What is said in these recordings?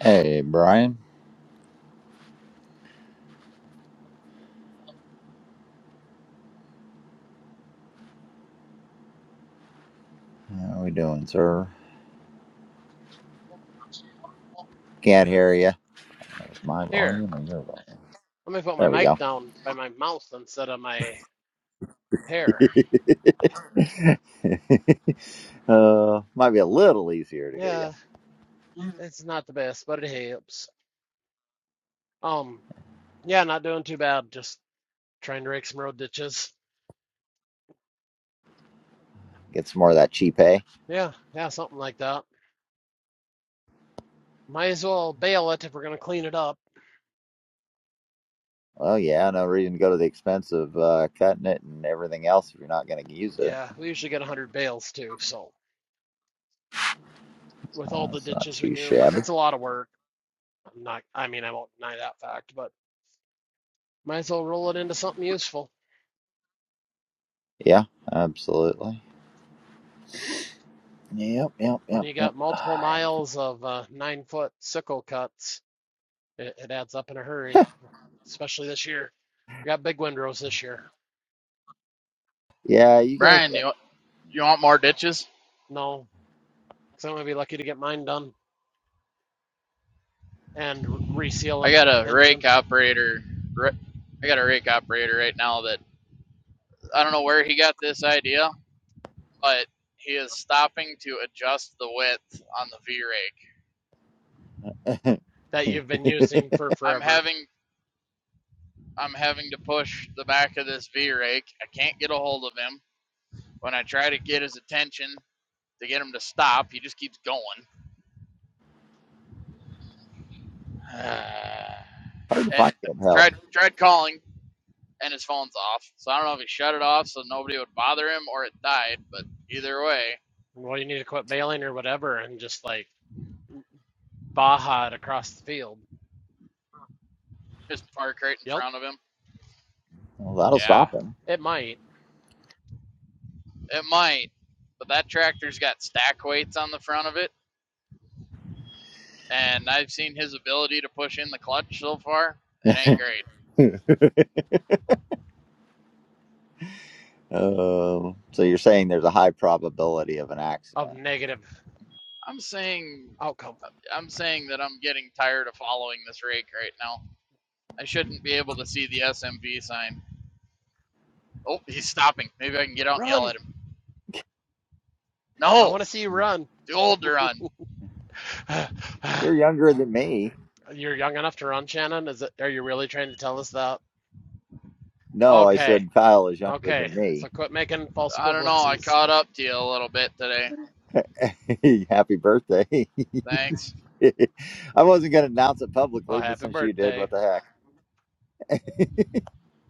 Hey, Brian. How we doing, sir? Can't hear you. That was my Here, volume or your volume? let me put my There we mic go. down by my mouth instead of my hair. uh, might be a little easier to hear Yeah, you. it's not the best, but it helps. Um, yeah, not doing too bad. Just trying to rake some road ditches. Get some more of that cheap hay. Yeah, yeah, something like that. Might as well bale it if we're gonna clean it up. Well, yeah, no reason to go to the expense of uh, cutting it and everything else if you're not going to use it. Yeah, we usually get a hundred bales too. So with Uh, all the it's not ditches we too do, shabby. it's a lot of work. I'm not. I mean, I won't deny that fact, but might as well roll it into something useful. Yeah, absolutely. Yep, yep, When yep, you yep. got multiple miles of uh, nine foot sickle cuts, it, it adds up in a hurry. especially this year. We got big windrows this year. Yeah, you guys Brian, you you want more ditches? No, because I'm gonna be lucky to get mine done and r- reseal I an got a rake engine operator. I got a rake operator right now that I don't know where he got this idea, but he is stopping to adjust the width on the V rake. that you've been using for I'm forever. having I'm having to push the back of this V rake. I can't get a hold of him. When I try to get his attention to get him to stop, he just keeps going. and hard to find I good help. tried tried calling, and his phone's off. So I don't know if he shut it off so nobody would bother him or it died, but either way, Well, you need to quit bailing or whatever, and just like baja it across the field. his park right in Yep, front of him. Well, that'll Yeah, stop it might it might. But that tractor's got stack weights on the front of it, and I've seen his ability to push in the clutch so far. It ain't him. great. Oh, so you're saying there's a high probability of an of accident. negative I'm saying outcome. I'm saying that I'm getting tired of following this rake right now. I shouldn't be able to see the SMV sign. Oh, he's stopping. Maybe I can get out and yell Run! at him. I No, want to see you run. the older run. You're younger than me. You're young enough to run, Shannon. Is it? Are you really trying to tell us that? No, I Okay, said Kyle is younger okay. than So me. quit making false I don't know. I equivalencies. caught up to you a little bit today. Happy birthday. Thanks. I wasn't going to announce it Well, publicly, but happy since you did, birthday. what the heck?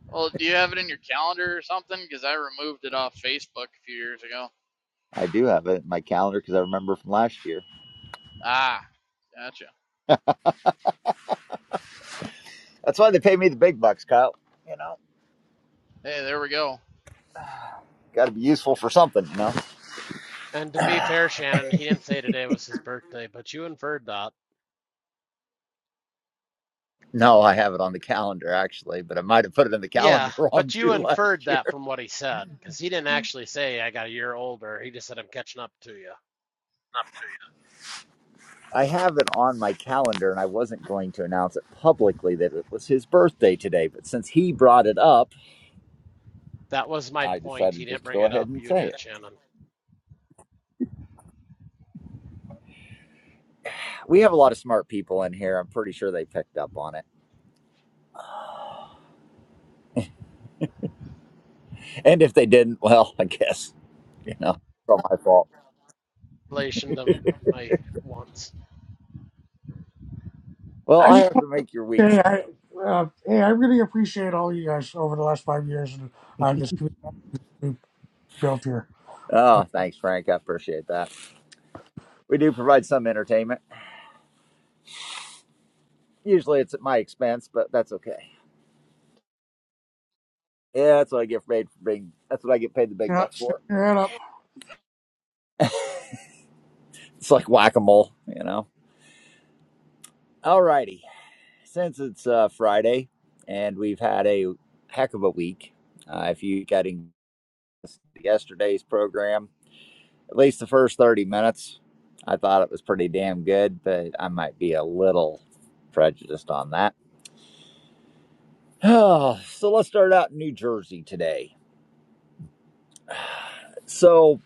Well, do you have it in your calendar or something? Because I removed it off Facebook a few years ago. I do have it in my calendar because I remember from last year. Ah, gotcha. That's why they pay me the big bucks, Kyle. You know, Hey, there we go. got to be useful for something, you know? And to be fair, Shannon, he didn't say today was his birthday, but you inferred that. No, I have it on the calendar actually, but I might have put it in the Yeah, calendar wrong but you too inferred last year. that from what he said, because he didn't actually say I got a year older. He just said I'm catching up to you. I have it on my calendar, and I wasn't going to announce it publicly that it was his birthday today. But since he brought it up, That was my I point. He decided didn't just to bring go it ahead up. and You say it. did, Shannon. We have a lot of smart people in here. I'm pretty sure they picked up on it. And if they didn't, well, I guess, you know, it's all my fault. Relation to my wants. Well, I I just have want to make your to week. say, so- I uh, hey, I really appreciate all you guys over the last five years and uh, this community we built here. Oh, thanks, Frank. I appreciate that. We do provide some entertainment. Usually it's at my expense, but that's okay. Yeah, that's what I get paid for being, that's what I get paid the big You know, bucks stick for. your head up. It's like whack a mole, you know. Alrighty. Since it's uh, Friday and we've had a heck of a week, uh, if you getting yesterday's program, at least the first 30 minutes, I thought it was pretty damn good, but I might be a little prejudiced on that. Oh, so let's start out in New Jersey today. So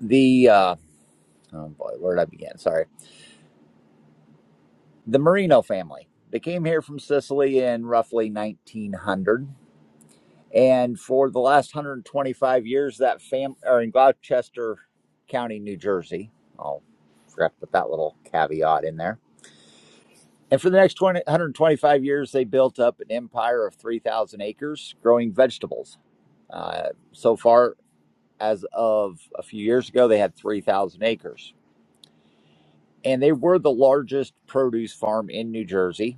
the, uh, oh boy, where did I begin? Sorry. The Marino family. They came here from Sicily in roughly 1900 And for the last 125 years, that fam or in Gloucester County, New Jersey. Oh, forgot to put that little caveat in there. And for the next 20, 125 years, they built up an empire of 3,000 acres growing vegetables. Uh, so far, as of a few years ago, they had 3,000 acres. And they were the largest produce farm in New Jersey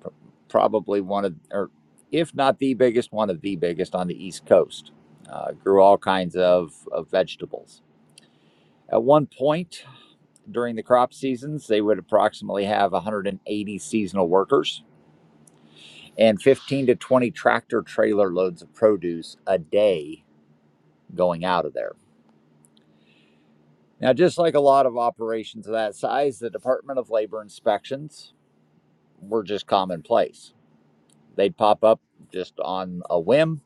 pr- probably one of, or if not the biggest, one of the biggest on the East Coast. Uh, grew all kinds of, of vegetables. At one point during the crop seasons, they would approximately have 180 seasonal workers and 15 to 20 tractor trailer loads of produce a day going out of there. Now, just like a lot of operations of that size, the Department of Labor inspections were just commonplace. They'd pop up just on a whim,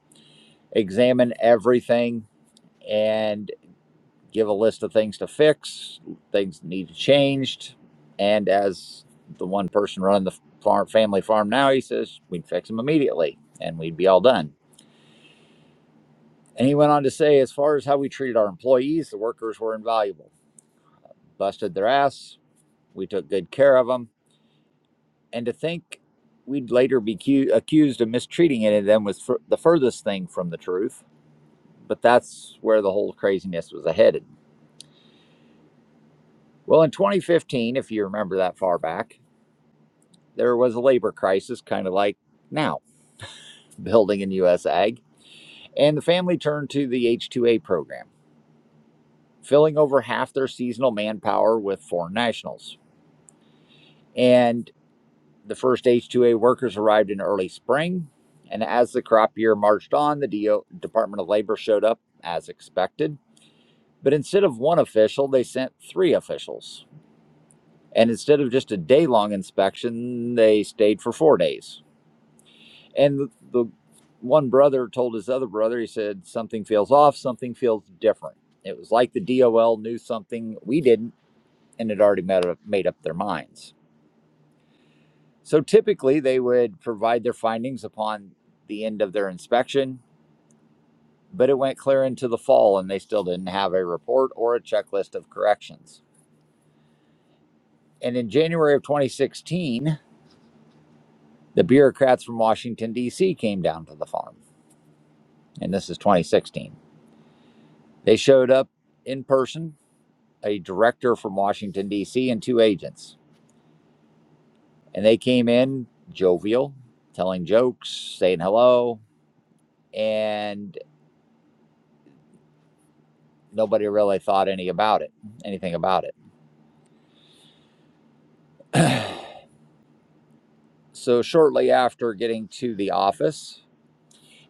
examine everything, and give a list of things to fix, things that need to be changed. And as the one person running the farm, family farm now, he says we'd fix them immediately and we'd be all done. And he went on to say, as far as how we treated our employees, the workers were invaluable. Busted their ass. We took good care of them. And to think we'd later be cu- accused of mistreating any of them was fur the furthest thing from the truth. But that's where the whole craziness was headed. Well, in 2015, if you remember that far back, there was a labor crisis, kind of like now, building in U.S. Ag, and the family turned to the H-2A program, filling over half their seasonal manpower with foreign nationals. And the first H-2A workers arrived in early spring, and as the crop year marched on, the DO, Department of Labor showed up as expected. But instead of one official, they sent three officials. And instead of just a day long inspection, they stayed for four days And the, one brother told his other brother, he said, something feels off, something feels different. It was like the DOL knew something we didn't and had already made up, made up their minds. So typically they would provide their findings upon the end of their inspection, but it went clear into the fall and they still didn't have a report or a checklist of corrections. And in January of 2016, the bureaucrats from Washington, D.C. came down to the farm. And this is 2016. They showed up in person a director from Washington, D.C., and two agents. And they came in jovial, telling jokes, saying hello, and nobody really thought any about it, anything about it. so shortly after getting to the office,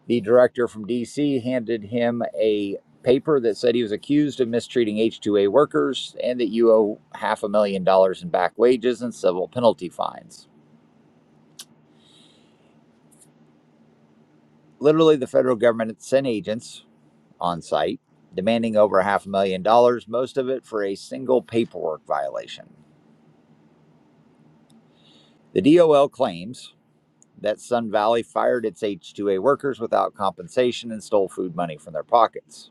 the director from DC handed him a paper that said he was accused of mistreating H2A workers and that you owe half a million dollars in back wages and civil penalty fines. Literally, the federal government sent agents on site, demanding over half a million dollars, most of it for a single paperwork violation. The DOL claims that Sun Valley fired its H2A workers without compensation and stole food money from their pockets.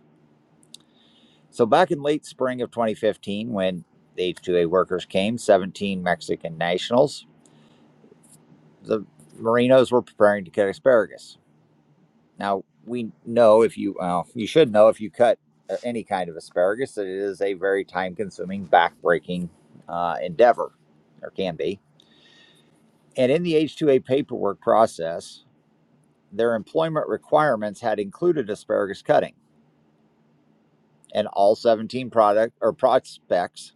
So, back in late spring of 2015, when the H2A workers came, 17 Mexican nationals, the Marinos were preparing to cut asparagus. Now we know if you well, you should know if you cut uh, any kind of asparagus that it is a very time-consuming, back-breaking uh, endeavor, or can be. And in the H-2A paperwork process, their employment requirements had included asparagus cutting, and all 17 product or prospects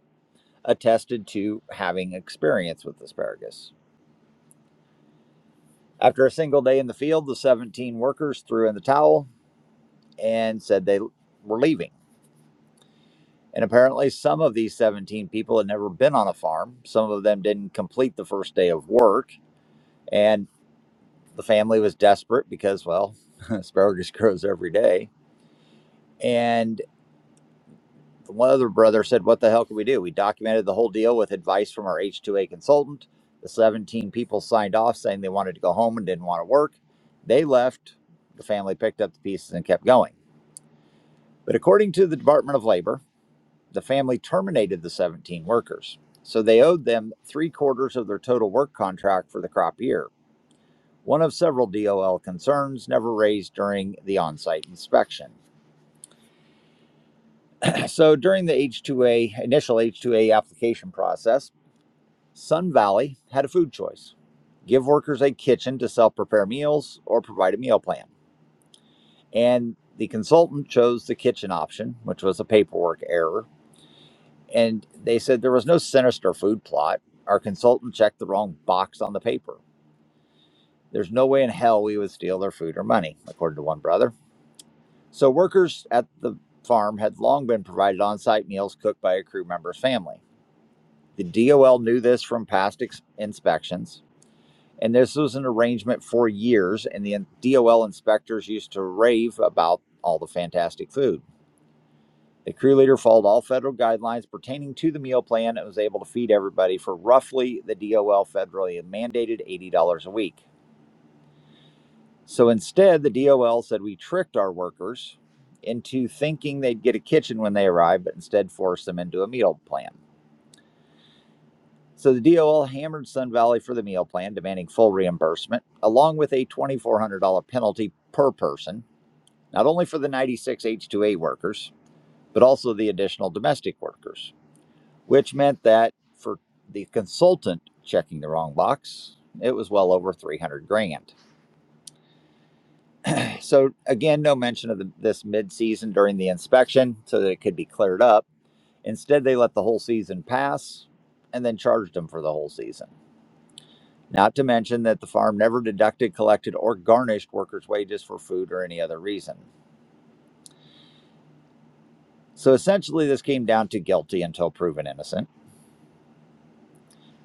attested to having experience with asparagus. After a single day in the field, the 17 workers threw in the towel and said they were leaving. And apparently, some of these 17 people had never been on a farm. Some of them didn't complete the first day of work. And the family was desperate because, well, asparagus grows every day. And one other brother said, What the hell can we do? We documented the whole deal with advice from our H2A consultant. The 17 people signed off saying they wanted to go home and didn't want to work. They left. The family picked up the pieces and kept going. But according to the Department of Labor, The family terminated the 17 workers, so they owed them three quarters of their total work contract for the crop year, one of several DOL concerns never raised during the on site inspection. so during the H2A, initial H2A application process, Sun Valley had a food choice give workers a kitchen to self prepare meals or provide a meal plan. And the consultant chose the kitchen option, which was a paperwork error And they said there was no sinister food plot. Our consultant checked the wrong box on the paper. There's no way in hell we would steal their food or money, according to one brother. So workers at the farm had long been provided on-site meals cooked by a crew member's family. The DOL knew this from past ex- inspections, and this was an arrangement for years. And the DOL inspectors used to rave about all the fantastic food. The crew leader followed all federal guidelines pertaining to the meal plan and was able to feed everybody for roughly the DOL federally mandated $80 a week. So instead, the DOL said we tricked our workers into thinking they'd get a kitchen when they arrived, but instead forced them into a meal plan. So the DOL hammered Sun Valley for the meal plan, demanding full reimbursement, along with a $2,400 penalty per person, not only for the 96 H2A workers, but also the additional domestic workers. which meant that for the consultant checking the wrong box, it was well over 300 grand. So again, no mention of the, this mid-season during the inspection so that it could be cleared up. Instead, they let the whole season pass and then charged them for the whole season. Not to mention that the farm never deducted, collected, or garnished workers' wages for food or any other reason. So essentially, this came down to guilty until proven innocent.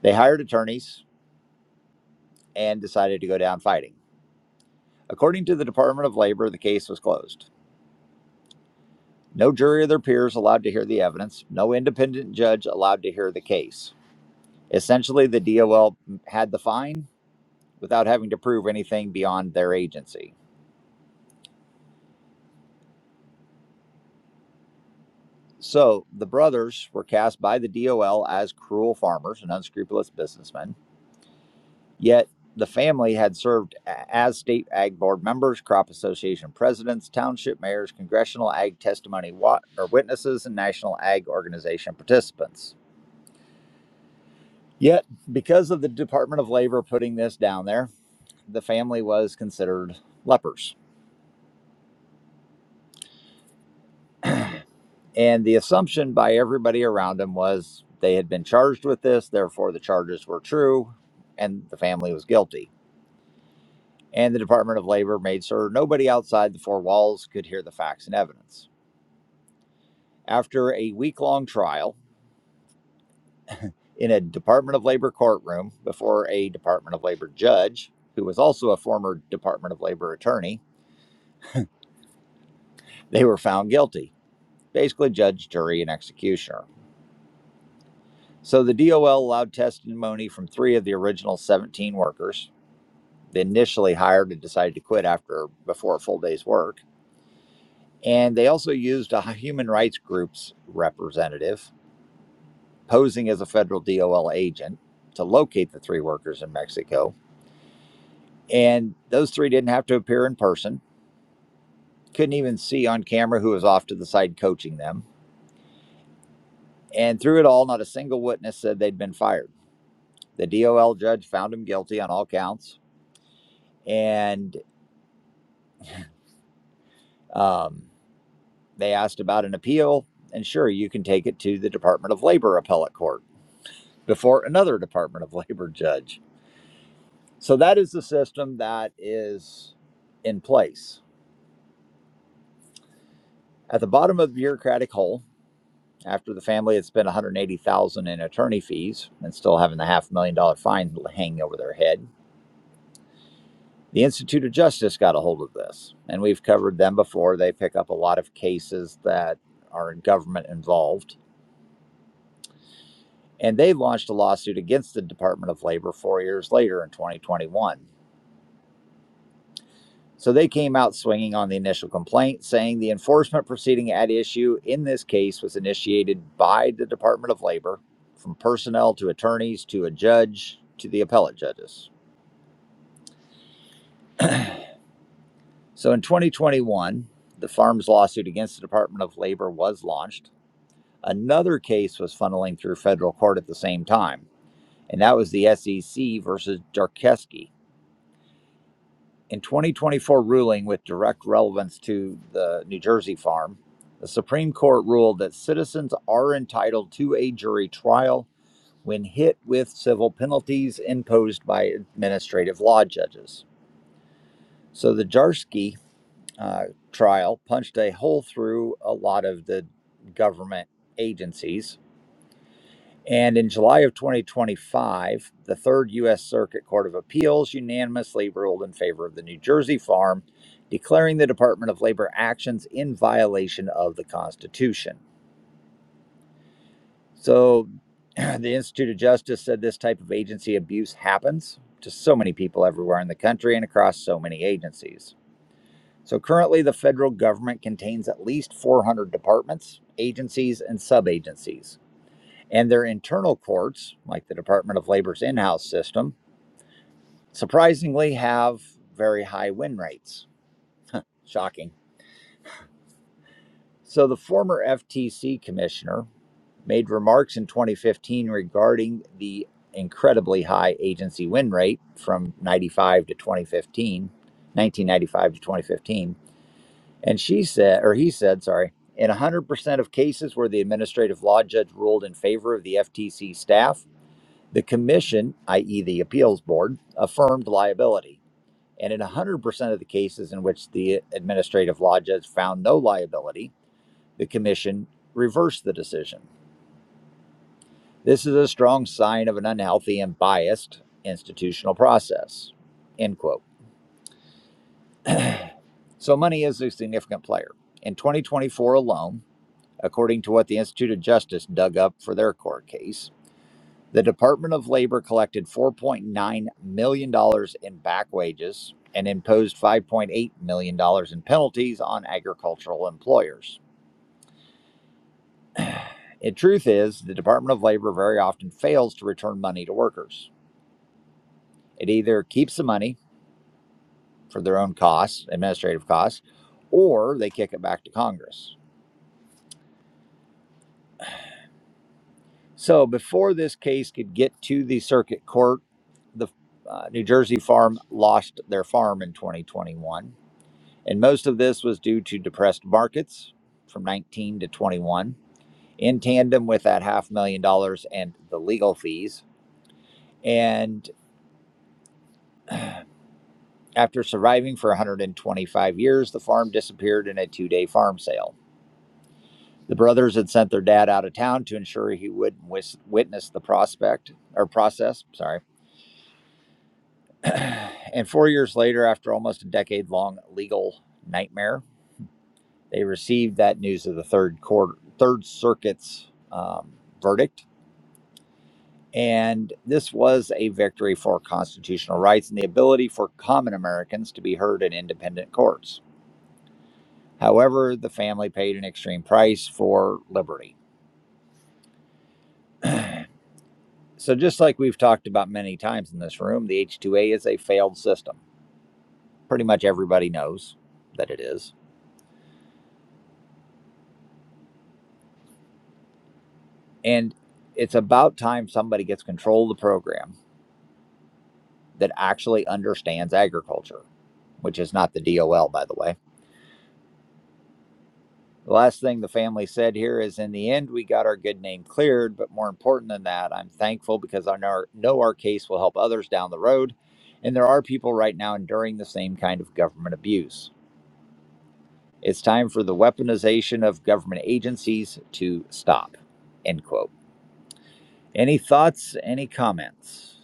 They hired attorneys and decided to go down fighting. According to the Department of Labor, the case was closed. No jury or their peers allowed to hear the evidence, no independent judge allowed to hear the case. Essentially, the DOL had the fine without having to prove anything beyond their agency. So, the brothers were cast by the DOL as cruel farmers and unscrupulous businessmen, yet the family had served as state ag board members, crop association presidents, township mayors, congressional ag testimony wa- or witnesses, and national ag organization participants. Yet, because of the Department of Labor putting this down there, the family was considered lepers. And the assumption by everybody around him was they had been charged with this, therefore the charges were true, and the family was guilty. And the Department of Labor made sure nobody outside the four walls could hear the facts and evidence. After a week long trial in a Department of Labor courtroom before a Department of Labor judge, who was also a former Department of Labor attorney, they were found guilty basically judge, jury, and executioner. So the DOL allowed testimony from three of the original 17 workers. They initially hired and decided to quit after before a full day's work. And they also used a human rights group's representative posing as a federal DOL agent to locate the three workers in Mexico. And those three didn't have to appear in person, couldn't even see on camera who was off to the side coaching them. And through it all, not a single witness said they'd been fired. The DOL judge found him guilty on all counts and um, they asked about an appeal. And sure, you can take it to the Department of Labor appellate court before another Department of Labor judge. So that is the system that is in place. At the bottom of the bureaucratic hole, after the family had spent 180,000 dollars in attorney fees and still having the half million dollar fine hanging over their head, the Institute of Justice got a hold of this, and we've covered them before. They pick up a lot of cases that are government involved and they launched a lawsuit against the Department of Labor four years later in 2021. So they came out swinging on the initial complaint, saying the enforcement proceeding at issue in this case was initiated by the Department of Labor, from personnel to attorneys to a judge to the appellate judges. So in 2021, the farm's lawsuit against the Department of Labor was launched. Another case was funneling through federal court at the same time, and that was the SEC versus Jarkeski In 2024 ruling with direct relevance to the New Jersey farm, the Supreme Court ruled that citizens are entitled to a jury trial when hit with civil penalties imposed by administrative law judges. So the Jarsky uh, trial punched a hole through a lot of the government agencies and in July of 2025, the Third U.S. Circuit Court of Appeals unanimously ruled in favor of the New Jersey farm, declaring the Department of Labor actions in violation of the Constitution. So the Institute of Justice said this type of agency abuse happens to so many people everywhere in the country and across so many agencies. So currently, the federal government contains at least 400 departments, agencies, and sub agencies. And their internal courts, like the Department of Labor's in house system, surprisingly have very high win rates. Shocking. So the former FTC commissioner made remarks in 2015 regarding the incredibly high agency win rate from 95 to 2015, 1995 to 2015. And she said, or he said, sorry, in 100% of cases where the administrative law judge ruled in favor of the FTC staff, The commission, i.e., the appeals board, affirmed liability. And in 100% of the cases in which the administrative law judge found no liability, the commission reversed the decision. This is a strong sign of an unhealthy and biased institutional process. End quote. So, money is a significant player. In 2024 alone, according to what the Institute of Justice dug up for their court case, The Department of Labor collected $4.9 million dollars in back wages and imposed $5.8 million dollars in penalties on agricultural employers. The truth is, the Department of Labor very often fails to return money to workers. It either keeps the money for their own costs, administrative costs, or they kick it back to Congress. So before this case could get to the circuit court, the uh, New Jersey farm lost their farm in 2021 And most of this was due to depressed markets from 19 to 21, in tandem with that half million dollars and the legal fees. And after surviving for 125 years, the farm disappeared in a two day farm sale. The brothers had sent their dad out of town to ensure he wouldn't wis- witness the prospect or process. Sorry. and four years later, after almost a decade long legal nightmare, they received that news of the third court, third circuit's um, verdict And this was a victory for constitutional rights and the ability for common Americans to be heard in independent courts. However, the family paid an extreme price for liberty. So, just like we've talked about many times in this room, the H2A is a failed system. Pretty much everybody knows that it is. And it's about time somebody gets control of the program that actually understands agriculture, which is not the DOL, by the way The last thing the family said here is in the end, we got our good name cleared, but more important than that, I'm thankful because I know, our case will help others down the road. And there are people right now enduring the same kind of government abuse. It's time for the weaponization of government agencies to stop. End quote. Any thoughts? Any comments?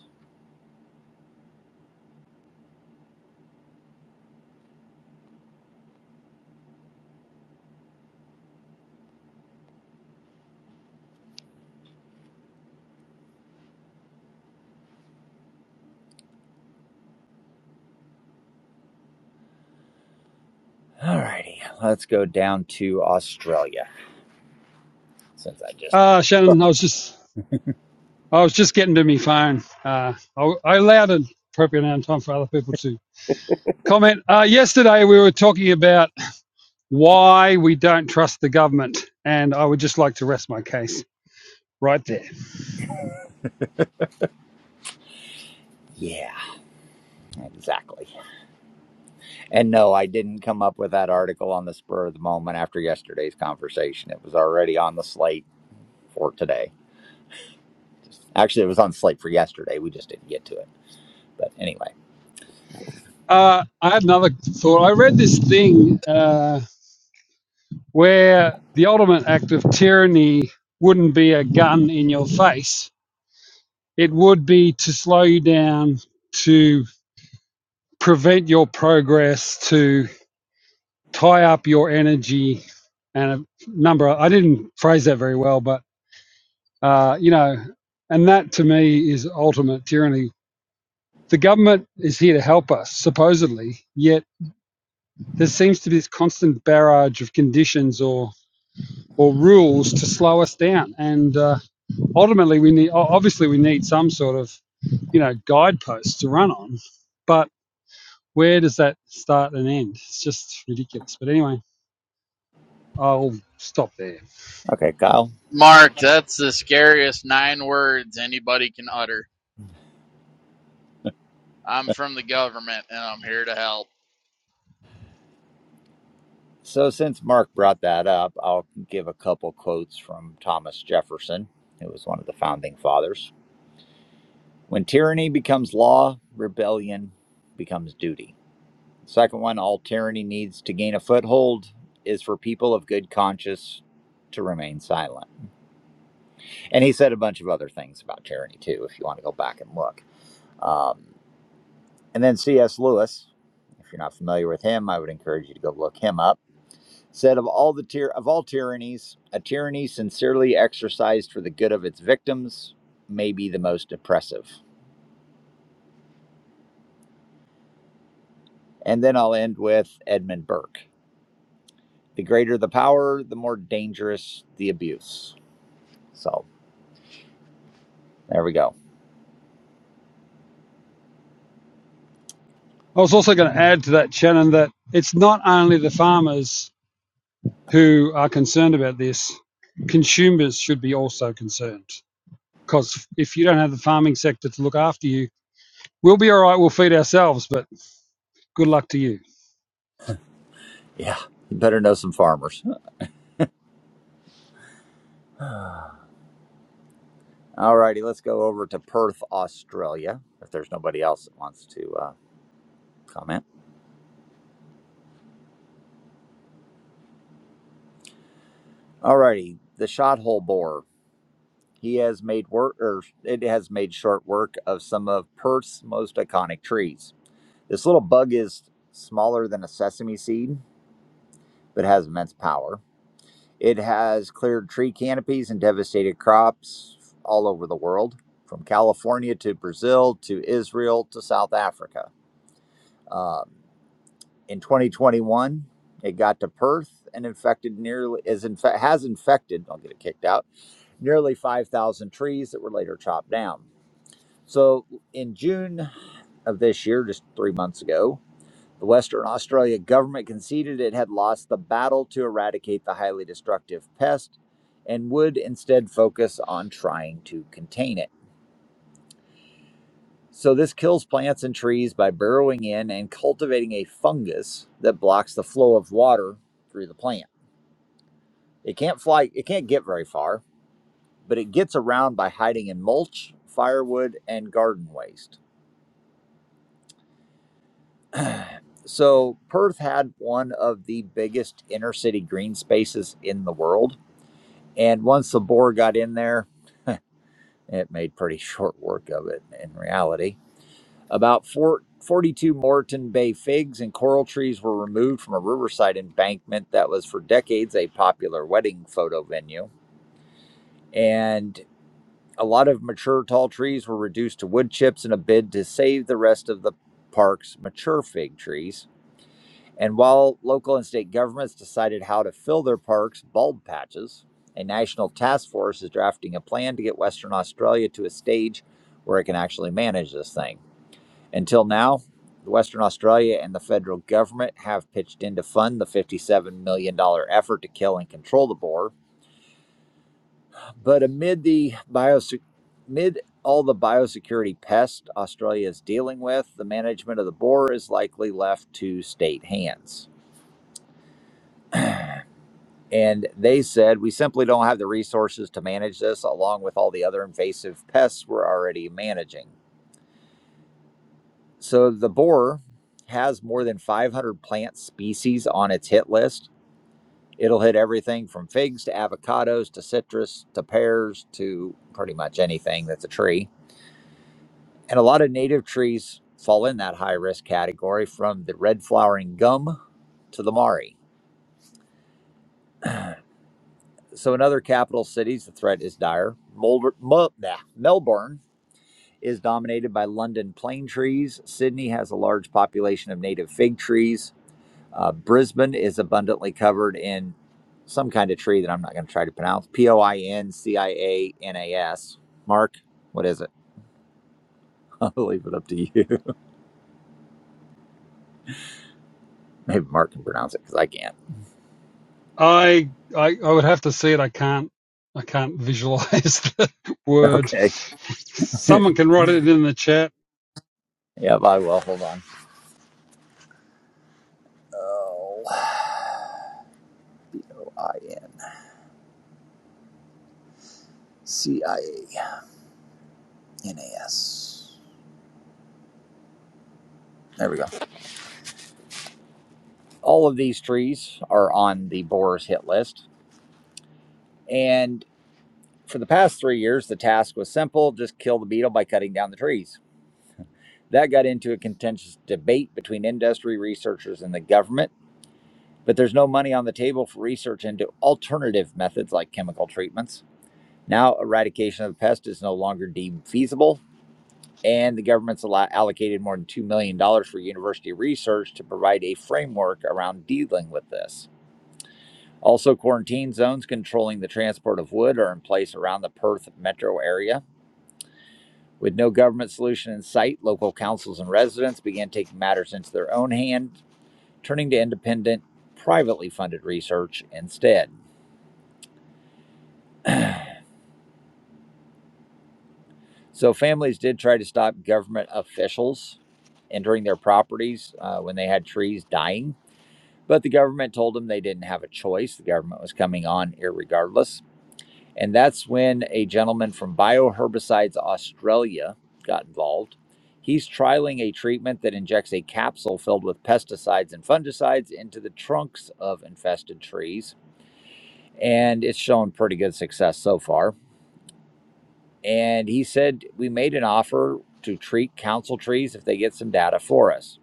All righty, let's go down to Australia since I just. Uh, Shannon, I was just, I was just getting to me phone. Uh, I, I allowed an appropriate amount of time for other people to comment. Uh, yesterday we were talking about why we don't trust the government, and I would just like to rest my case right there. Yeah, exactly. And no, I didn't come up with that article on the spur of the moment after yesterday's conversation. It was already on the slate for today. Actually, it was on slate for yesterday. We just didn't get to it. But anyway. Uh, I had another thought. I read this thing uh, where the ultimate act of tyranny wouldn't be a gun in your face. It would be to slow you down, to prevent your progress, to tie up your energy and a number of, I didn't phrase that very well, but uh, you know, and that to me is ultimate tyranny. The government is here to help us, supposedly, yet there seems to be this constant barrage of conditions or or rules to slow us down. And uh, ultimately, we need obviously we need some sort of you know guideposts to run on, but where does that start and end? It's just ridiculous. But anyway, I'll stop there. Okay, Kyle. Mark, that's the scariest nine words anybody can utter. I'm from the government and I'm here to help. So since Mark brought that up, I'll give a couple quotes from Thomas Jefferson, who was one of the founding fathers. When tyranny becomes law, rebellion becomes duty. Second one, all tyranny needs to gain a foothold is for people of good conscience to remain silent. And he said a bunch of other things about tyranny too, if you want to go back and look. Um, and then C.S. Lewis, if you're not familiar with him, I would encourage you to go look him up. Said of all the tyr- of all tyrannies, a tyranny sincerely exercised for the good of its victims may be the most oppressive. And then I'll end with Edmund Burke. The greater the power, the more dangerous the abuse. So there we go. I was also going to add to that, Shannon, that it's not only the farmers who are concerned about this, consumers should be also concerned. Because if you don't have the farming sector to look after you, we'll be all right, we'll feed ourselves, but good luck to you. Yeah, you better know some farmers. All righty, let's go over to Perth, Australia, if there's nobody else that wants to uh, comment. All righty, the shot hole bore. He has made work, or it has made short work of some of Perth's most iconic trees. This little bug is smaller than a sesame seed, but has immense power. It has cleared tree canopies and devastated crops all over the world, from California to Brazil to Israel to South Africa. Um, In 2021, it got to Perth and infected nearly is in fact has infected. I'll get it kicked out. Nearly 5,000 trees that were later chopped down. So in June of this year, just three months ago, the Western Australia government conceded it had lost the battle to eradicate the highly destructive pest and would instead focus on trying to contain it. So, this kills plants and trees by burrowing in and cultivating a fungus that blocks the flow of water through the plant. It can't fly, it can't get very far, but it gets around by hiding in mulch, firewood, and garden waste. So, Perth had one of the biggest inner city green spaces in the world. And once the boar got in there, it made pretty short work of it in reality. About four forty-two Moreton Bay figs and coral trees were removed from a riverside embankment that was for decades a popular wedding photo venue. And A lot of mature tall trees were reduced to wood chips in a bid to save the rest of the park's mature fig trees. And while local and state governments decided how to fill their parks' bulb patches, a national task force is drafting a plan to get Western Australia to a stage where it can actually manage this thing. Until now, Western Australia and the federal government have pitched in to fund the $57 million dollars effort to kill and control the boar, but amid the biosec amid all the biosecurity pests Australia is dealing with, the management of the boar is likely left to state hands. And they said, we simply don't have the resources to manage this, along with all the other invasive pests we're already managing. So the boar has more than 500 plant species on its hit list. It'll hit everything from figs to avocados to citrus to pears to pretty much anything that's a tree And a lot of native trees fall in that high risk category from the red flowering gum to the Mari. So, in other capital cities, the threat is dire. Molder, Mo- nah, Melbourne is dominated by London plane trees. Sydney has a large population of native fig trees. Uh, Brisbane is abundantly covered in some kind of tree that I'm not going to try to pronounce P O I N C I A N A S. Mark, what is it? I'll leave it up to you. Maybe Mark can pronounce it because I can't. I, I, I would have to see it. I can't, I can't visualize the word. Okay. Someone can write it in the chat. Yep, I will. Hold on. Oh, I N C I A N A S. There we go. All of these trees are on the borer's hit list. And for the past three years, the task was simple just kill the beetle by cutting down the trees. That got into a contentious debate between industry researchers and the government, but there's no money on the table for research into alternative methods like chemical treatments. Now, eradication of the pest is no longer deemed feasible and the government's allocated more than $2 million dollars for university research to provide a framework around dealing with this. Also, quarantine zones controlling the transport of wood are in place around the Perth metro area. With no government solution in sight, local councils and residents began taking matters into their own hand, turning to independent, privately funded research instead. So, families did try to stop government officials entering their properties uh, when they had trees dying But the government told them they didn't have a choice. The government was coming on irregardless. And that's when a gentleman from Bioherbicides Australia got involved. He's trialing a treatment that injects a capsule filled with pesticides and fungicides into the trunks of infested trees. And it's shown pretty good success so far. And he said, We made an offer to treat council trees if they get some data for us.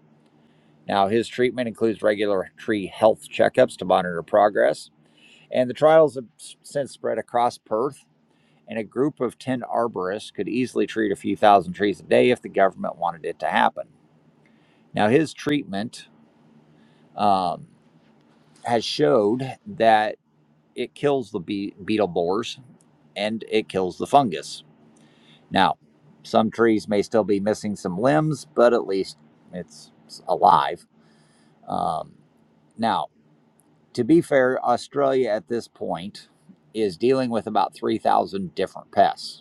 Now, his treatment includes regular tree health checkups to monitor progress And the trials have since spread across Perth, and a group of 10 arborists could easily treat a few thousand trees a day if the government wanted it to happen. Now, his treatment um, has showed that it kills the be- beetle borers and it kills the fungus. Now, some trees may still be missing some limbs, but at least it's it's alive. Um, now, to be fair, Australia at this point is dealing with about 3,000 different pests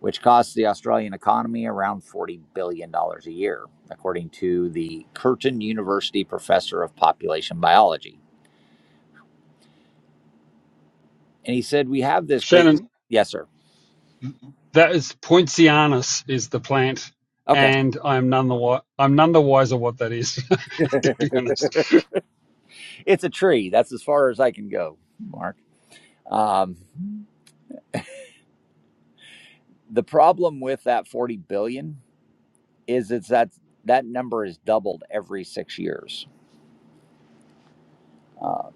which costs the Australian economy around $40 billion dollars a year, according to the Curtin University professor of population biology. And he said, We have this great. Shannon, Yes, sir. that is Poincianus is the plant, Okay. and I'm none the wi- I'm none the wiser what that is, to be honest. it's a tree. That's as far as I can go, Mark. Um, the problem with that 40 billion dollars is it's that that number is doubled every six years. Uh,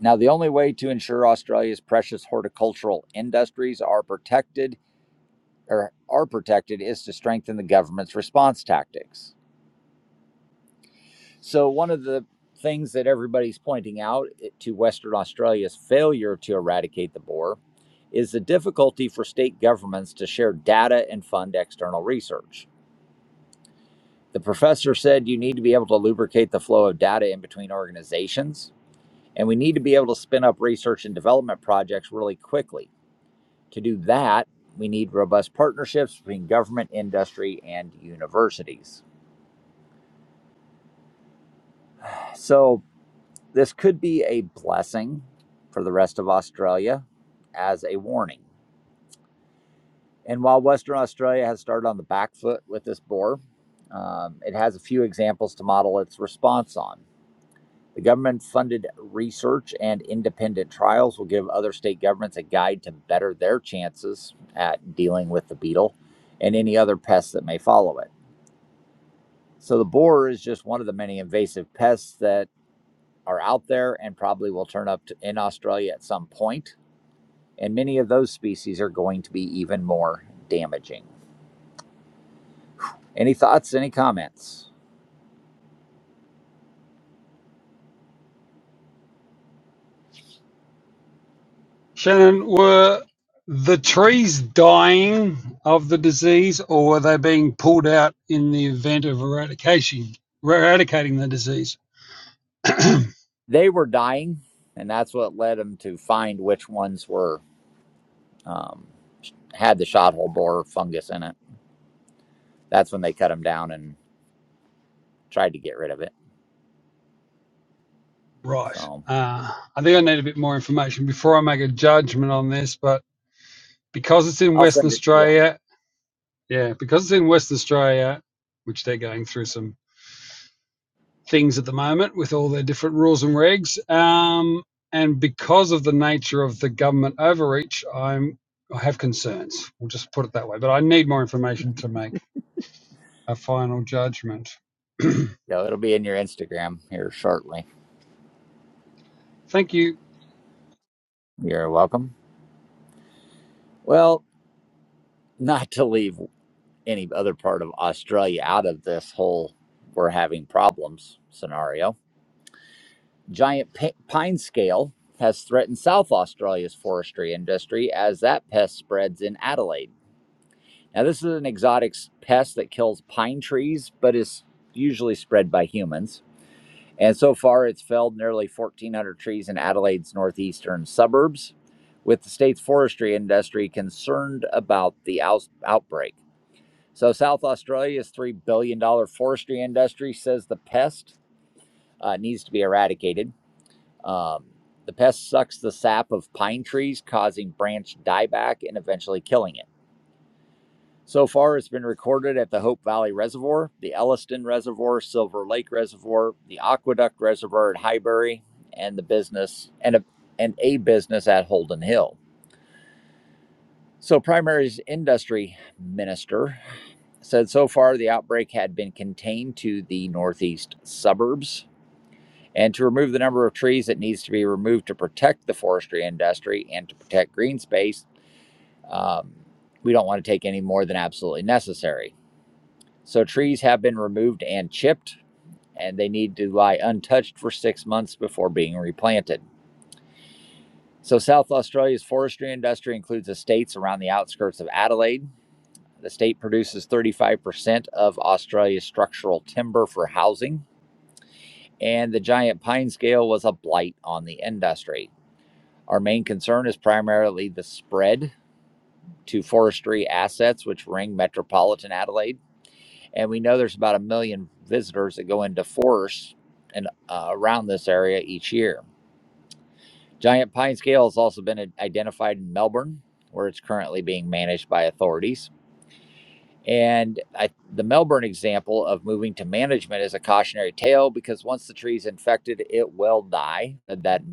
now, the only way to ensure Australia's precious horticultural industries are protected or are protected is to strengthen the government's response tactics. So, one of the things that everybody's pointing out eh, to Western Australia's failure to eradicate the boar is the difficulty for state governments to share data and fund external research. The professor said you need to be able to lubricate the flow of data in between organizations, and we need to be able to spin up research and development projects really quickly. To do that, we need robust partnerships between government, industry, and universities. So this could be a blessing for the rest of Australia as a warning. And while Western Australia has started on the back foot with this boar, um, it has a few examples to model its response on. The government funded research and independent trials will give other state governments a guide to better their chances at dealing with the beetle and any other pests that may follow it. So, the boar is just one of the many invasive pests that are out there and probably will turn up to, in Australia at some point. And many of those species are going to be even more damaging. Any thoughts? Any comments? Shannon, were the trees dying of the disease, or were they being pulled out in the event of eradication, eradicating the disease? They were dying, and that's what led them to find which ones were um, had the shot hole borer fungus in it. That's when they cut them down and tried to get rid of it. right. So Uh, I think I need a bit more information before I make a judgment on this, but because it's in I'll Western send it to you. Australia, yeah, because it's in Western Australia, which they're going through some things at the moment with all their different rules and regs. Um, and because of the nature of the government overreach, I'm I have concerns. We'll just put it that way. But I need more information to make a final judgment. Yeah, it'll be in your Instagram here shortly. Thank you, You're welcome. Well, not to leave. any other part of Australia out of this whole we're having problems scenario. Giant pine scale has threatened South Australia's forestry industry as that pest spreads in Adelaide. Now, this is an exotic pest that kills pine trees, but is usually spread by humans. And so far, it's felled nearly 1,400 trees in Adelaide's northeastern suburbs, with the state's forestry industry concerned about the out- outbreak. So, South Australia's $3 billion dollars forestry industry says the pest uh, needs to be eradicated. Um, the pest sucks the sap of pine trees, causing branch dieback and eventually killing it. So far, it's been recorded at the Hope Valley Reservoir, the Elliston Reservoir, Silver Lake Reservoir, the Aqueduct Reservoir at Highbury, and the business and a, and a business at Holden Hill. So, primary industry minister said so far the outbreak had been contained to the northeast suburbs and to remove the number of trees that needs to be removed to protect the forestry industry and to protect green space um, we don't want to take any more than absolutely necessary so trees have been removed and chipped and they need to lie untouched for six months before being replanted so south australia's forestry industry includes estates around the outskirts of adelaide the state produces 35% of australia's structural timber for housing and the giant pine scale was a blight on the industry. Our main concern is primarily the spread to forestry assets, which ring metropolitan Adelaide. And we know there's about a million visitors that go into forests and uh, around this area each year. Giant pine scale has also been identified in Melbourne, where it's currently being managed by authorities. And I, the Melbourne example of moving to management is a cautionary tale because once the tree is infected, it will die. That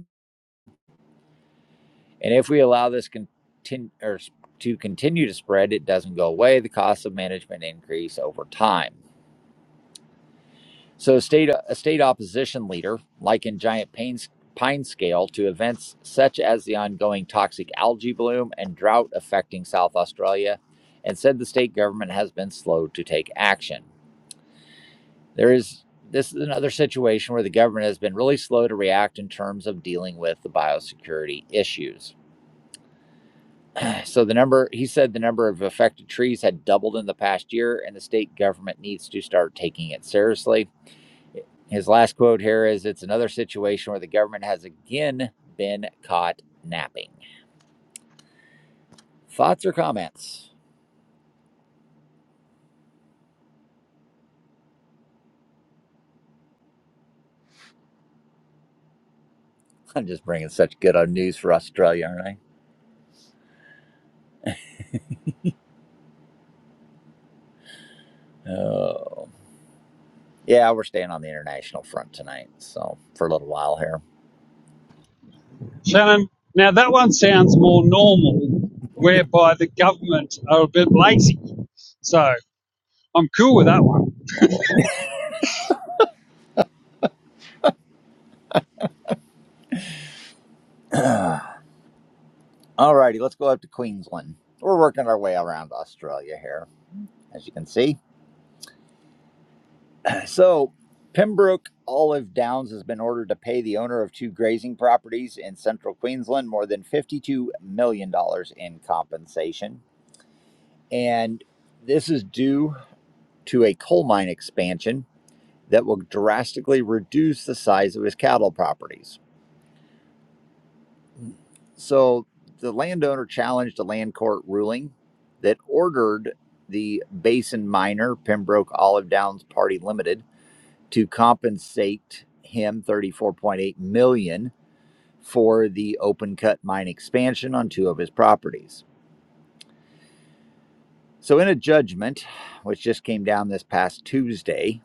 And if we allow this continue or to continue to spread, it doesn't go away. The costs of management increase over time. So, a state a state opposition leader, like in giant pain, pine scale, to events such as the ongoing toxic algae bloom and drought affecting South Australia, and said the state government has been slow to take action. There is this is another situation where the government has been really slow to react in terms of dealing with the biosecurity issues. So the number he said the number of affected trees had doubled in the past year, and the state government needs to start taking it seriously. His last quote here is It's another situation where the government has again been caught napping. Thoughts or comments? I'm just bringing such good news for Australia, aren't I? Oh. Yeah, we're staying on the international front tonight, so for a little while here. Shannon. Now that one sounds more normal, whereby the government are a bit lazy. So I'm cool with that one. All righty, let's go up to Queensland. We're working our way around Australia here, as you can see. So, Pembroke Olive Downs has been ordered to pay the owner of two grazing properties in central Queensland more than $52 million dollars in compensation. And this is due to a coal mine expansion that will drastically reduce the size of his cattle properties. So, the landowner challenged a land court ruling that ordered the basin miner, Pembroke Olive Downs Party Limited to compensate him 34.8 million dollars for the open cut mine expansion on two of his properties. So in a judgment which just came down this past Tuesday,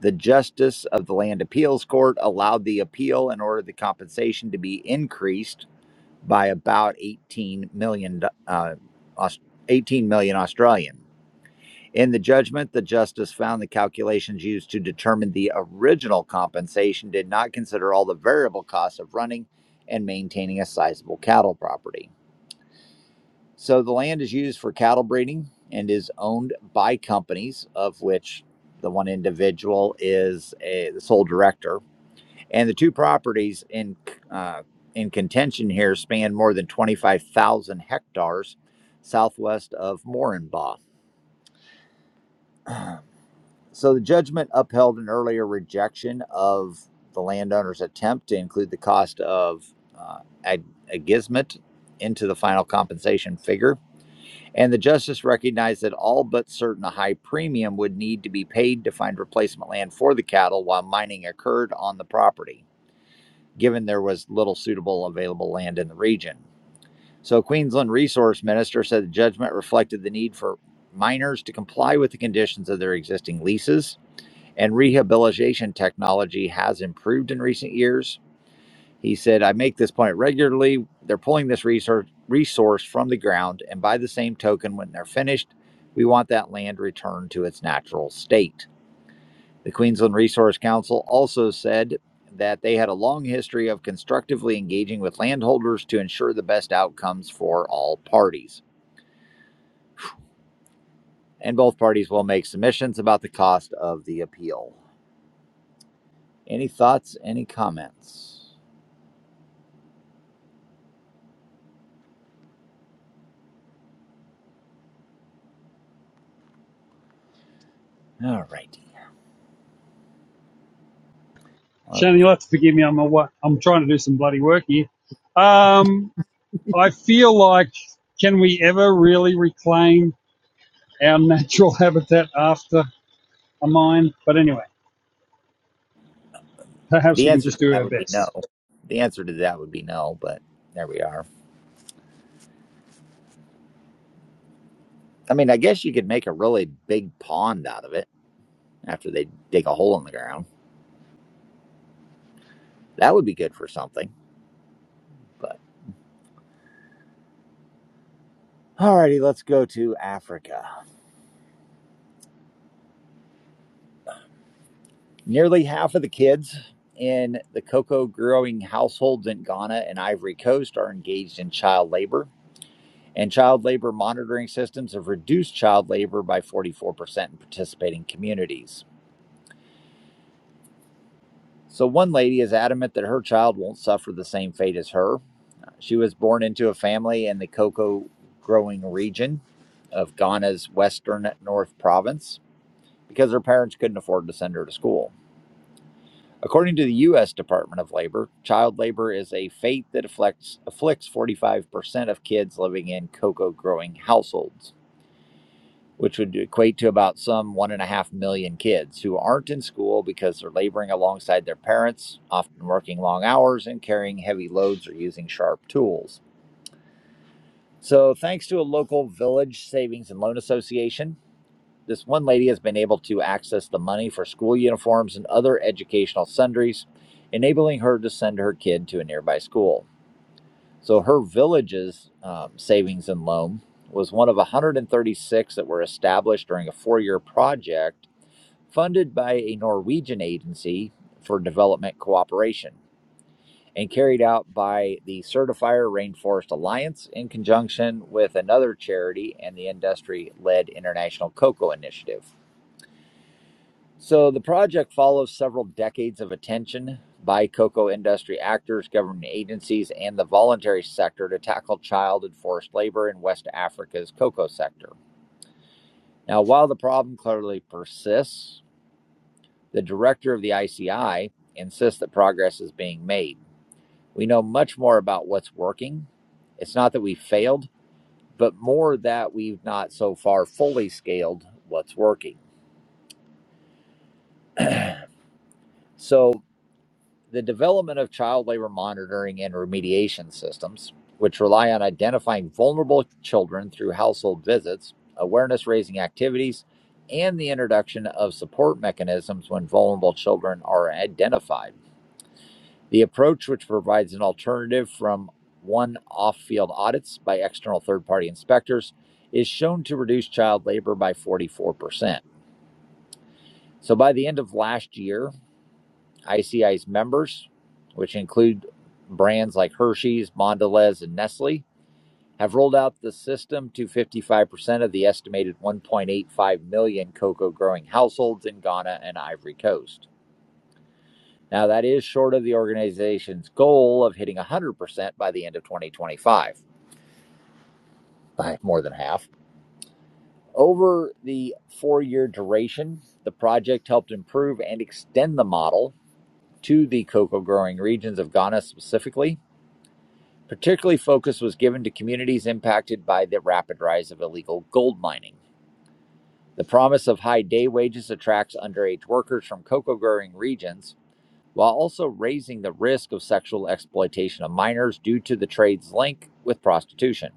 the justice of the land appeals court allowed the appeal and ordered the compensation to be increased by about 18 million uh, 18 million Australian. In the judgment, the justice found the calculations used to determine the original compensation did not consider all the variable costs of running and maintaining a sizable cattle property. So the land is used for cattle breeding and is owned by companies, of which the one individual is a, the sole director. And the two properties in uh, in contention here span more than 25,000 hectares southwest of Moranbah. So the judgment upheld an earlier rejection of the landowner's attempt to include the cost of uh, ag- agismet into the final compensation figure. And the justice recognized that all but certain a high premium would need to be paid to find replacement land for the cattle while mining occurred on the property, given there was little suitable available land in the region. So Queensland Resource Minister said the judgment reflected the need for miners to comply with the conditions of their existing leases and rehabilitation technology has improved in recent years. He said, I make this point regularly. They're pulling this resource, from the ground, and by the same token, when they're finished, we want that land returned to its natural state. The Queensland Resource Council also said that they had a long history of constructively engaging with landholders to ensure the best outcomes for all parties. And both parties will make submissions about the cost of the appeal. Any thoughts? Any comments? All right. Uh, Shannon, you'll have to forgive me. I'm a, I'm trying to do some bloody work here. Um, I feel like can we ever really reclaim our natural habitat after a mine. But anyway, perhaps the we can answer just to do that our would be no. best. The answer to that would be no, but there we are. I mean, I guess you could make a really big pond out of it after they dig a hole in the ground. That would be good for something. But alrighty, let's go to Africa. Nearly half of the kids in the cocoa growing households in Ghana and Ivory Coast are engaged in child labor. And child labor monitoring systems have reduced child labor by 44% in participating communities. So, one lady is adamant that her child won't suffer the same fate as her. She was born into a family in the cocoa growing region of Ghana's western North Province because her parents couldn't afford to send her to school. According to the U.S. Department of Labor, child labor is a fate that afflicts, afflicts 45% of kids living in cocoa growing households which would equate to about some one and a half million kids who aren't in school because they're laboring alongside their parents, often working long hours and carrying heavy loads or using sharp tools. So, thanks to a local village savings and loan association, this one lady has been able to access the money for school uniforms and other educational sundries, enabling her to send her kid to a nearby school. So, her village's um, savings and loan was one of 136 that were established during a four year project funded by a Norwegian agency for development cooperation and carried out by the Certifier Rainforest Alliance in conjunction with another charity and the industry led International Cocoa Initiative. So the project follows several decades of attention by cocoa industry actors, government agencies, and the voluntary sector to tackle child and forced labor in West Africa's cocoa sector. Now, while the problem clearly persists, The director of the ICI insists that progress is being made. We know much more about what's working. It's not that we failed, but more that we've not so far fully scaled what's working. So, the development of child labor monitoring and remediation systems, which rely on identifying vulnerable children through household visits, awareness raising activities, and the introduction of support mechanisms when vulnerable children are identified The approach, which provides an alternative from one off field audits by external third party inspectors, is shown to reduce child labor by 44%. So by the end of last year, ICI's members, which include brands like Hershey's, Mondelez, and Nestle, have rolled out the system to 55% of the estimated 1.85 million cocoa growing households in Ghana and Ivory Coast. Now, that is short of the organization's goal of hitting 100% by the end of 2025, by more than half. Over the four year duration, the project helped improve and extend the model to the cocoa growing regions of Ghana specifically. Particularly, focus was given to communities impacted by the rapid rise of illegal gold mining. The promise of high day wages attracts underage workers from cocoa growing regions while also raising the risk of sexual exploitation of minors due to the trade's link with prostitution.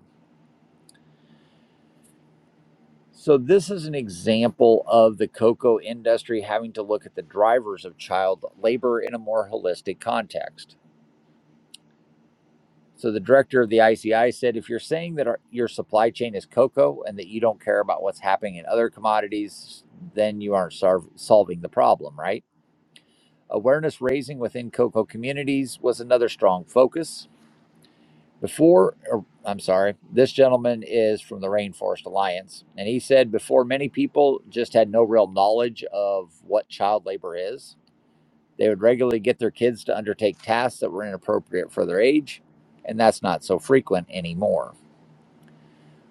So, this is an example of the cocoa industry having to look at the drivers of child labor in a more holistic context. So, the director of the ICI said if you're saying that our, your supply chain is cocoa and that you don't care about what's happening in other commodities, then you aren't sarv- solving the problem, right? Awareness raising within cocoa communities was another strong focus Before, or, I'm sorry, this gentleman is from the Rainforest Alliance, and he said before many people just had no real knowledge of what child labor is. They would regularly get their kids to undertake tasks that were inappropriate for their age, and that's not so frequent anymore.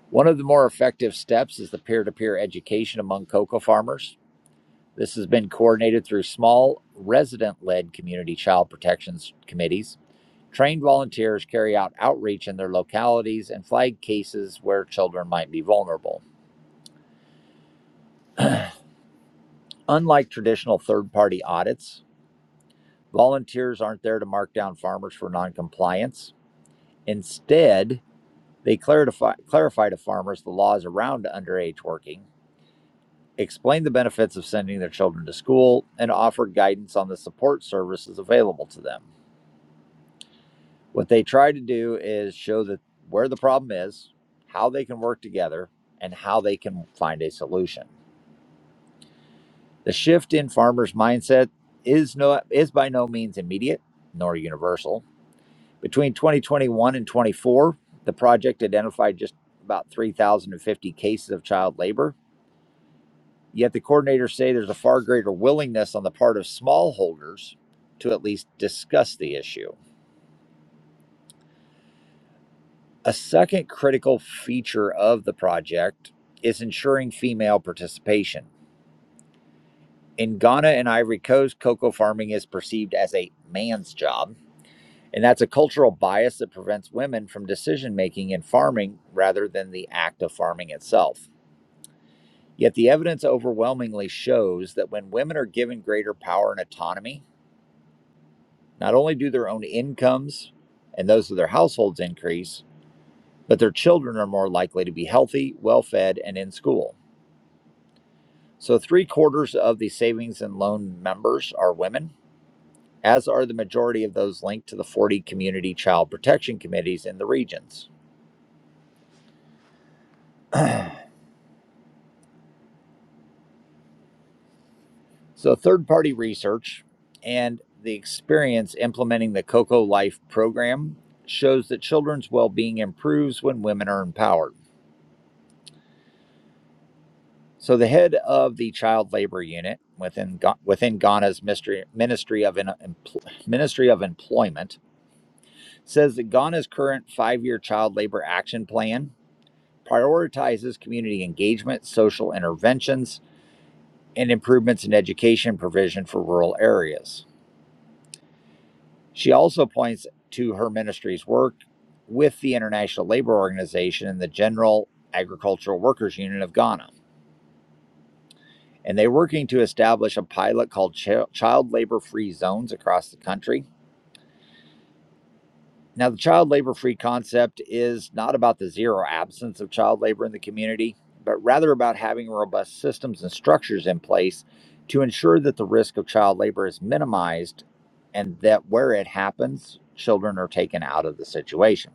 One of the more effective steps is the peer to peer education among cocoa farmers. This has been coordinated through small resident led community child protections committees Trained volunteers carry out outreach in their localities and flag cases where children might be vulnerable. Unlike traditional third party audits, volunteers aren't there to mark down farmers for noncompliance. Instead, they clarify, clarify to farmers the laws around underage working, explain the benefits of sending their children to school, and offer guidance on the support services available to them. What they try to do is show that where the problem is, how they can work together, and how they can find a solution. The shift in farmers' mindset is no is by no means immediate nor universal. Between 2021 and 24, the project identified just about 3,050 cases of child labor. Yet the coordinators say there's a far greater willingness on the part of smallholders to at least discuss the issue. A second critical feature of the project is ensuring female participation. In Ghana and Ivory Coast, cocoa farming is perceived as a man's job, and that's a cultural bias that prevents women from decision making in farming rather than the act of farming itself. Yet the evidence overwhelmingly shows that when women are given greater power and autonomy, not only do their own incomes and those of their households increase, but their children are more likely to be healthy, well fed, and in school. So, three quarters of the savings and loan members are women, as are the majority of those linked to the 40 community child protection committees in the regions. so, third party research and the experience implementing the COCO Life program shows that children's well being improves when women are empowered. So, the head of the child labor unit within, within Ghana's Ministry, Ministry, of, Ministry of Employment says that Ghana's current five year child labor action plan prioritizes community engagement, social interventions, and improvements in education provision for rural areas. She also points to her ministry's work with the International Labor Organization and the General Agricultural Workers Union of Ghana. And they're working to establish a pilot called Ch- Child Labor Free Zones across the country Now, the child labor free concept is not about the zero absence of child labor in the community, but rather about having robust systems and structures in place to ensure that the risk of child labor is minimized and that where it happens, children are taken out of the situation.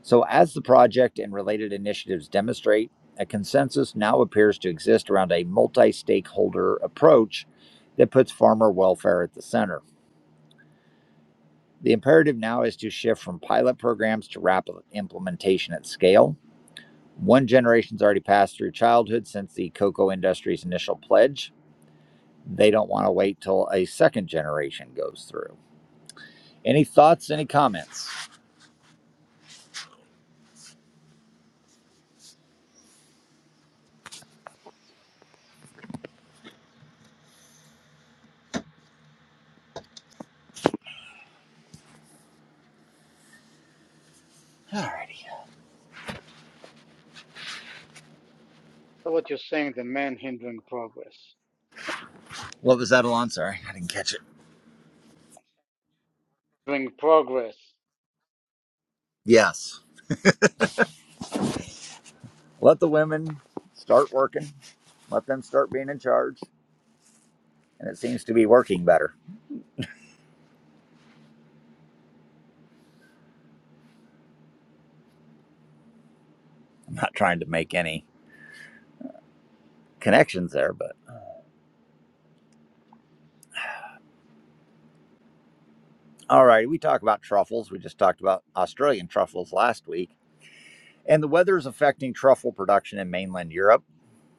So, as the project and related initiatives demonstrate, a consensus now appears to exist around a multi stakeholder approach that puts farmer welfare at the center. The imperative now is to shift from pilot programs to rapid implementation at scale. One generation's already passed through childhood since the cocoa industry's initial pledge. They don't want to wait till a second generation goes through. Any thoughts, any comments? Alrighty. So what you're saying, the man hindering progress, What was that, Alon? Sorry, I didn't catch it. hindering progress. Yes. Let the women start working, let them start being in charge, and it seems to be working better. I'm not trying to make any connections there, but. All right, we talk about truffles. We just talked about Australian truffles last week, and the weather is affecting truffle production in mainland Europe.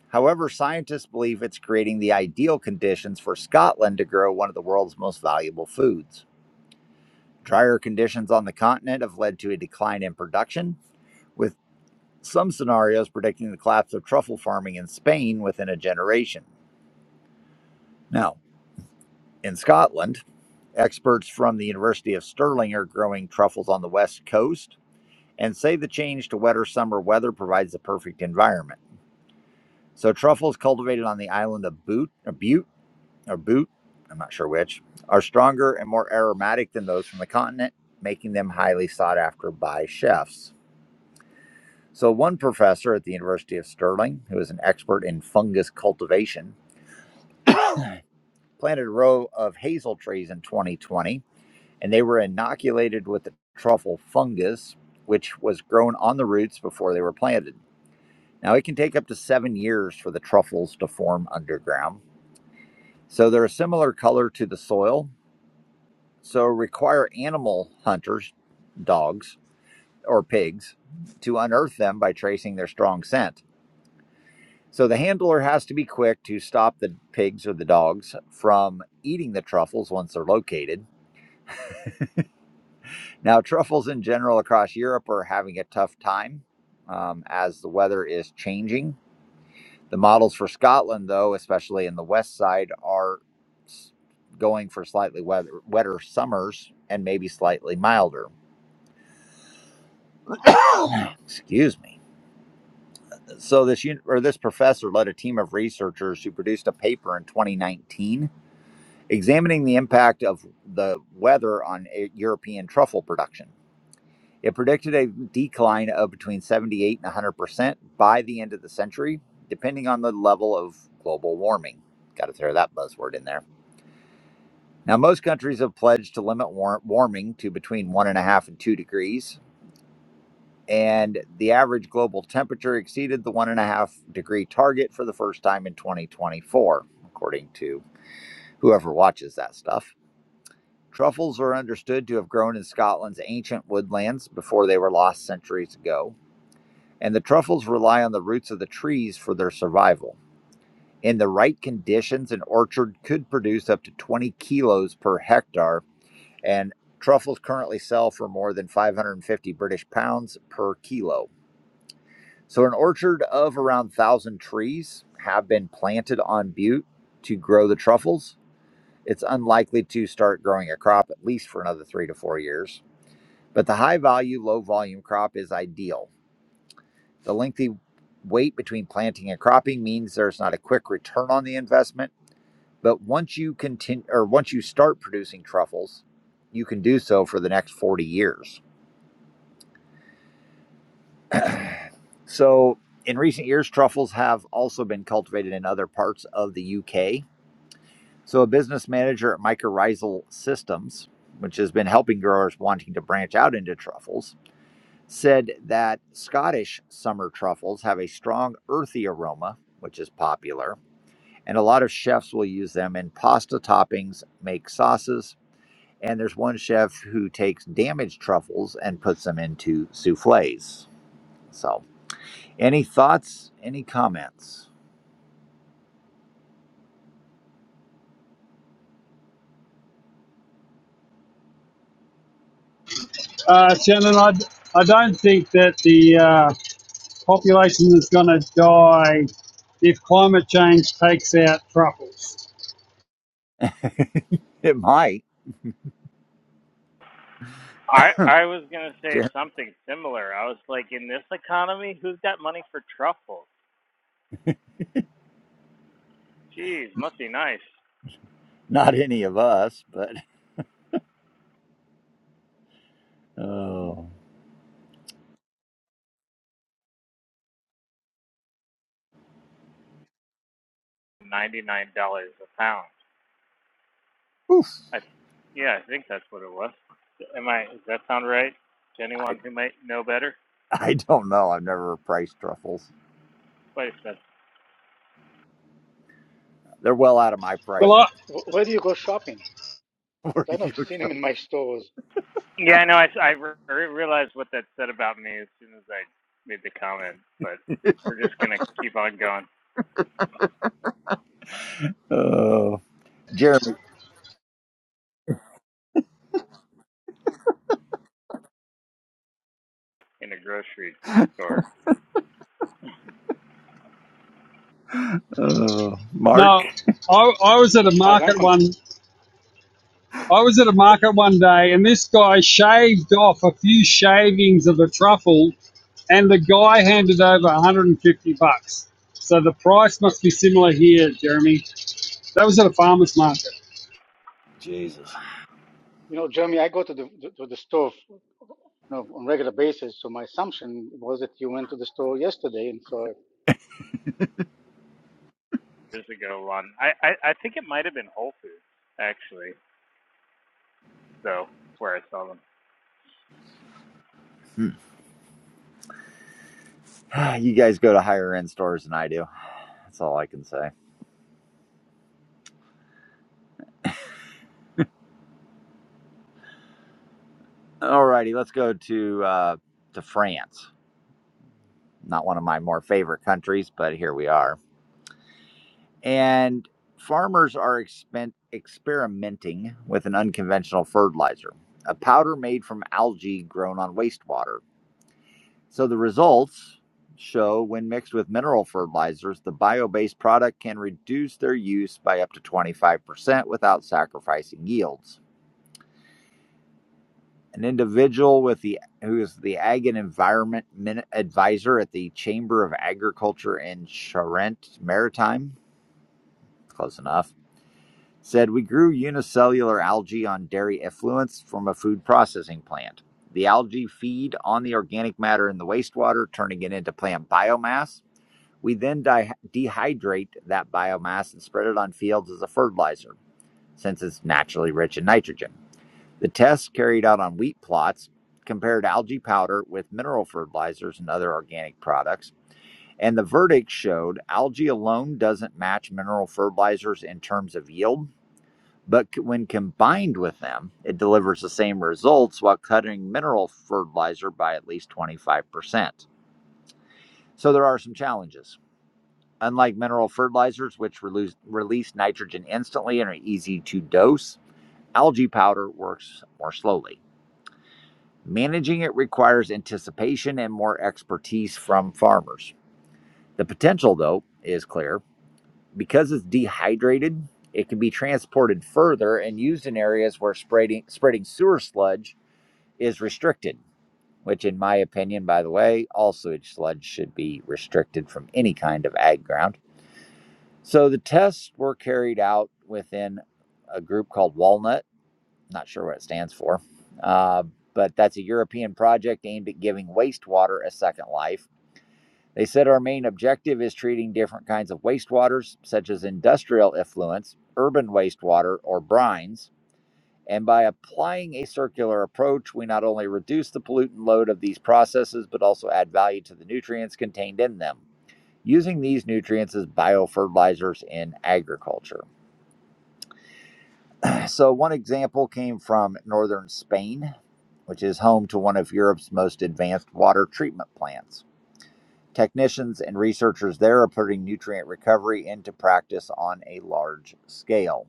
However, scientists believe it's creating the ideal conditions for Scotland to grow one of the world's most valuable foods. Drier conditions on the continent have led to a decline in production, with some scenarios predicting the collapse of truffle farming in Spain within a generation. Now, in Scotland, experts from the University of Stirling are growing truffles on the west coast and say the change to wetter summer weather provides the perfect environment. So truffles cultivated on the island of Boot, or Butte, or Boot, I'm not sure which, are stronger and more aromatic than those from the continent, making them highly sought after by chefs. So one professor at the University of Stirling, who is an expert in fungus cultivation, planted a row of hazel trees in 2020, and they were inoculated with the truffle fungus, which was grown on the roots before they were planted. Now, it can take up to seven years for the truffles to form underground. So they're a similar color to the soil, so require animal hunters, dogs, or pigs, to unearth them by tracing their strong scent. So the handler has to be quick to stop the pigs or the dogs from eating the truffles once they're located. Now, truffles in general across Europe are having a tough time um, as the weather is changing The models for Scotland, though, especially in the west side, are going for slightly weather, wetter summers and maybe slightly milder. Excuse me. So this or this professor led a team of researchers who produced a paper in 2019 examining the impact of the weather on e- European truffle production. It predicted a decline of between 78 and 100 percent by the end of the century, depending on the level of global warming. Got to throw that buzzword in there. Now, most countries have pledged to limit war- warming to between one and a half and two degrees, and the average global temperature exceeded the one and a half degree target for the first time in 2024, according to whoever watches that stuff. Truffles are understood to have grown in Scotland's ancient woodlands before they were lost centuries ago, and the truffles rely on the roots of the trees for their survival. In the right conditions, an orchard could produce up to 20 kilos per hectare and truffles currently sell for more than 550 British pounds per kilo. So, an orchard of around 1,000 trees have been planted on Butte to grow the truffles. It's unlikely to start growing a crop at least for another three to four years, but the high value, low volume crop is ideal. The lengthy wait between planting and cropping means there's not a quick return on the investment, but once you continue or once you start producing truffles, you can do so for the next 40 years. So, in recent years, truffles have also been cultivated in other parts of the UK. So, a business manager at Mycorrhizal Systems, which has been helping growers wanting to branch out into truffles, said that Scottish summer truffles have a strong earthy aroma, which is popular, and a lot of chefs will use them in pasta toppings, make sauces, and there's one chef who takes damaged truffles and puts them into souffles. So, any thoughts, any comments? Uh, Shannon, I, I don't think that the uh, population is going to die if climate change takes out truffles. It might. I I was gonna say Jer- something similar. I was like, in this economy, who's got money for truffles? Jeez, must be nice. Not any of us, but oh, Ninety nine dollars a pound. oof. I yeah, I think that's what it was. Am I? Does that sound right to I, anyone who might know better? I don't know. I've never priced truffles. Quite expensive. They're well out of my Where, Well, price range. I, where do you go shopping? Because I never seen him in my stores. Yeah, I know. I I re- realized what that said about me as soon as I made the comment. But we're just gonna keep on going Uh, Jeremy, in a grocery store. uh, Mark, no, I, I was at As a far as I'm market one. concerned, I was at a market one day, and this guy shaved off a few shavings of a truffle, and the guy handed over 150 bucks. So the price must be similar here, Jeremy. That was at a farmer's market. Jesus, you know, Jeremy, I go to the to the store, you know, on a regular basis. So my assumption was that you went to the store yesterday, and so Years ago, one I I, I think it might have been Whole Foods actually. so where I saw them. Hmm. you guys go to higher end stores than I do. That's all I can say. Alrighty, let's go to uh, to France. Not one of my more favorite countries, but here we are. And farmers are expen- experimenting with an unconventional fertilizer, a powder made from algae grown on wastewater. So the results show when mixed with mineral fertilizers, the bio based product can reduce their use by up to 25% without sacrificing yields. An individual with the who is the Ag and Environment Min- Advisor at the Chamber of Agriculture in Charente Maritime, close enough, said we grew unicellular algae on dairy effluents from a food processing plant. The algae feed on the organic matter in the wastewater, turning it into plant biomass. We then di- dehydrate that biomass and spread it on fields as a fertilizer, since it's naturally rich in nitrogen. The tests carried out on wheat plots compared algae powder with mineral fertilizers and other organic products, and the verdict showed algae alone doesn't match mineral fertilizers in terms of yield but when combined with them, it delivers the same results while cutting mineral fertilizer by at least 25%. So there are some challenges. Unlike mineral fertilizers, which release nitrogen instantly and are easy to dose, algae powder works more slowly. Managing it requires anticipation and more expertise from farmers. The potential, though, is clear. Because it's dehydrated, it can be transported further and used in areas where spreading, spreading sewer sludge is restricted, which, in my opinion, by the way, all sewage sludge should be restricted from any kind of ag ground. So the tests were carried out within a group called Walnut. Not sure what it stands for, uh, but that's a European project aimed at giving wastewater a second life. They said our main objective is treating different kinds of wastewaters, such as industrial effluents, urban wastewater, or brines, and by applying a circular approach, we not only reduce the pollutant load of these processes, but also add value to the nutrients contained in them, using these nutrients as biofertilizers in agriculture. So, one example came from northern Spain, which is home to one of Europe's most advanced water treatment plants. Technicians and researchers there are putting nutrient recovery into practice on a large scale.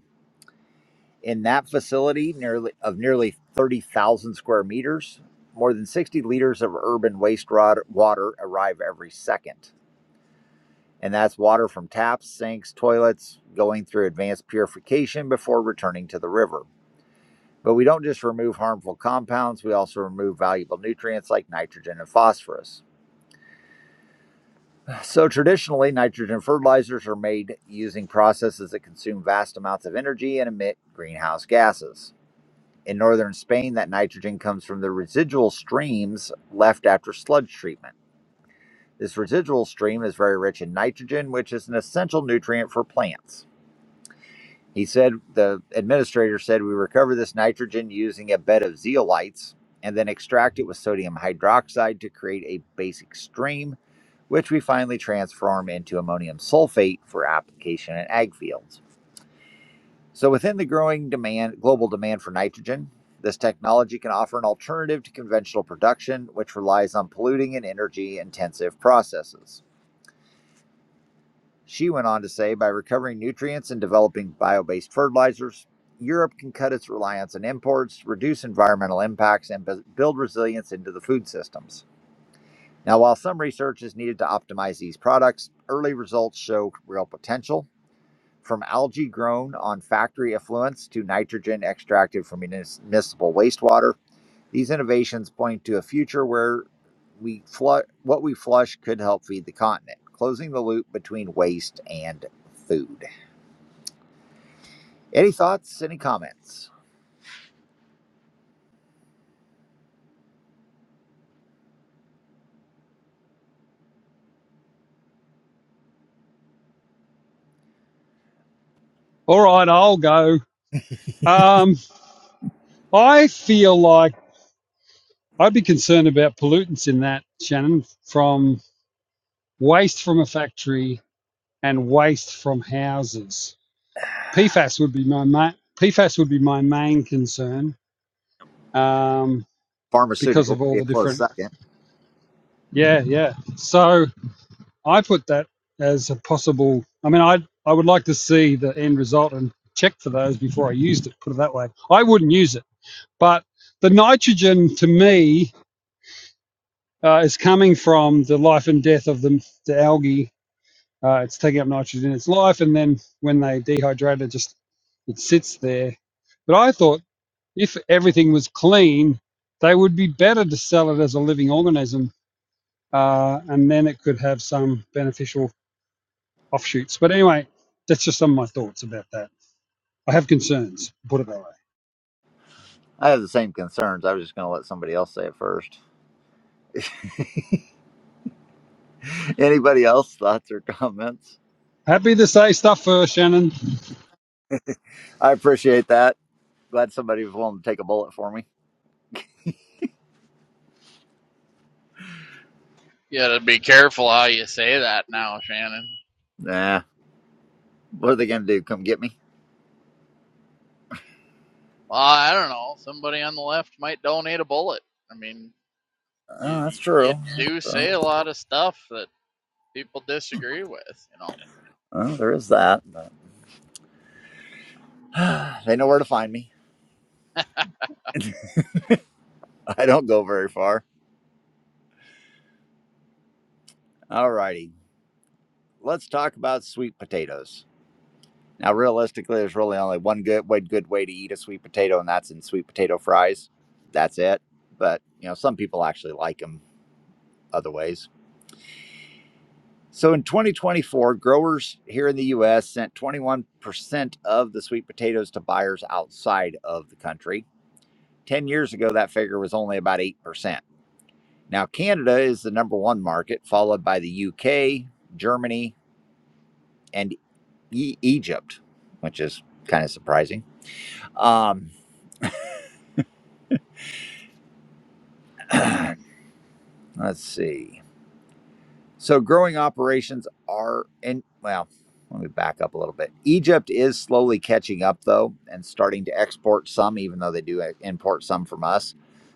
In that facility, nearly of nearly 30,000 square meters, more than 60 liters of urban waste water arrive every second. And that's water from taps, sinks, toilets, going through advanced purification before returning to the river. But we don't just remove harmful compounds, we also remove valuable nutrients like nitrogen and phosphorus. So, traditionally, nitrogen fertilizers are made using processes that consume vast amounts of energy and emit greenhouse gases. In northern Spain, that nitrogen comes from the residual streams left after sludge treatment. This residual stream is very rich in nitrogen, which is an essential nutrient for plants. He said, the administrator said, we recover this nitrogen using a bed of zeolites and then extract it with sodium hydroxide to create a basic stream, which we finally transform into ammonium sulfate for application in ag fields. So, within the growing demand, global demand for nitrogen, this technology can offer an alternative to conventional production, which relies on polluting and energy intensive processes. She went on to say by recovering nutrients and developing bio based fertilizers, Europe can cut its reliance on imports, reduce environmental impacts, and build resilience into the food systems. Now, while some research is needed to optimize these products, early results show real potential from algae grown on factory effluents to nitrogen extracted from munis- municipal wastewater. These innovations point to a future where we flush what we flush could help feed the continent, closing the loop between waste and food. Any thoughts? Any comments? All right, I'll go. Um, I feel like I'd be concerned about pollutants in that, Shannon, from waste from a factory and waste from houses. PFAS would be my ma- PFAS would be my main concern um, because Pharmaceutical of would all be a the close different. second. Yeah, yeah. So I put that as a possible. I mean, I I would like to see the end result and check for those before I used it. Put it that way. I wouldn't use it But the nitrogen to me uh, is coming from the life and death of the, the algae. Uh, it's taking up nitrogen in its life, and then when they dehydrate it, just it sits there. But I thought if everything was clean, they would be better to sell it as a living organism, uh, and then it could have some beneficial offshoots. But anyway, that's just some of my thoughts about that. I have concerns, put it that way. I have the same concerns. I was just going to let somebody else say it first. Anybody else thoughts or comments? Happy to say stuff first, Shannon. I appreciate that. Glad somebody was willing to take a bullet for me. You gotta be careful how you say that now, Shannon. Nah, what are they going to do? Come get me? Well, I don't know. Somebody on the left might donate a bullet. I mean, you Oh, that's you true. That's do say true. a lot of stuff that people disagree with, you know. Oh, there is that. But they know where to find me. I don't go very far. All righty. Let's talk about sweet potatoes. Now, realistically, there's really only one good one good way to eat a sweet potato, and that's in sweet potato fries. That's it. But, you know, some people actually like them other ways. So in 2024, growers here in the US sent 21% of the sweet potatoes to buyers outside of the country. 10 years ago, that figure was only about 8%. Now, Canada is the number one market, followed by the UK, Germany, and e- Egypt, which is kind of surprising. Um, let's see. So, growing operations are in, well, let me back up a little bit. Egypt is slowly catching up, though, and starting to export some, even though they do uh, import some from us.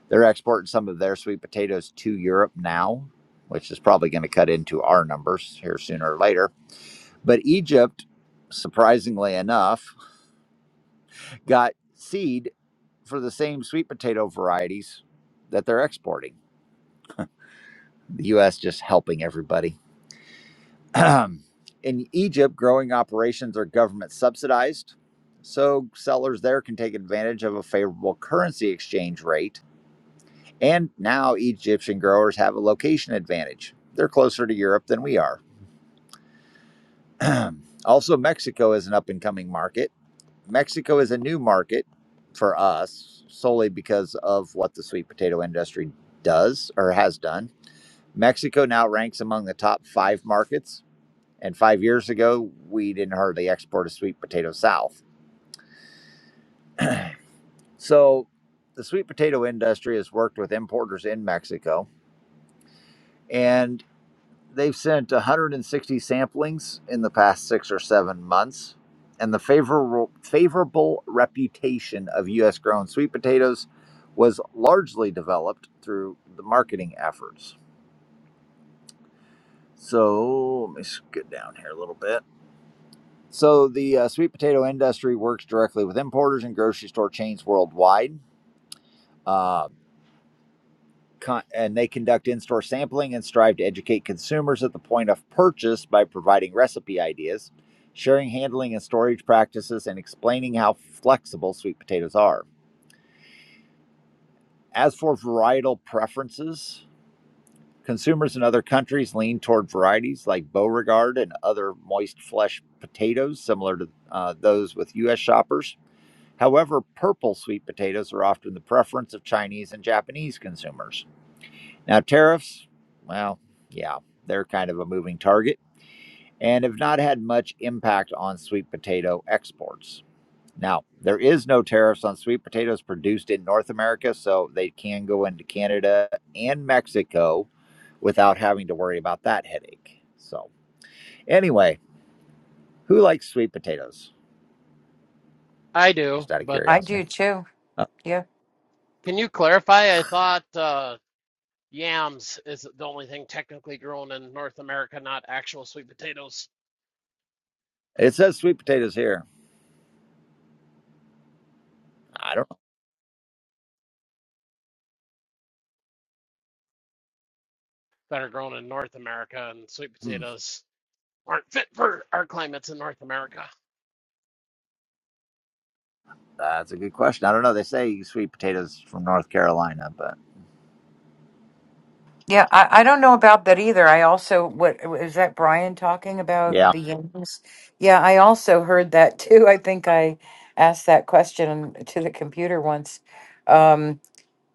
They're exporting some of their sweet potatoes to Europe now, which is probably going to cut into our numbers here sooner or later. But Egypt, surprisingly enough, got seed for the same sweet potato varieties that they're exporting. The U.S. just helping everybody. In Egypt, growing operations are government subsidized, so sellers there can take advantage of a favorable currency exchange rate. And now Egyptian growers have a location advantage. They're closer to Europe than we are. also, Mexico is an up and coming market Mexico is a new market for us solely because of what the sweet potato industry does or has done. Mexico now ranks among the top five markets. And five years ago, we didn't hardly export a sweet potato south. So the sweet potato industry has worked with importers in Mexico. and. They've sent 160 samplings in the past six or seven months, and the favorable, favorable reputation of U.S. grown sweet potatoes was largely developed through the marketing efforts. So let me get down here a little bit. So the uh, sweet potato industry works directly with importers and grocery store chains worldwide. Uh, con- and they conduct in-store sampling and strive to educate consumers at the point of purchase by providing recipe ideas, sharing handling and storage practices, and explaining how flexible sweet potatoes are. As for varietal preferences, consumers in other countries lean toward varieties like Beauregard and other moist flesh potatoes, similar to uh, those with U.S. shoppers. However, purple sweet potatoes are often the preference of Chinese and Japanese consumers. Now, tariffs, well, yeah, they're kind of a moving target and have not had much impact on sweet potato exports. Now, there is no tariffs on sweet potatoes produced in North America, so they can go into Canada and Mexico without having to worry about that headache. So, anyway, who likes sweet potatoes? I do, Just out of but I do curiosity. too. Uh, Yeah. can you clarify? I thought uh, yams is the only thing technically grown in North America, not actual sweet potatoes It says sweet potatoes here. I don't know. that are grown in North America, and sweet Hmm, potatoes aren't fit for our climates in North America. that's a good question. I don't know. They say sweet potatoes from North Carolina, but Yeah. I, I don't know about that either. I also, what is that Brian talking about yeah. the yams? Yeah. I also heard that too. I think I asked that question to the computer once. Um,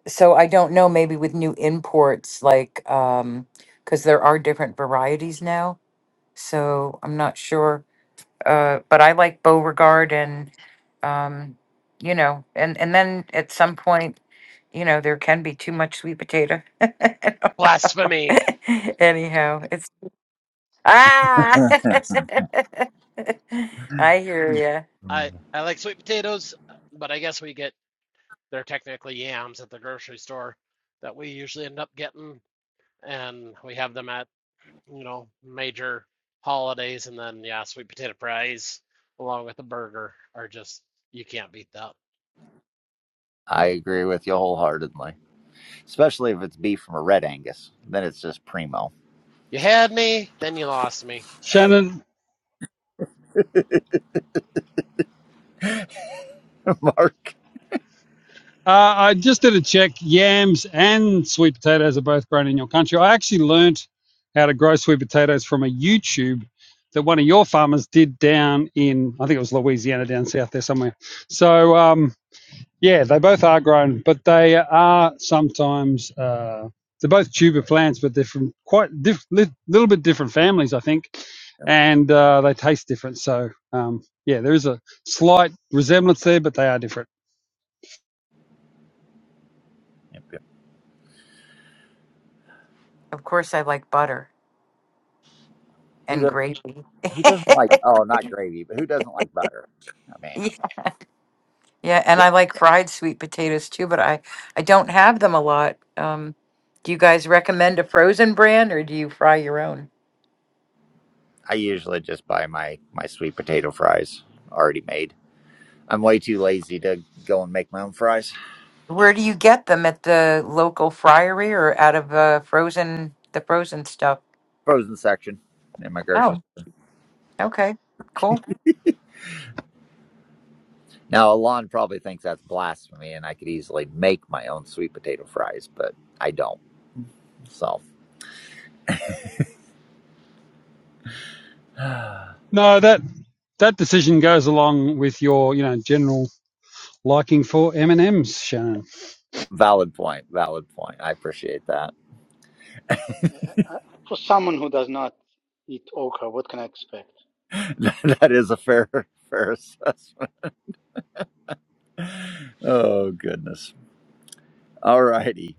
so I don't know, maybe with new imports, like, um, because there are different varieties now. So I'm not sure. uh, but I like Beauregard and, um, you know, and, and then at some point, you know, there can be too much sweet potato. I don't know. Blasphemy. Anyhow, it's ah. I hear ya. I Mm. I like sweet potatoes, but I guess we get they're technically yams at the grocery store that we usually end up getting, and we have them at, you know, major holidays, and then yeah, sweet potato fries along with a burger are just you can't beat that. I agree with you wholeheartedly, especially if it's beef from a red Angus. Then it's just primo. You had me, then you lost me. Shannon, Mark, Uh, I just did a check. Yams and sweet potatoes are both grown in your country. I actually learnt how to grow sweet potatoes from a YouTube that one of your farmers did down in, I think it was Louisiana, down south there somewhere. So, um, yeah, they both are grown, but they are sometimes, uh, they're both tuber plants, but they're from quite diff- li- little bit different families, I think, and uh, they taste different. So, um, yeah, there is a slight resemblance there, but they are different. Yep, yep. Of course, I like butter who and doesn't gravy. who doesn't like? Oh, not gravy, but who doesn't like butter? I mean, Yeah, yeah, and Yeah. I like fried sweet potatoes too, but I I don't have them a lot. Um, do you guys recommend a frozen brand or do you fry your own? I usually just buy my my sweet potato fries already made. I'm way too lazy to go and make my own fries. Where do you get them at the local friary or out of uh, frozen the frozen stuff? Frozen section in my grocery Oh, store. okay, cool. Now, Alon probably thinks that's blasphemy, and I could easily make my own sweet potato fries, but I don't. So. No, that that decision goes along with your, you know, general liking for M and M's, Shannon. Valid point. Valid point. I appreciate that. I, for someone who does not eat okra, what can I expect? that is a fair fair assessment. Oh goodness. All righty.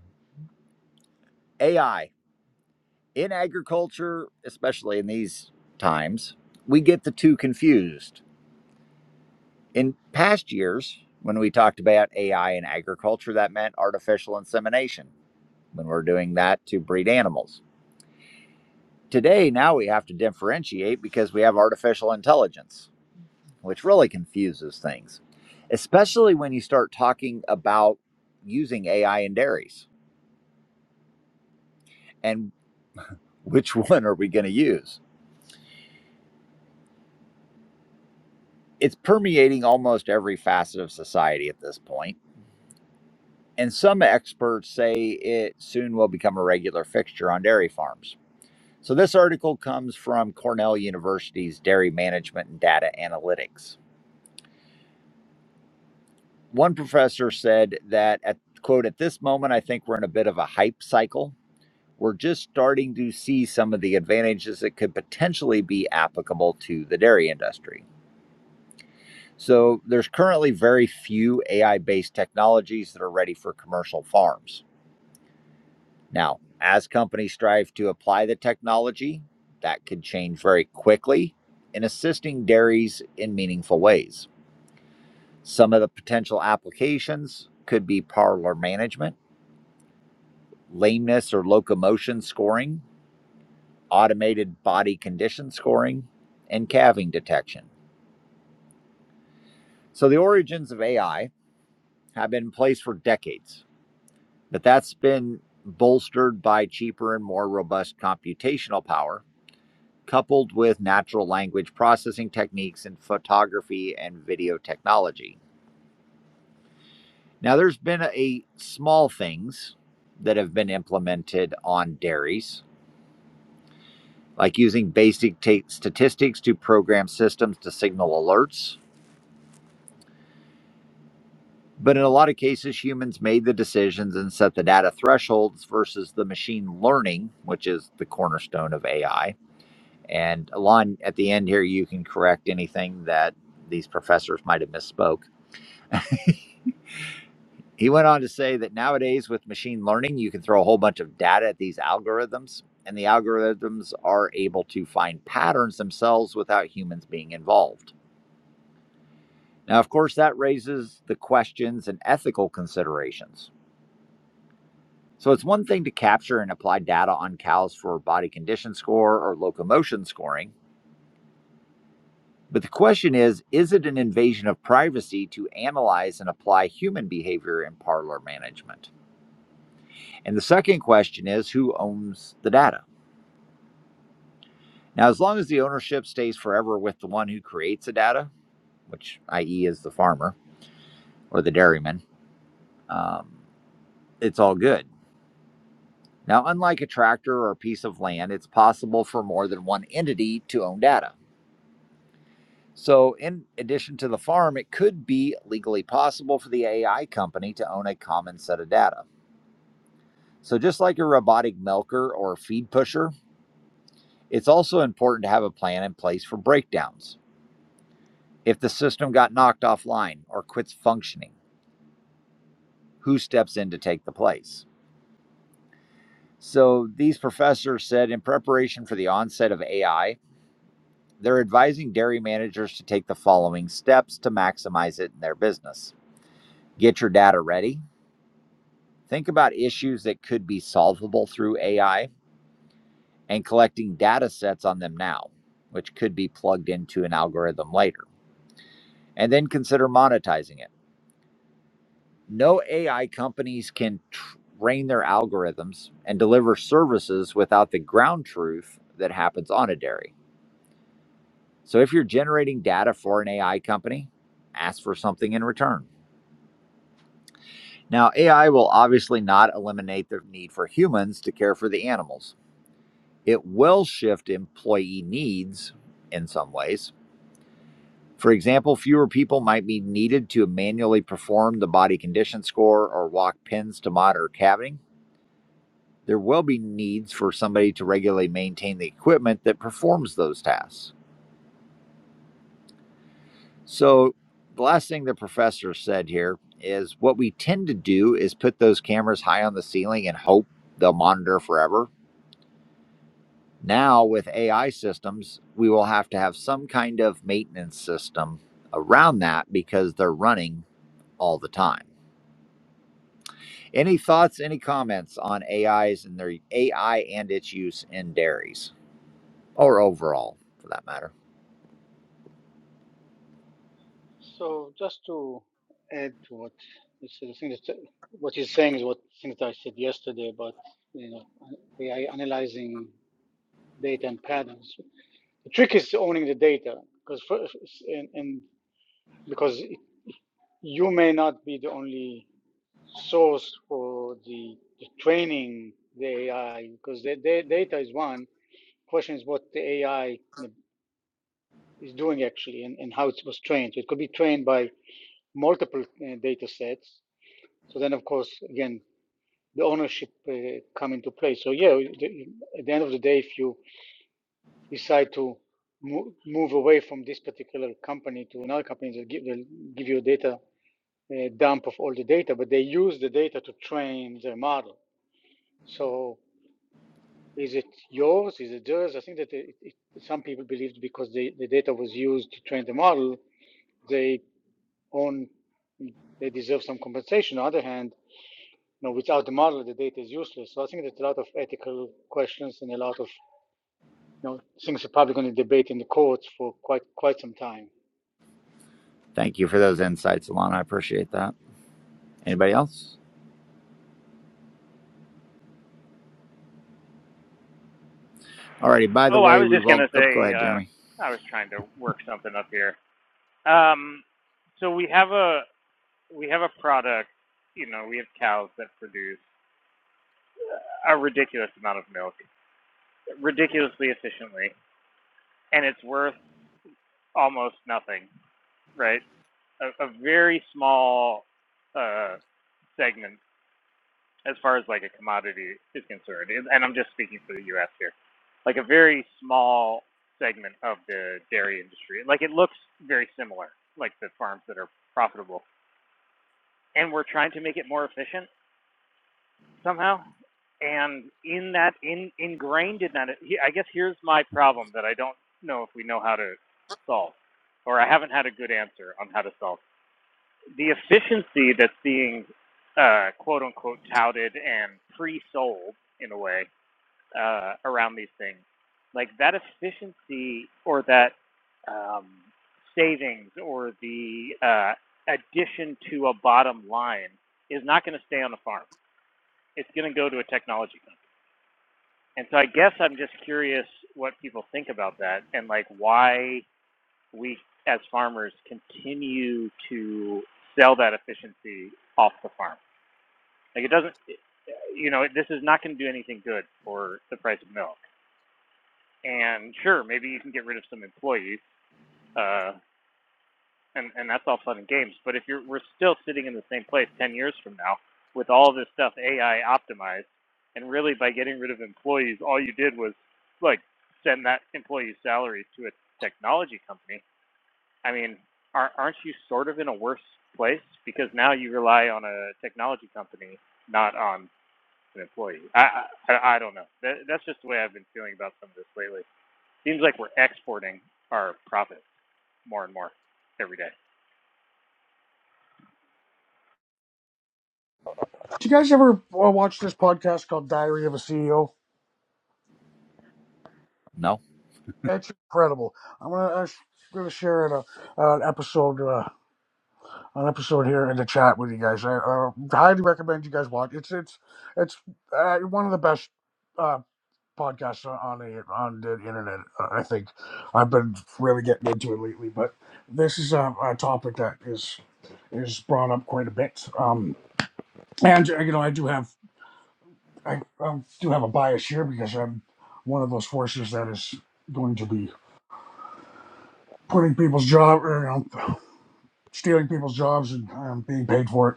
AI in agriculture, especially in these times, we get the two confused. In past years, when we talked about AI in agriculture, that meant artificial insemination when we're doing that to breed animals. Today, now we have to differentiate because we have artificial intelligence which really confuses things, especially when you start talking about using AI in dairies and which one are we going to use? It's permeating almost every facet of society at this point, And some experts say it soon will become a regular fixture on dairy farms. So, this article comes from Cornell University's Dairy Management and Data Analytics. One professor said that, at, quote, at this moment, I think we're in a bit of a hype cycle we're just starting to see some of the advantages that could potentially be applicable to the dairy industry. So, there's currently very few AI based technologies that are ready for commercial farms. Now, as companies strive to apply the technology, that could change very quickly in assisting dairies in meaningful ways. Some of the potential applications could be parlor management, lameness or locomotion scoring, automated body condition scoring, and calving detection. So the origins of AI have been in place for decades, but that's been bolstered by cheaper and more robust computational power, coupled with natural language processing techniques in photography and video technology. Now, there's been a small things that have been implemented on dairies, like using basic ta- statistics to program systems to signal alerts But in a lot of cases, humans made the decisions and set the data thresholds versus the machine learning, which is the cornerstone of AI. And Alon, at the end here, you can correct anything that these professors might have misspoke. He went on to say that nowadays, with machine learning, you can throw a whole bunch of data at these algorithms, and the algorithms are able to find patterns themselves without humans being involved. Now, of course, that raises the questions and ethical considerations So it's one thing to capture and apply data on cows for body condition score or locomotion scoring, but the question is is it an invasion of privacy to analyze and apply human behavior in parlor management? And the second question is who owns the data? Now, as long as the ownership stays forever with the one who creates the data, which i.e. is is the farmer or the dairyman, um, it's all good. Now, unlike a tractor or a piece of land, it's possible for more than one entity to own data. So, in addition to the farm, it could be legally possible for the AI company to own a common set of data. So, just like a robotic milker or feed pusher, it's also important to have a plan in place for breakdowns. If the system got knocked offline or quits functioning, who steps in to take the place? So, these professors said in preparation for the onset of AI, they're advising dairy managers to take the following steps to maximize it in their business. Get your data ready Think about issues that could be solvable through AI and collecting data sets on them now, which could be plugged into an algorithm later, and then consider monetizing it. No AI companies can train their algorithms and deliver services without the ground truth that happens on a dairy. So if you're generating data for an AI company, ask for something in return. Now, AI will obviously not eliminate the need for humans to care for the animals It will shift employee needs in some ways. For example, fewer people might be needed to manually perform the body condition score or walk pins to monitor caviting. There will be needs for somebody to regularly maintain the equipment that performs those tasks. So, the last thing the professor said here is what we tend to do is put those cameras high on the ceiling and hope they'll monitor forever Now, with AI systems, we will have to have some kind of maintenance system around that because they're running all the time. Any thoughts, any comments on AIs and their AI and its use in dairies or overall for that matter? So just to add to what you said, I think that what he's saying is what I I said yesterday about you know AI analyzing data and patterns. The trick is owning the data because first, and, and because you may not be the only source for the, the training the AI because the, the data is one. Question is what the AI is doing actually and, and how it was trained. So It could be trained by multiple uh, data sets. So then, of course, again, the ownership uh, come into play. So yeah, the, at the end of the day, if you decide to mo- move away from this particular company to another company that give, they'll give you a data a dump of all the data, but they use the data to train their model. So is it yours? Is it theirs? I think that it, it, some people believed because the, the data was used to train the model, they own, they deserve some compensation. On the other hand, you know, without the model, the data is useless. So I think there's a lot of ethical questions and a lot of you know, things are probably going to debate in the courts for quite quite some time. Thank you for those insights, Alana. I appreciate that. Anybody else? Alrighty, by the Oh, I way, was we just will gonna oh, go say, ahead, uh, Jeremy. I was trying to work something up here. Um, so we have a we have a product, you know, we have cows that produce a ridiculous amount of milk, ridiculously efficiently, and it's worth almost nothing, right? A, a very small uh, segment as far as like a commodity is concerned, and I'm just speaking for the U.S. here, like a very small segment of the dairy industry. Like it looks very similar, like the farms that are profitable, and we're trying to make it more efficient somehow. And in that, in ingrained in that, I guess here's my problem that I don't know if we know how to solve, or I haven't had a good answer on how to solve the efficiency that's being uh, quote unquote touted and pre-sold in a way uh, around these things, like that efficiency or that um, savings or the uh, addition to a bottom line is not going to stay on the farm. It's going to go to a technology company. And so I guess I'm just curious what people think about that and like why we as farmers continue to sell that efficiency off the farm. Like it doesn't, you know, this is not going to do anything good for the price of milk. and sure, maybe you can get rid of some employees, uh, and and that's all fun and games. But if you're we're still sitting in the same place ten years from now with all this stuff AI optimized, and really by getting rid of employees, all you did was like send that employee's salary to a technology company. I mean, aren't you sort of in a worse place because now you rely on a technology company, not on an employee? I I, I I don't know. That, that's just the way I've been feeling about some of this lately seems like we're exporting our profit more and more every day. Do you guys ever uh, watch this podcast called Diary of a CEO? No. It's incredible. I'm gonna I'm gonna share an, uh, an episode uh, an episode here in the chat with you guys. I uh, highly recommend you guys watch. It's it's it's uh, one of the best. uh, podcasts on on the on the internet. uh, I think I've been really getting into it lately, but this is a, a topic that is is brought up quite a bit. Um, and you know, I do have I, I do have a bias here because I'm one of those forces that is going to be putting people's job, or, you know, stealing people's jobs and um, being paid for it.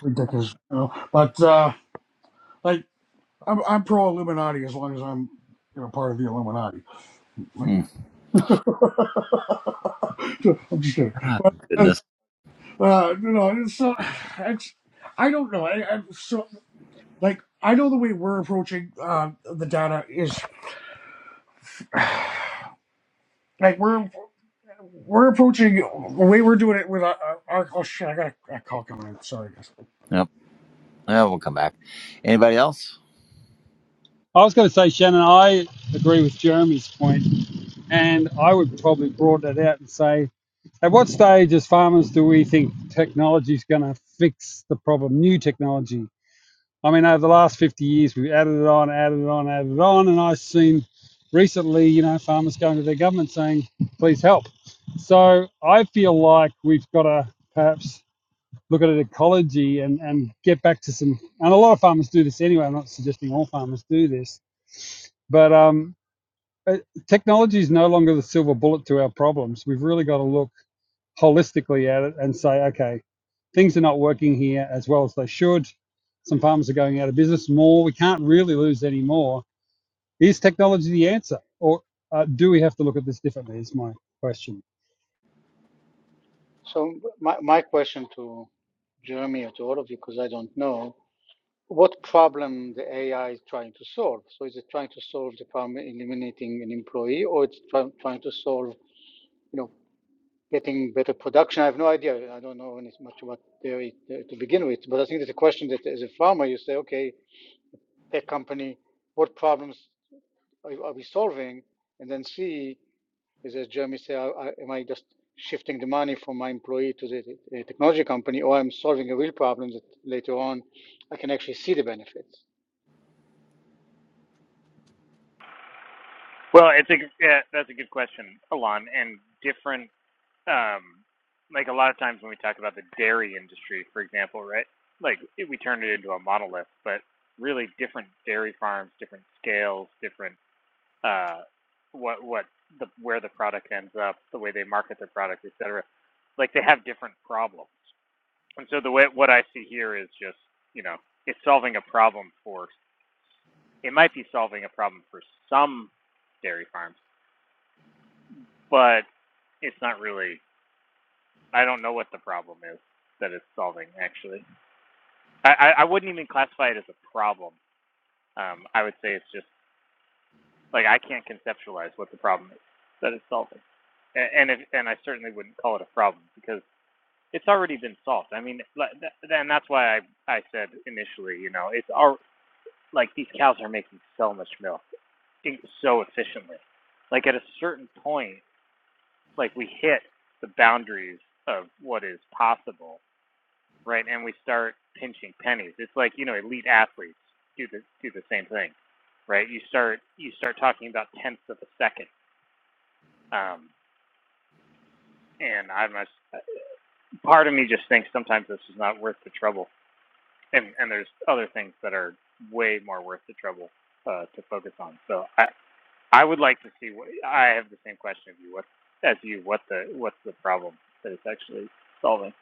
Ridiculous, you know. But uh, like, I'm, I'm pro Illuminati as long as I'm you know part of the Illuminati. Hmm. I'm just kidding. Ah, uh, goodness. uh, you know, it's not. It's, I don't know. I, i so like I know the way we're approaching uh, the data is like we're we're approaching the way we're doing it with our, our oh shit I got a, a call coming in sorry guys. Yep. Yeah, we'll come back. Anybody else? I was going to say, Shannon, I agree with Jeremy's point, and I would probably broaden it out and say, at what stage, as farmers, do we think technology is going to fix the problem? New technology. I mean, over the last 50 years, we've added it on, added it on, added it on, and I've seen recently, you know, farmers going to their government saying, "Please help." So I feel like we've got to perhaps look at an ecology and, and get back to some and a lot of farmers do this anyway i'm not suggesting all farmers do this but um, uh, technology is no longer the silver bullet to our problems we've really got to look holistically at it and say okay things are not working here as well as they should some farmers are going out of business more we can't really lose any more is technology the answer or uh, do we have to look at this differently is my question So my, my question to Jeremy or to all of you, because I don't know, what problem the AI is trying to solve? So is it trying to solve the problem eliminating an employee, or it's try, trying to solve, you know, getting better production? I have no idea. I don't know much about dairy uh, to begin with, but I think it's a question that as a farmer you say, okay, tech company, what problems are we solving? And then see is, as Jeremy said, I, I, am I just shifting the money from my employee to the, the technology company, or I'm solving a real problem that later on I can actually see the benefits. Well, it's a yeah, that's a good question, Alon. And different, um, like a lot of times when we talk about the dairy industry, for example, right? Like it, we turn it into a monolith, but really different dairy farms, different scales, different uh, what what the where the product ends up, the way they market their product, et cetera. Like they have different problems, And so the way what I see here is just, you know, it's solving a problem for it might be solving a problem for some dairy farms, but it's not really I don't know what the problem is that it's solving actually. I, I, I wouldn't even classify it as a problem. Um, I would say it's just like I can't conceptualize what the problem is that it's solving. A- And if, and I certainly wouldn't call it a problem because it's already been solved. I mean, like, and that's why I, I said initially, you know, it's all. like these cows are making so much milk e, so efficiently. Like at a certain point, like we hit the boundaries of what is possible, right? And we start pinching pennies. It's like you know elite athletes do the do the same thing, right? You start you start talking about tenths of a second. Um, and I'm part of me just thinks sometimes this is not worth the trouble, and and there's other things that are way more worth the trouble uh, to focus on. So I I would like to see what I have the same question of you. What as you, what the what's the problem that it's actually solving?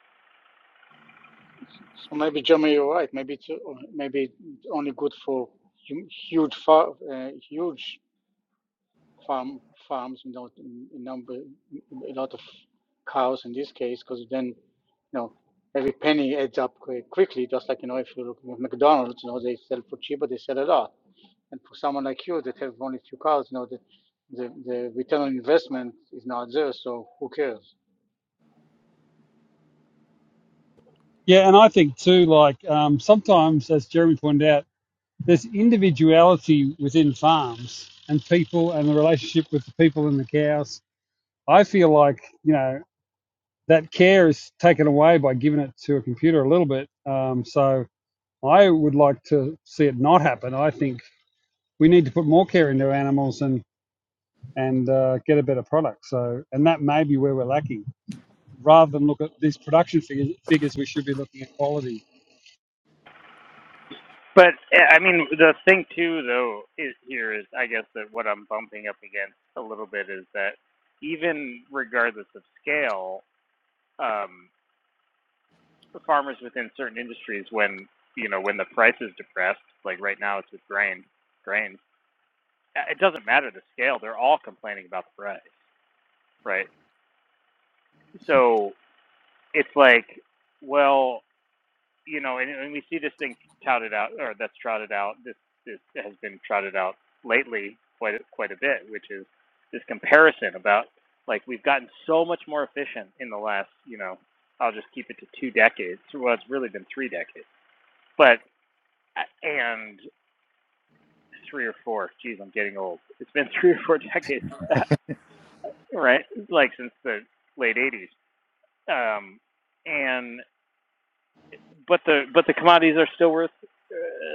So maybe Jeremy, you're right. Maybe it's uh, maybe only good for huge far, uh, huge farm farms, you know, in, number a lot of cows in this case, because then you know every penny adds up quickly. Just like you know, if you look at McDonald's, you know, they sell for cheap, but they sell a lot. And for someone like you that have only few cars, you know, the, the, the return on investment is not there, so who cares? yeah and i think too like um, sometimes as jeremy pointed out there's individuality within farms and people and the relationship with the people and the cows. I feel like you know that care is taken away by giving it to a computer a little bit. Um, so I would like to see it not happen. I think we need to put more care into animals and and uh, get a better product. So and that may be where we're lacking. Rather than look at these production figures, figures we should be looking at quality. But eh, I mean, the thing too, though, is here is I guess that what I'm bumping up against a little bit is that even regardless of scale, um, the farmers within certain industries, when you know when the price is depressed, like right now it's with grain, grains, eh, it doesn't matter the scale; they're all complaining about the price, right? So it's like, well, you know, and, and we see this thing touted out, or that's trotted out. This this has been trotted out lately quite a- quite a bit, which is this comparison about like we've gotten so much more efficient in the last, you know, I'll just keep it to two decades. Well, it's really been three decades, but uh, and three or four. Geez, I'm getting old. It's been three or four decades, right? Like since the late '80s, um, and But the but the commodities are still worth uh,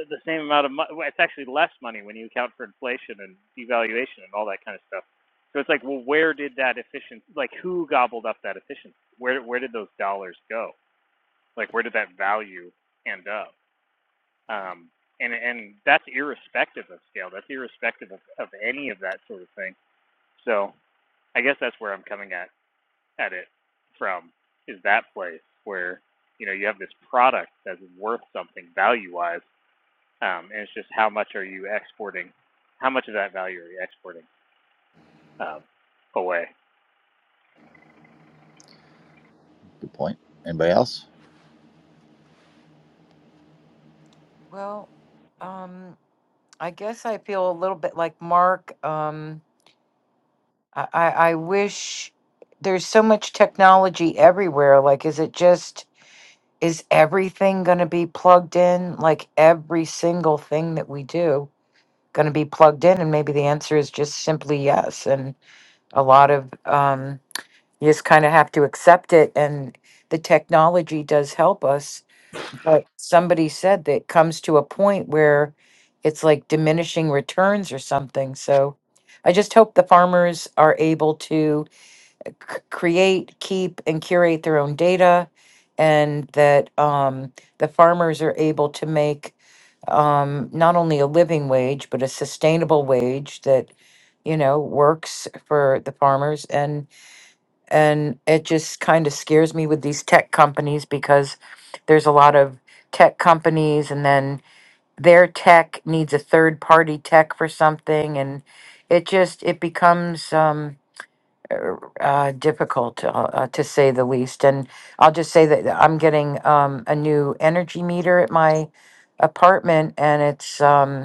the same amount of money. Well, It's actually less money when you account for inflation and devaluation and all that kind of stuff. So it's like, well, where did that efficiency? Like, who gobbled up that efficiency? Where where did those dollars go? Like, where did that value end up? Um, and and that's irrespective of scale. That's irrespective of, of any of that sort of thing. So I guess that's where I'm coming at at it from is that place where you know you have this product that's worth something value wise um, and it's just how much are you exporting how much of that value are you exporting um, away Good point. Anybody else? Well, um, I guess I feel a little bit like Mark. Um, I, I, I wish there's so much technology everywhere. Like, is it just is everything going to be plugged in? Like every single thing that we do going to be plugged in? And maybe the answer is just simply yes. And a lot of um, you just kind of have to accept it and the technology does help us but somebody said that it comes to a point where it's like diminishing returns or something so i just hope the farmers are able to c- create keep and curate their own data and that um, the farmers are able to make um, not only a living wage but a sustainable wage that you know works for the farmers and it just kind of scares me with these tech companies because there's a lot of tech companies and then their tech needs a third party tech for something and it just it becomes um er, uh, difficult uh, uh, to say the least and i'll just say that i'm getting um, a new energy meter at my apartment and it's um,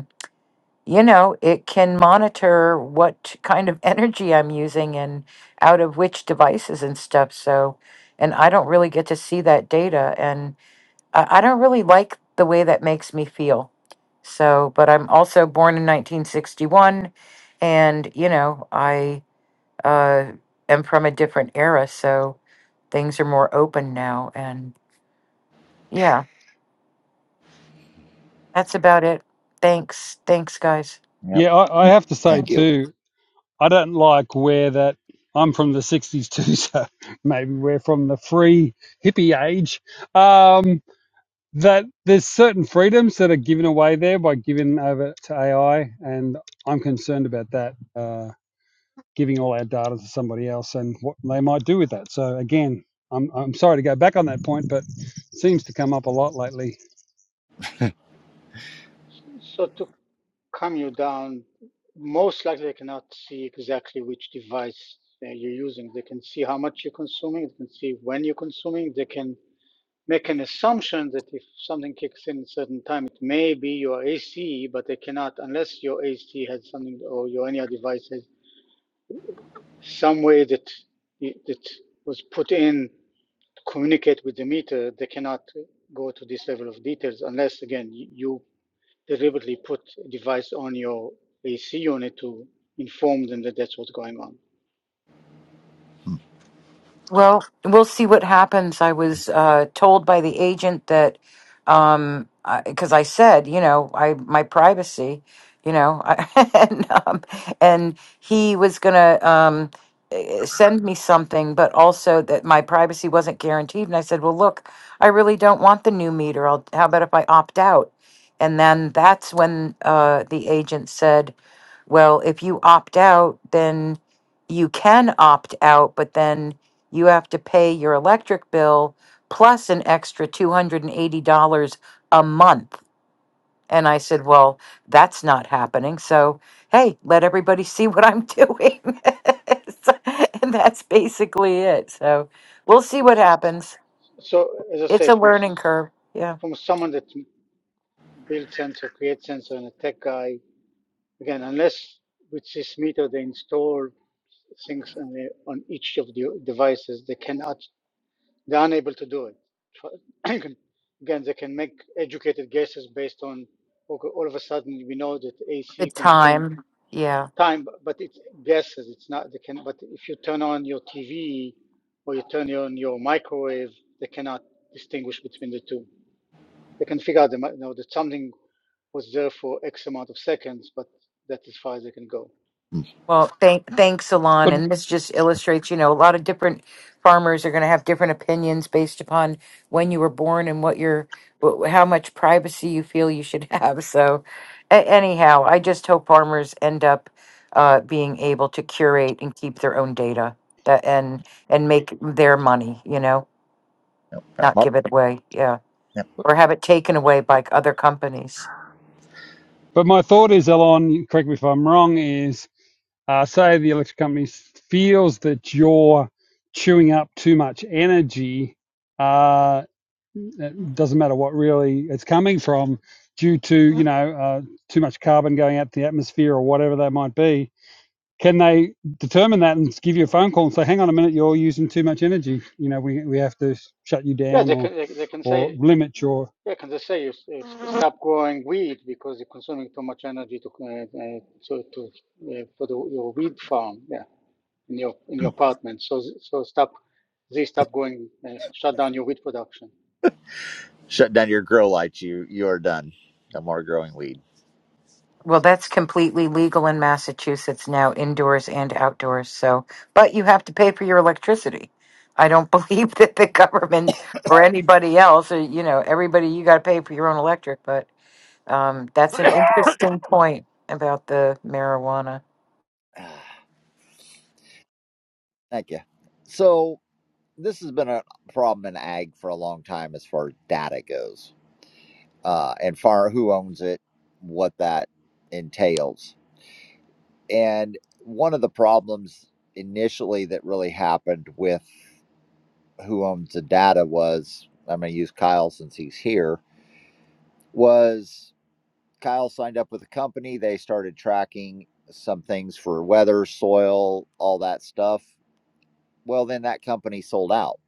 you know, it can monitor what kind of energy I'm using and out of which devices and stuff. So, and I don't really get to see that data. And I, I don't really like the way that makes me feel. So, but I'm also born in 1961. And, you know, I uh, am from a different era. So things are more open now. And yeah, that's about it. Thanks. Thanks, guys. Yep. Yeah, I, I have to say Thank you. too. I don't like where that. I'm from the 60s too, so maybe we're from the free hippie age. Um, that there's certain freedoms that are given away there by giving over to AI, and I'm concerned about that, uh, giving all our data to somebody else and what they might do with that. So, again, I'm, I'm sorry to go back on that point, but it seems to come up a lot lately. So to calm you down, most likely they cannot see exactly which device uh, you're using. They can see how much you're consuming, they can see when you're consuming, they can make an assumption that if something kicks in at a certain time, it may be your AC, but they cannot, unless your AC has something or your any other device has some way that, that was put in communicate with the meter, they cannot go to this level of details unless, again, you deliberately put a device on your AC unit to inform them that that's what's going on. Mm, Well, we'll see what happens. I was uh, told by the agent that um because I said, you know, I my privacy, you know, I, and um, and he was gonna um eh, send me something, but also that my privacy wasn't guaranteed. And I said, well, look, I really don't want the new meter. I'll how about if I opt out? And then that's when uh, the agent said. Well, if you opt out, then you can opt out, but then you have to pay your electric bill plus an extra $280 a month. And I said, Well, that's not happening. So, hey, let everybody see what I'm doing. So- and that's basically it. So, we'll see what happens. So, as I It's say, a from learning curve. Yeah. from someone that builds sensor, creates sensor, and a tech guy, again, unless with this meter they install things on each of the devices, they cannot They're unable to do it. Again, they can make educated guesses based on okay, all of a sudden we know that The AC consume time. Yeah. time, but it's guesses. It's not they can. But if you turn on your TV or you turn on your microwave, they cannot distinguish between the two. They can figure out the, you know, that something was there for X amount of seconds, but that's as far as they can go. mm. Well, thank thanks, Alon. But And this just illustrates, you know, a lot of different farmers are going to have different opinions based upon when you were born and what your wh- how much privacy you feel you should have. So, a- anyhow, I just hope farmers end up uh, being able to curate and keep their own data that and and make their money, you know, not Mark? give it away, yeah, or have it taken away by other companies. but my thought is, Elon, correct me if I'm wrong, is uh, say the electric company feels that you're chewing up too much energy, uh, it doesn't matter what really it's coming from, due to you know uh, too much carbon going out the atmosphere or whatever that might be. Can they determine that and give you a phone call and say, "Hang on a minute, you're using too much energy. You know, we we have to shut you Yeah, down they or can. They, they can say or limit your." Yeah, can they say you, you stop growing weed because you're consuming too much energy to uh, uh, to, to uh, for the, your weed farm? Yeah, in your in your apartment. So so stop, they stop growing, uh, shut down your weed production. Shut down your grow lights. You you are done. No more growing weed. Well, that's completely legal in Massachusetts now, indoors and outdoors. So, but you have to pay for your electricity. I don't believe that the government or anybody else, or you know, everybody, you got to pay for your own electric. But um, that's an interesting point about the marijuana. Thank you. So this has been a problem in ag for a long time as far as data goes, uh, and far who owns it, what that entails, and one of the problems initially that really happened with who owns the data was I'm going to use Kyle since he's here was Kyle signed up with a company. They started tracking some things for weather, soil, all that stuff. Well, then that company sold out,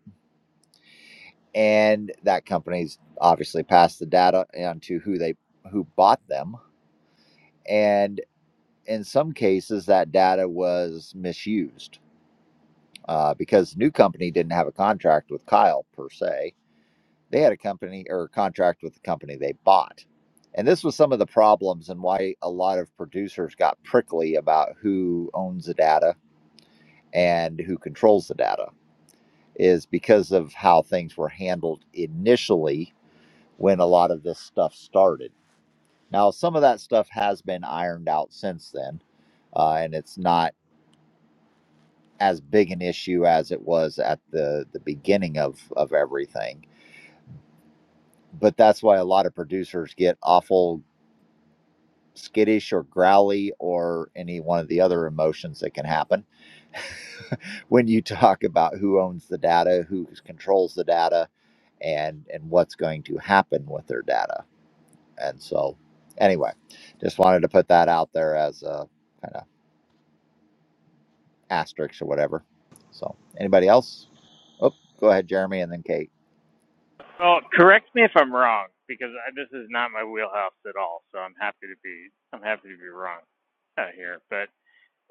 and that company's obviously passed the data on to who they who bought them, and in some cases that data was misused uh, because the new company didn't have a contract with Kyle per se They had a company or a contract with the company they bought. And this was some of the problems and why a lot of producers got prickly about who owns the data and who controls the data is because of how things were handled initially when a lot of this stuff started. Now, some of that stuff has been ironed out since then, uh, and it's not as big an issue as it was at the the beginning of of everything. But that's why a lot of producers get awful skittish or growly or any one of the other emotions that can happen when you talk about who owns the data, who controls the data, and and what's going to happen with their data. And so, anyway, just wanted to put that out there as a kind of asterisk or whatever. So, anybody else? Oh, go ahead, Jeremy, and then Kate. well correct me if i'm wrong because I, this is not my wheelhouse at all so i'm happy to be i'm happy to be wrong out here but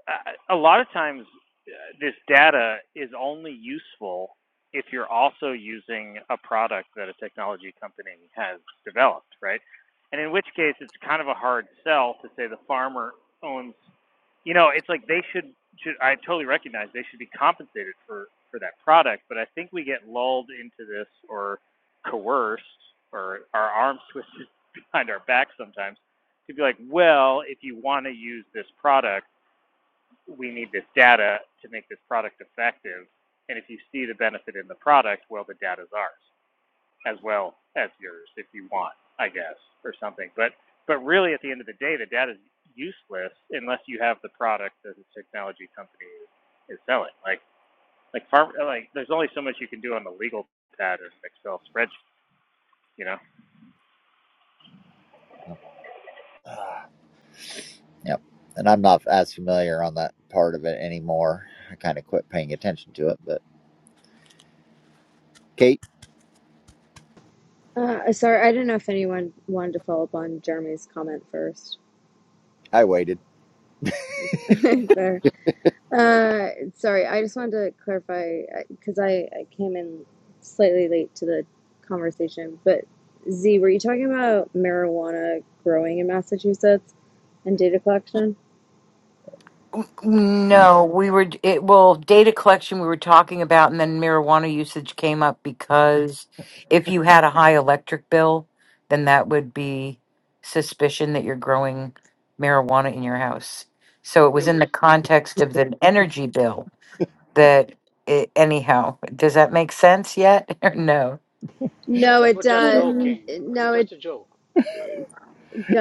uh, a lot of times uh, this data is only useful if you're also using a product that a technology company has developed, right? And in which case, it's kind of a hard sell to say the farmer owns. You know, it's like they should should I totally recognize they should be compensated for for that product, but I think we get lulled into this or coerced or our arms twisted behind our back sometimes to be like, well, if you want to use this product, we need this data to make this product effective. And if you see the benefit in the product, well, the data's ours as well as yours if you want, I guess, or something. But but really, at the end of the day, the data's useless unless you have the product that the technology company is selling. Like like farm like there's only so much you can do on the legal pad or an Excel spreadsheet, you know. Yep. Yep. And I'm not as familiar on that part of it anymore. I kind of quit paying attention to it, but Kate, Uh, sorry, I didn't know if anyone wanted to follow up on Jeremy's comment first. I waited. There. Uh, sorry, I just wanted to clarify because I, I came in slightly late to the conversation. But Z, were you talking about marijuana growing in Massachusetts and data collection? No, we were it well, data collection we were talking about and then marijuana usage came up because if you had a high electric bill, then that would be suspicion that you're growing marijuana in your house. So it was in the context of the energy bill that it, anyhow, does that make sense yet or no? No, We were it just uh, joking. It was no, it just a joke.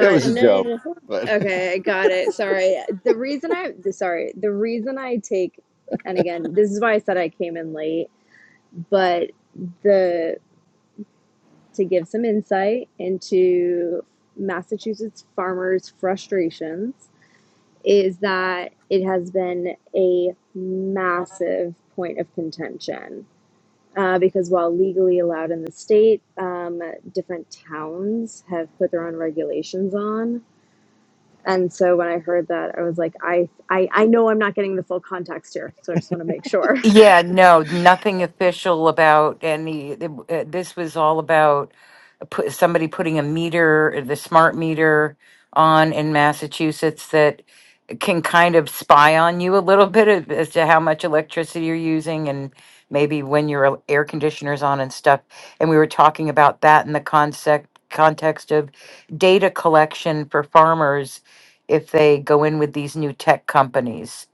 It was a no, no, joke, no. but. Okay, I got it. Sorry. The reason I sorry, the reason I take, and again, this is why I said I came in late but the to give some insight into Massachusetts farmers' frustrations is that it has been a massive point of contention uh, because while legally allowed in the state, um, different towns have put their own regulations on. And so when I heard that, I was like, I, I, I know I'm not getting the full context here, so I just want to make sure. Yeah, no, nothing official about any. it- uh, This was all about put, somebody putting a meter, the smart meter, on in Massachusetts. that can kind of spy on you a little bit as as to how much electricity you're using and maybe when your el- air conditioner's on and stuff. And we were talking about that in the concept context of data collection for farmers if they go in with these new tech companies.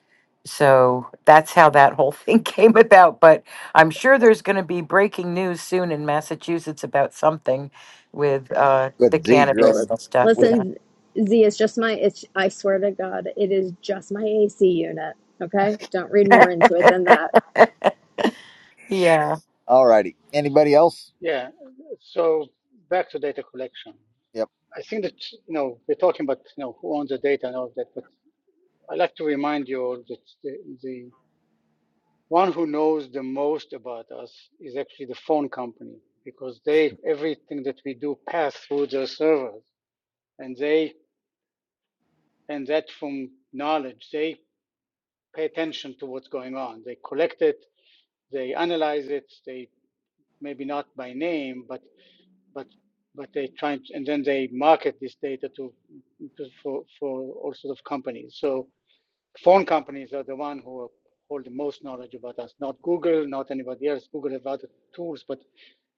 So that's how that whole thing came about. But I'm sure there's going to be breaking news soon in Massachusetts about something with uh, the with Z cannabis growing and stuff. with Yeah. Listen, Z, it's just my, it's, I swear to God, it is just my AC unit. Okay? Don't read more into it than that. yeah. all righty. Anybody else? Yeah. So back to data collection. Yep. I think that you know we're talking about you know who owns the data and all of that, but I like to remind you all that the, the one who knows the most about us is actually the phone company because they everything that we do pass through their servers and they and that from knowledge they pay attention to what's going on they collect it they analyze it they maybe not by name but but but they try and, then they market this data to, to for for all sorts of companies so phone companies are the one who hold the most knowledge about us, not Google, not anybody else. Google have other tools, but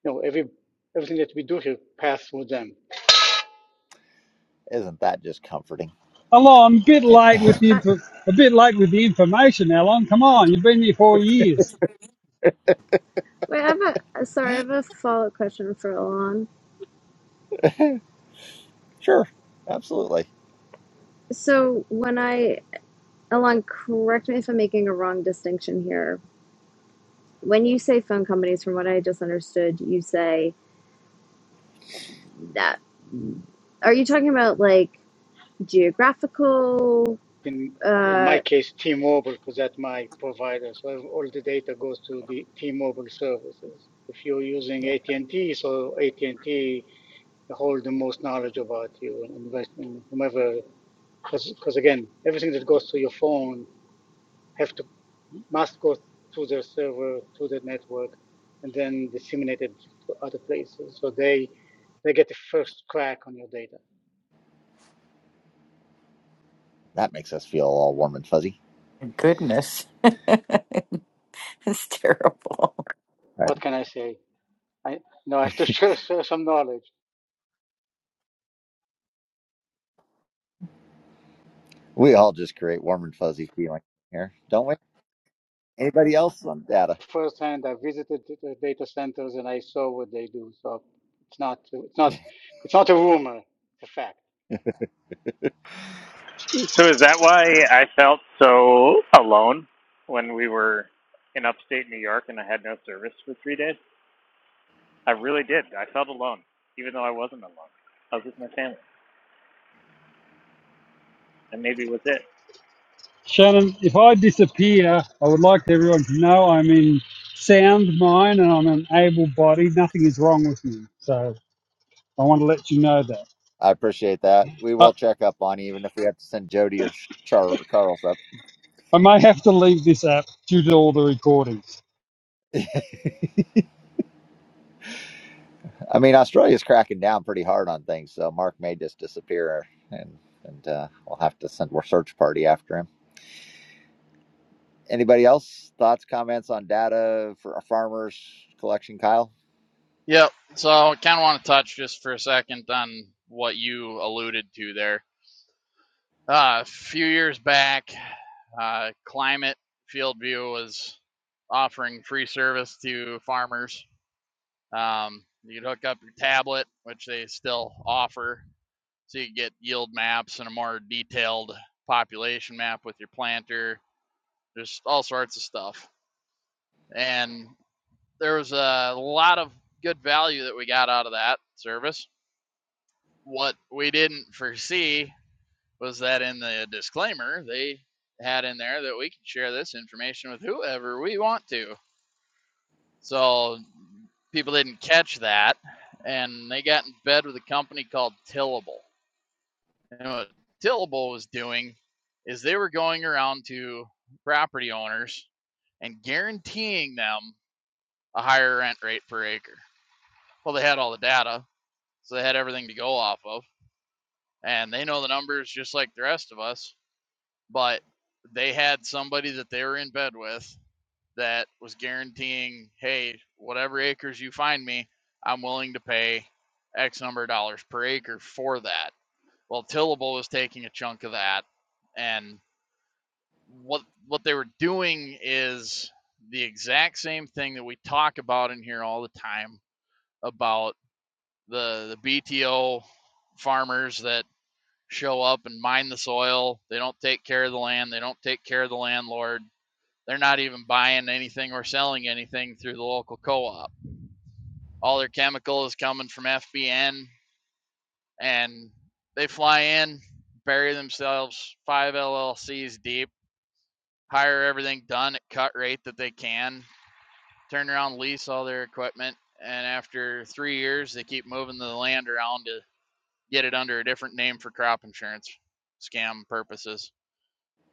you know, every everything that we do here pass through them. Isn't that just comforting? Alon, bit Eh, late with Wait, the I, info, a bit late with the information, Alon. Come on, you've been here four years. wait, I have a sorry, I have a follow up question for Alon. sure. Absolutely. So when I Alon, correct me if I'm making a wrong distinction here. When you say phone companies, from what I just understood, you say that. Are you talking about like geographical? In in my Uh, case, T-Mobile, because that's my provider. So all the data goes to the T-Mobile services. If you're using Yeah. AT&T, so AT&T hold the most knowledge about you and invest in whomever because again everything that goes to your phone have to must go to their server, to the network, and then disseminated to other places. So they they get the first crack on your data. That makes us feel all warm and fuzzy. Goodness. It's terrible. All right. What can I say? I no, I have to share, share some knowledge. We all just create warm and fuzzy feeling here, don't we? Anybody else on data? Firsthand, I visited the data centers and I saw what they do. So it's not it's not it's not a rumor. It's a fact. So is that why I felt so alone when we were in upstate New York and I had no service for three days? I really did. I felt alone, even though I wasn't alone. I was with my family, and maybe it was it. Shannon, if I disappear, I would like everyone to know I'm in sound mind and I'm an able body. Nothing is wrong with me. So I want to let you know that. I appreciate that. We I, will check up on you, even if we have to send Jody or Char- or Charles up. I may have to leave this app due to all the recordings. I mean, Australia's cracking down pretty hard on things, so Mark may just disappear, and and uh, we'll have to send a search party after him. Anybody else? Thoughts, comments on data for a farmers collection, Kyle? Yep. So I kind of want to touch just for a second on what you alluded to there. Uh, a few years back, uh, Climate Field View was offering free service to farmers. Um, you would hook up your tablet, which they still offer, so you get yield maps and a more detailed population map with your planter. There's all sorts of stuff. And there was a lot of good value that we got out of that service What we didn't foresee was that in the disclaimer, they had in there that we can share this information with whoever we want to. So people didn't catch that, and they got in bed with a company called Tillable. And what Tillable was doing is they were going around to property owners and guaranteeing them a higher rent rate per acre. Well, they had all the data, so they had everything to go off of, and they know the numbers just like the rest of us. but they had somebody that they were in bed with that was guaranteeing, hey, whatever acres you find me, I'm willing to pay X number of dollars per acre for that. Well, Tillable was taking a chunk of that, and what what they were doing is the exact same thing that we talk about in here all the time about the the BTO farmers that show up and mine the soil. They don't take care of the land. They don't take care of the landlord. They're not even buying anything or selling anything through the local co op. All their chemical is coming from FBN, and they fly in, bury themselves five LLCs deep, hire everything done at cut rate that they can, turn around, lease all their equipment, and after three years, they keep moving the land around to get it under a different name for crop insurance scam purposes.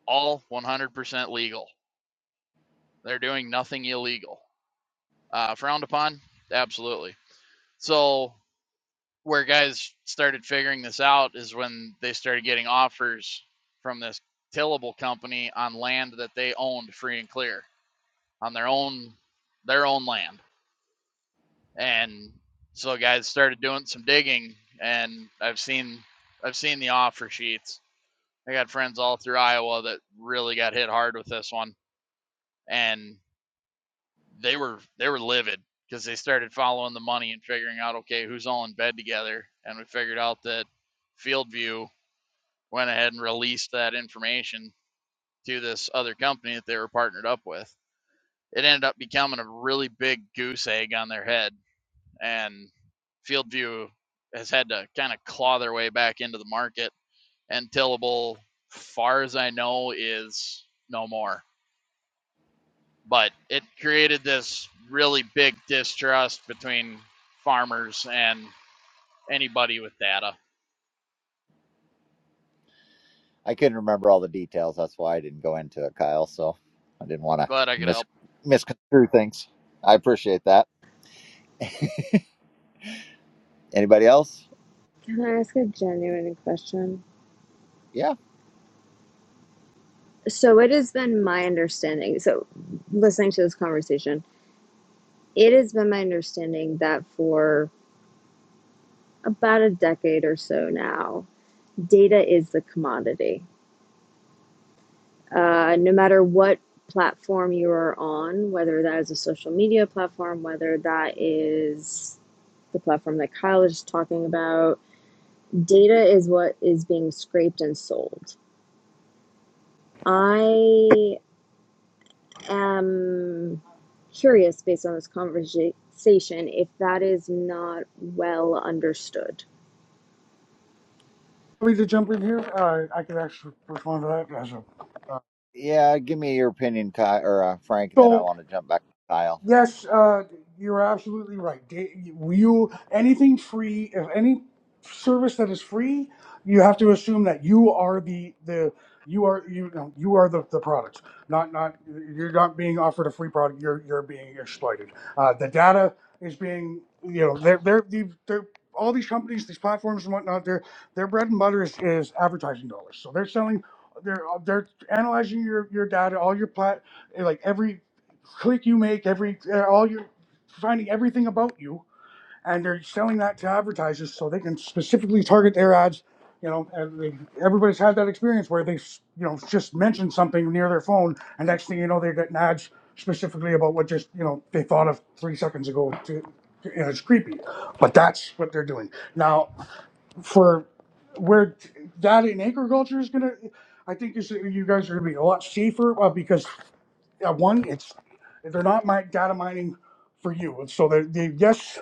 All 100% legal. They're doing nothing illegal. Uh, frowned upon? Absolutely. So where guys started figuring this out is when they started getting offers from this tillable company on land that they owned free and clear on their own their own land. And so guys started doing some digging and I've seen I've seen the offer sheets. I got friends all through Iowa that really got hit hard with this one and they were they were livid because they started following the money and figuring out okay who's all in bed together and we figured out that fieldview went ahead and released that information to this other company that they were partnered up with it ended up becoming a really big goose egg on their head and fieldview has had to kind of claw their way back into the market and tillable far as i know is no more but it created this really big distrust between farmers and anybody with data. I couldn't remember all the details. That's why I didn't go into it, Kyle. So I didn't want to Glad I could mis help. misconstrue things. I appreciate that. Anybody else? can I ask a genuine question? Yeah. So it has been my understanding. So listening to this conversation, it has been my understanding that for about a decade or so now, data is the commodity. Uh, no matter what platform you are on, whether that is a social media platform, whether that is the platform that Kyle is talking about, data is what is being scraped and sold. I am curious based on this conversation if that is not well understood. Want me to jump in here? Uh, I can actually respond to that as a. Uh, Yeah. Give me your opinion, Kyle or uh, Frank, and then I so want to jump back to Kyle. Yes, uh, you're absolutely right. They- You anything free, if any service that is free, you have to assume that you are the the you are you know you are the, the product. Not not you're not being offered a free product. You're you're being exploited. Uh, the data is being you know they're they're, they're, they're all these companies, these platforms and whatnot. Their their bread and butter is, is advertising dollars. So they're selling. They're they're analyzing your your data, all your plat like every click you make every uh, all your finding everything about you and they're selling that to advertisers so they can specifically target their ads you know and they, everybody's had that experience where they you know just mention something near their phone and next thing you know they're getting ads specifically about what just you know they thought of three seconds ago to, you know, it's creepy but that's what they're doing now for where that in agriculture is going to i think you, you guys are going to be a lot safer uh, because yeah, one, it's they're not mi- data mining for you. And so the, the yes,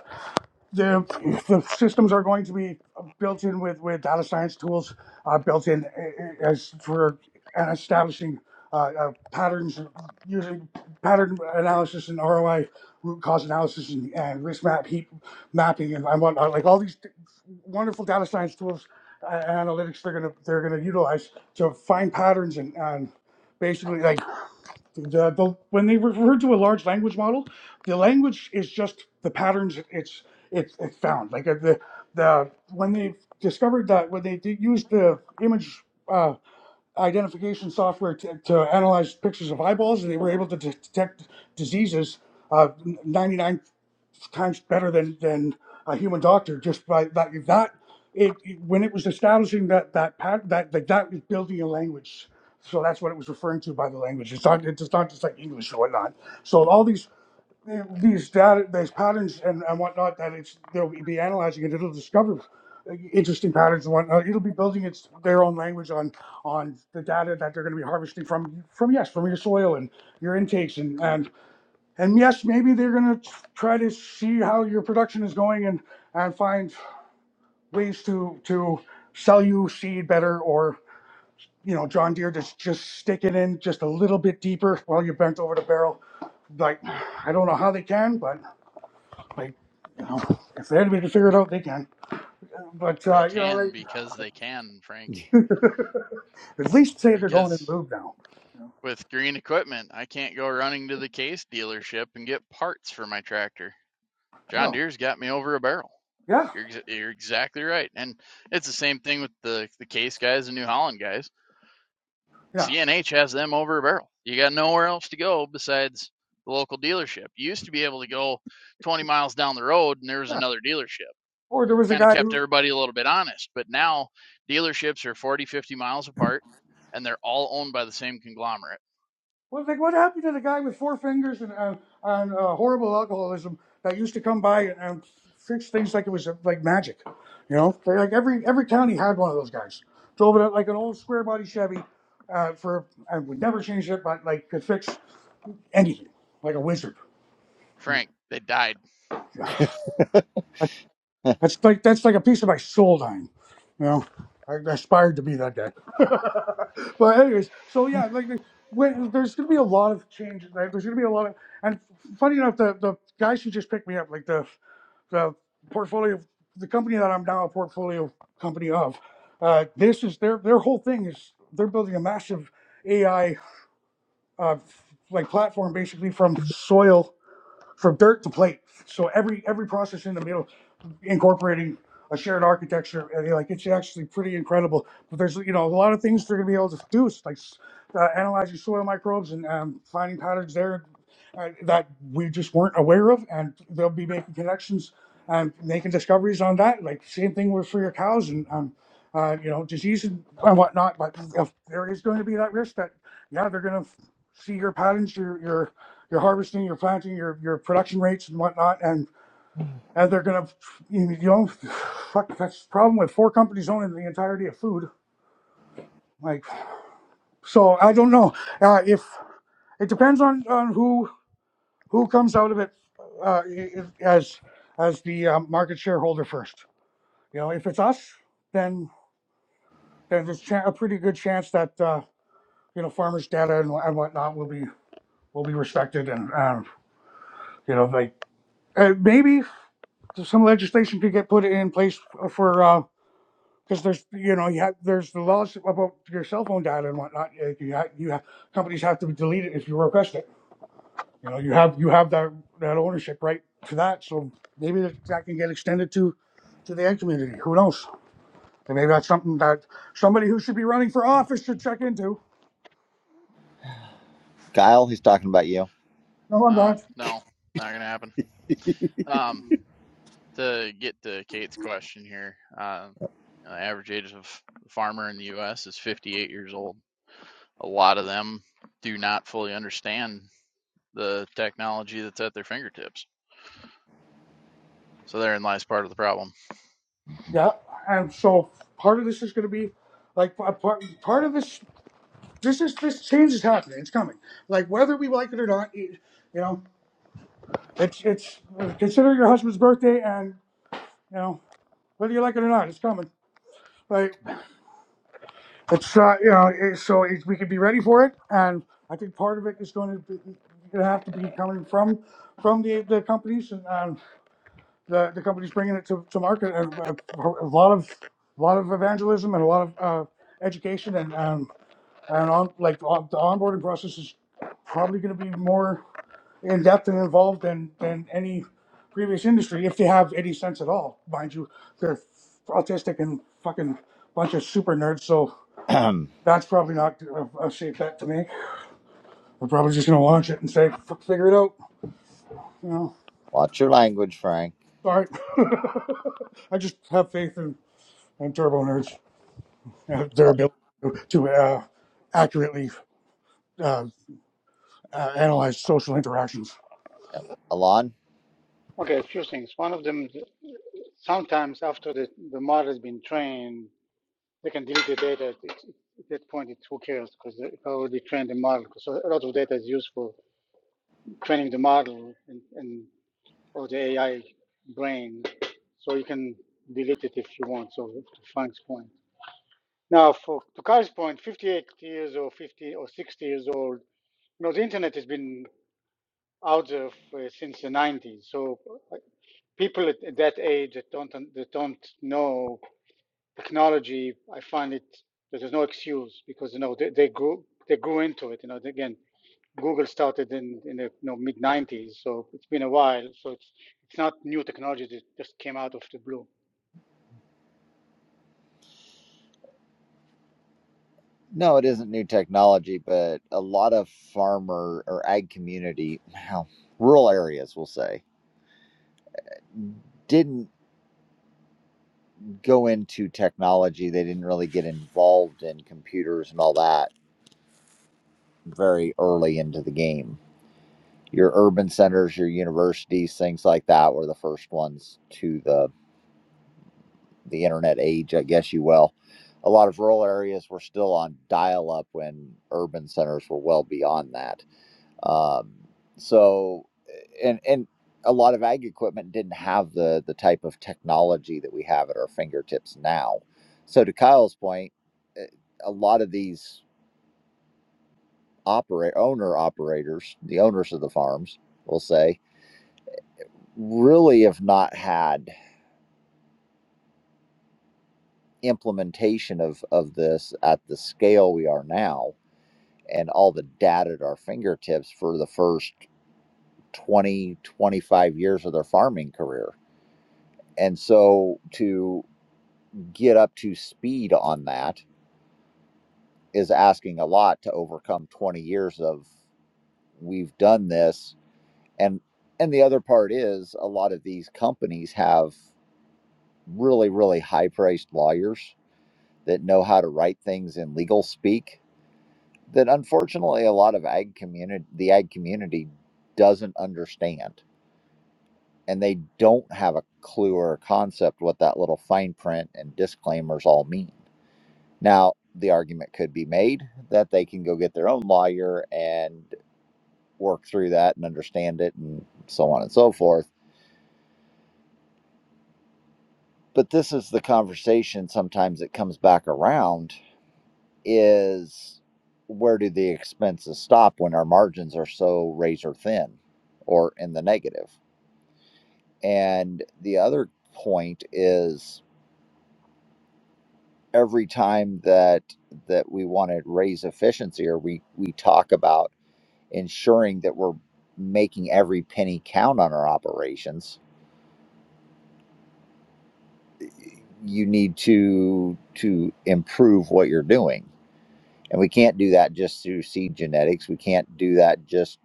the the systems are going to be built in with with data science tools uh, built in uh, as for and establishing uh, uh, patterns using pattern analysis and ROI root cause analysis and, and risk map heat mapping and, and whatnot like all these wonderful data science tools uh, analytics they're gonna they're gonna utilize to find patterns and, and basically like the, the, when they refer to a large language model, the language is just the patterns it- it's it's it found. Like uh, the the when they discovered that when they did use the image uh, identification software to, to analyze pictures of eyeballs, and they were able to de- detect diseases. ninety nine times better than than a human doctor just by that that it, it- when it was establishing that that pat that that, that was building a language so that's what it was referring to by the language it's not it's not just like english or whatnot so all these these data these patterns and, and whatnot that it's they'll be analyzing and it'll discover interesting patterns and whatnot it'll be building its their own language on on the data that they're going to be harvesting from from yes from your soil and your intakes and and. And yes, maybe they're going to try to see how your production is going and, and find ways to, to sell you seed better or, you know, John Deere just, just stick it in just a little bit deeper while you're bent over the barrel. Like, I don't know how they can, but like, you know, if they're able to figure it out, they can. But, They uh, you can know, they because they can, Frank. at least say they're going in Because lube now. with green equipment, I can't go running to the case dealership and get parts for my tractor. John Oh, Deere's got me over a barrel. yeah, You're you're exactly right, and it's the same thing with the the case guys and New Holland guys yeah, CNH has them over a barrel. You got nowhere else to go besides the local dealership. You used to be able to go 20 miles down the road and there was yeah. another dealership. Or there was a Kind of guy kept who everybody a little bit honest. But now dealerships are 40, 50 miles apart and they're all owned by the same conglomerate. Well, like what happened to the guy with four fingers and uh, on uh, horrible alcoholism that used to come by and, and fix things like it was uh, like magic, you know? Like like, every every county had one of those guys. Drove it up like an old square body Chevy, uh, for I would never change it, but like could fix anything like a wizard. Frank, they died. That's like that's like a piece of my soul dying. You know, I aspired to be that guy. but anyways, so yeah, like when, there's gonna be a lot of changes. Like, there's gonna be a lot of, and funny enough, the the guys who just picked me up, like the the portfolio, the company that I'm now a portfolio company of, uh, this is their their whole thing is they're building a massive AI uh, like platform basically from soil from dirt to plate. So every every process in the middle, incorporating a shared architecture, and you're like it's actually pretty incredible. But there's you know a lot of things they're gonna be able to do, like uh, analyzing soil microbes and um, finding patterns there uh, that we just weren't aware of, and they'll be making connections and making discoveries on that. Like same thing with for your cows and um, uh, you know disease and, and whatnot. But if there is going to be that risk that yeah they're gonna see your patterns, your your you're harvesting, you're planting, your your production rates and whatnot, and and they're gonna, you know, fuck. That's the problem with four companies owning the entirety of food. Like, so I don't know uh, if it depends on on who who comes out of it uh, i- as as the um, market shareholder first. You know, if it's us, then then there's cha- a pretty good chance that uh, you know farmers' data and, wha- and whatnot will be will be respected and um, you know like uh, maybe some legislation could get put in place for, uh, because there's, you know, you have, there's the laws about your cell phone data and whatnot. You have, you have, companies have to delete it if you request it. You know, you have, you have that, that ownership right to that. So maybe that can get extended to, to the ag community. Who knows? And maybe that's something that somebody who should be running for office should check into. Kyle, he's talking about you. No, I'm Oh, not. no, not going to happen. Um, to get to Kate's question here, uh, the average age of the farmer in the U.S. is 58 years old. A lot of them do not fully understand the technology that's at their fingertips. So therein lies part of the problem. Yeah. And so part of this is going to be like part, part of this. This is this change is happening. It's coming. Like whether we like it or not, it, you know, it's it's consider your husband's birthday, and you know whether you like it or not, it's coming. Like it's uh, you know, it, so it, we can be ready for it, and I think part of it is going to be, going to have to be coming from from the, the companies and um, the the companies bringing it to, to market. And a, a lot of a lot of evangelism and a lot of uh, education and um, and on like on, the onboarding process is probably going to be more. in depth and involved than than any previous industry, if they have any sense at all. Mind you, they're autistic and fucking bunch of super nerds, so that's probably not a, a safe bet to make. We're probably just gonna launch it and say, "F- figure it out. You know, Watch your language, Frank. sorry. I just have faith in, in turbo nerds, uh, their Oh, ability to, to uh, accurately uh, uh, analyze social interactions. yeah. Alon? Okay, a few things. One of them, sometimes after the, the model has been trained, they can delete the data. At that point, it's who cares because they already trained the model. So a lot of data is used for training the model and, and or the AI brain. So you can delete it if you want. So to Frank's point. Now, for to Kai's point, 58 years or 50 or 60 years old. You know, the internet has been out there for, since the 90s. So uh, people at that age that don't that don't know technology, I find it that there's no excuse because you know they, they grew they grew into it. You know, again, Google started in in the you know, mid '90s, so it's been a while. So it's it's not new technology that just came out of the blue. No, it isn't new technology, but a lot of farmer or ag community, well, rural areas, we'll say, didn't go into technology. They didn't really get involved in computers and all that very early into the game. Your urban centers, your universities, things like that were the first ones to the the internet age, I guess you will. A lot of rural areas were still on dial up when urban centers were well beyond that. Um, so, and and a lot of ag equipment didn't have the the type of technology that we have at our fingertips now. So, to Kyle's point, eh, a lot of these operate owner operators, the owners of the farms, will say, really have not had implementation of of this at the scale we are now and all the data at our fingertips for the first 25 years of their farming career and so to get up to speed on that is asking a lot to overcome 20 years of we've done this and and the other part is a lot of these companies have really really high priced lawyers that know how to write things in legal speak that unfortunately a lot of ag community the ag community doesn't understand and they don't have a clue or a concept what that little fine print and disclaimers all mean Now, the argument could be made that they can go get their own lawyer and work through that and understand it and so on and so forth. But this is the conversation sometimes that comes back around is where do the expenses stop when our margins are so razor thin or in the negative? And the other point is every time that that we want to raise efficiency or we we talk about ensuring that we're making every penny count on our operations you need to to improve what you're doing and we can't do that just through seed genetics we can't do that just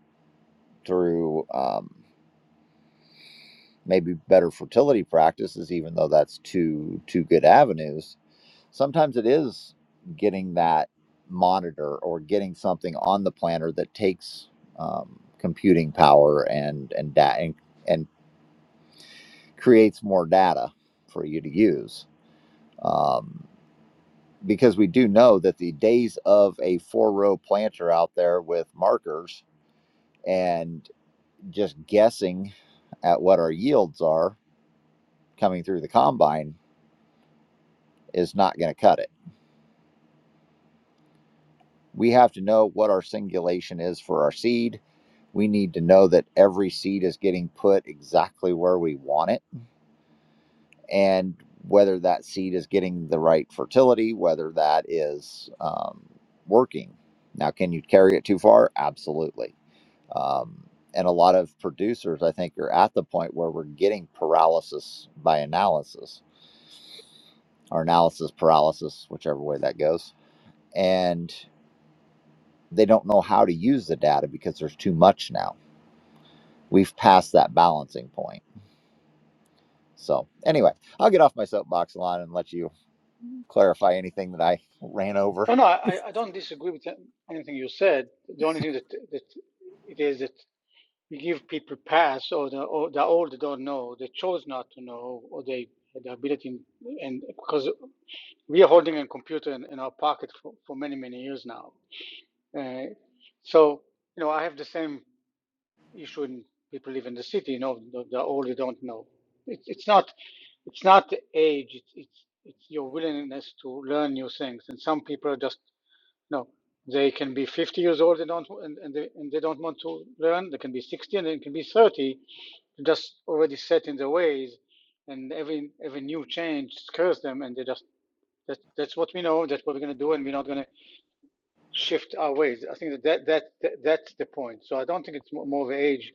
through um, maybe better fertility practices even though that's two two good avenues sometimes it is getting that monitor or getting something on the planner that takes um, computing power and and data creates more data for you to use. Um, because we do know that the days of a four row planter out there with markers and just guessing at what our yields are coming through the combine is not going to cut it. We have to know what our singulation is for our seed. We need to know that every seed is getting put exactly where we want it and whether that seed is getting the right fertility, whether that is um, working. Now, can you carry it too far? Absolutely. Um, and a lot of producers, I think, are at the point where we're getting paralysis by analysis or analysis paralysis, whichever way that goes. And they don't know how to use the data because there's too much now. We've passed that balancing point. So, anyway, I'll get off my soapbox a lot and let you clarify anything that I ran over. No, no, I, I don't disagree with anything you said. The only thing that that it is that we give people pass or the or the old they don't know, they chose not to know, or they had the ability and because we are holding a computer in, in our pocket for, for many many years now Uh, so, you know, I have the same issue in people live in the city. You know, the, the older don't know. It's it's not it's not the age. It's it's it's your willingness to learn new things. And some people are just you know they can be 50 years old. They don't and and they, and they don't want to learn. They can be 60 and they can be 30. just already set in their ways, and every every new change scares them, and they just that that's what we know. That's what we're gonna do, and we're not gonna shift our ways. I think that, that, that, that- that's the point. So I don't think it's more of age.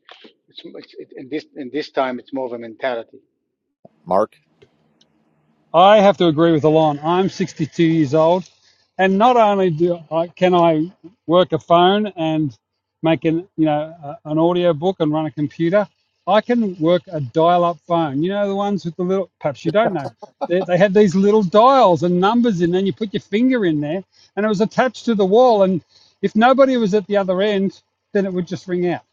It's, it's it, in this in this time it's more of a mentality. Mark? I have to agree with Alon. I'm 62 years old, and not only do I, can I work a phone and make an you know a, an audio book and run a computer, I can work a dial-up phone. You know the ones with the little. Perhaps you don't know. They, they had these little dials and numbers in, there, and you put your finger in there, and it was attached to the wall. And if nobody was at the other end, then it would just ring out.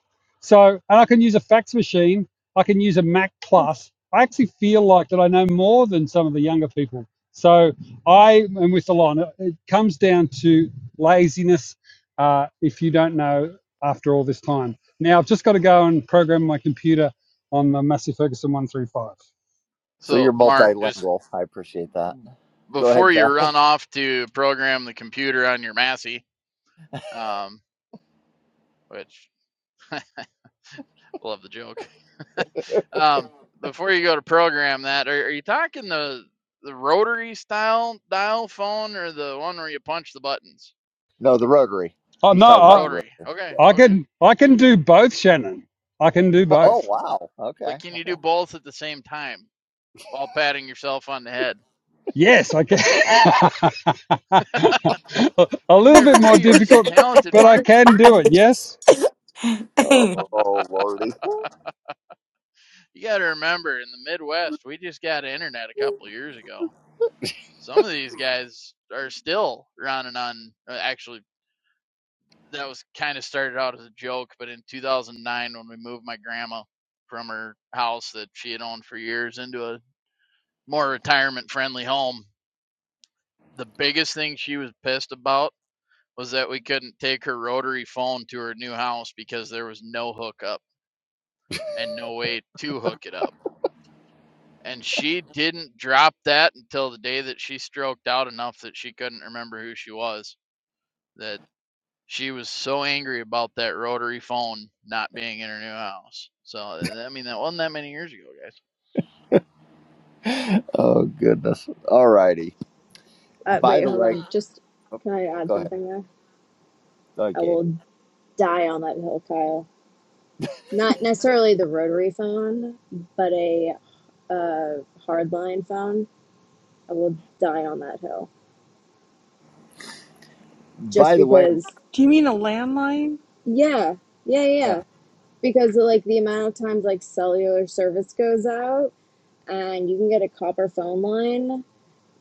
So, and I can use a fax machine I can use a Mac Plus. I actually feel like that I know more than some of the younger people. So I am with Alon. It it comes down to laziness uh, if you don't know after all this time. Now I've just got to go and program my computer on the Massey Ferguson 135. So you're So Mark, just multilingual. I appreciate that. Go ahead, before you Kyle. run off to program the computer on your Massey, um, which love the joke. Um, before you go to program that, are, are you talking the the rotary style dial phone or the one where you punch the buttons? No, the Rotary. Oh He's no, talking The about I, the rotary. Rotary. Okay, I okay. can I can do both, Shannon. I can do Oh, both. wow. Okay. But can you do both at the same time while patting yourself on the head? Yes, I can. a I little bit never knew more you were so difficult, talented, but I Mark. can do it. Yes. Oh, oh lordy. You got to remember, in the Midwest, we just got internet a couple of years ago. Some of these guys are still running on. uh, Actually, that was kind of started out as a joke, but in 2009, when we moved my grandma from her house that she had owned for years into a more retirement-friendly home, the biggest thing she was pissed about was that we couldn't take her rotary phone to her new house because there was no hookup and no way to hook it up and she didn't drop that until the day that she stroked out enough that she couldn't remember who she was. That she was so angry about that rotary phone not being in her new house. So I mean, that wasn't that many years ago, guys. Oh, goodness. All righty. Uh, By wait, the hold way, on. Just can I add go ahead. something there? I Okay. will die on that hill, Kyle. Not necessarily the rotary phone, but a uh, hardline phone. I will die on that hill By just the way, because. Do you mean a landline? Yeah, yeah, yeah, yeah. Because like the amount of times like cellular service goes out, and you can get a copper phone line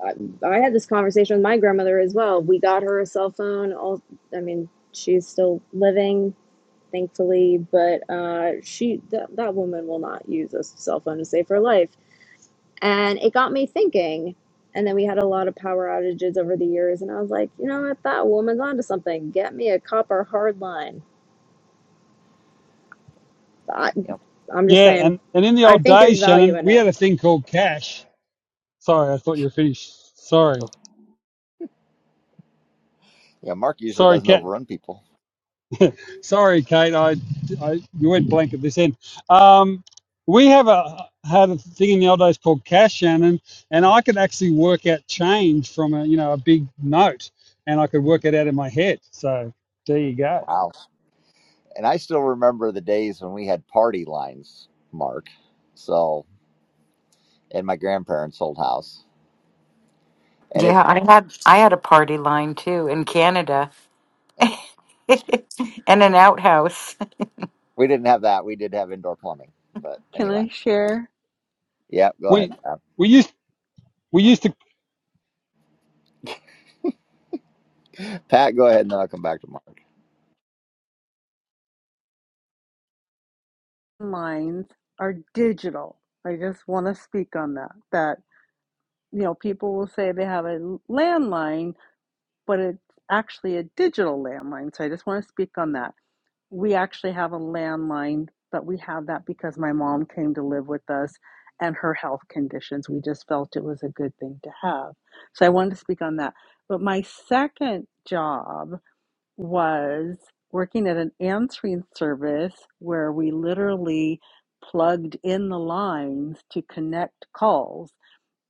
I, I had this conversation with my grandmother as well. We got her a cell phone. All, I mean, she's still living, thankfully, but uh, she that that woman will not use a cell phone to save her life. And it got me thinking. And then we had a lot of power outages over the years, and I was like, you know what, that woman's onto something. Get me a copper hard line. I, yeah. I'm just Yeah, saying, and, and in the I old think there's days, value Shannon, in we it. had a thing called cash. Sorry, I thought you were finished. Sorry. Yeah, Mark usually Sorry, doesn't Kat. overrun people. Sorry, Kate. I, I you went blank at this end. Um, we have a had a thing in the old days called cash, Shannon, and I could actually work out change from a you know a big note, and I could work it out in my head. So there you go. Wow. And I still remember the days when we had party lines, Mark. So, in my grandparents' old house. And if Yeah, I had I had a party line too in Canada yep, and an outhouse. we didn't have that, we did have indoor plumbing. But Can anyway, I share? yeah, go We ahead. we used we used to Pat, go ahead and then I'll come back to Mark. Lines are digital. I just want to speak on that. That, you know, people will say they have a landline, but it's actually a digital landline. So I just want to speak on that. We actually have a landline, but we have that because my mom came to live with us and her health conditions. We just felt it was a good thing to have. So I wanted to speak on that. But my second job was working at an answering service where we literally plugged in the lines to connect calls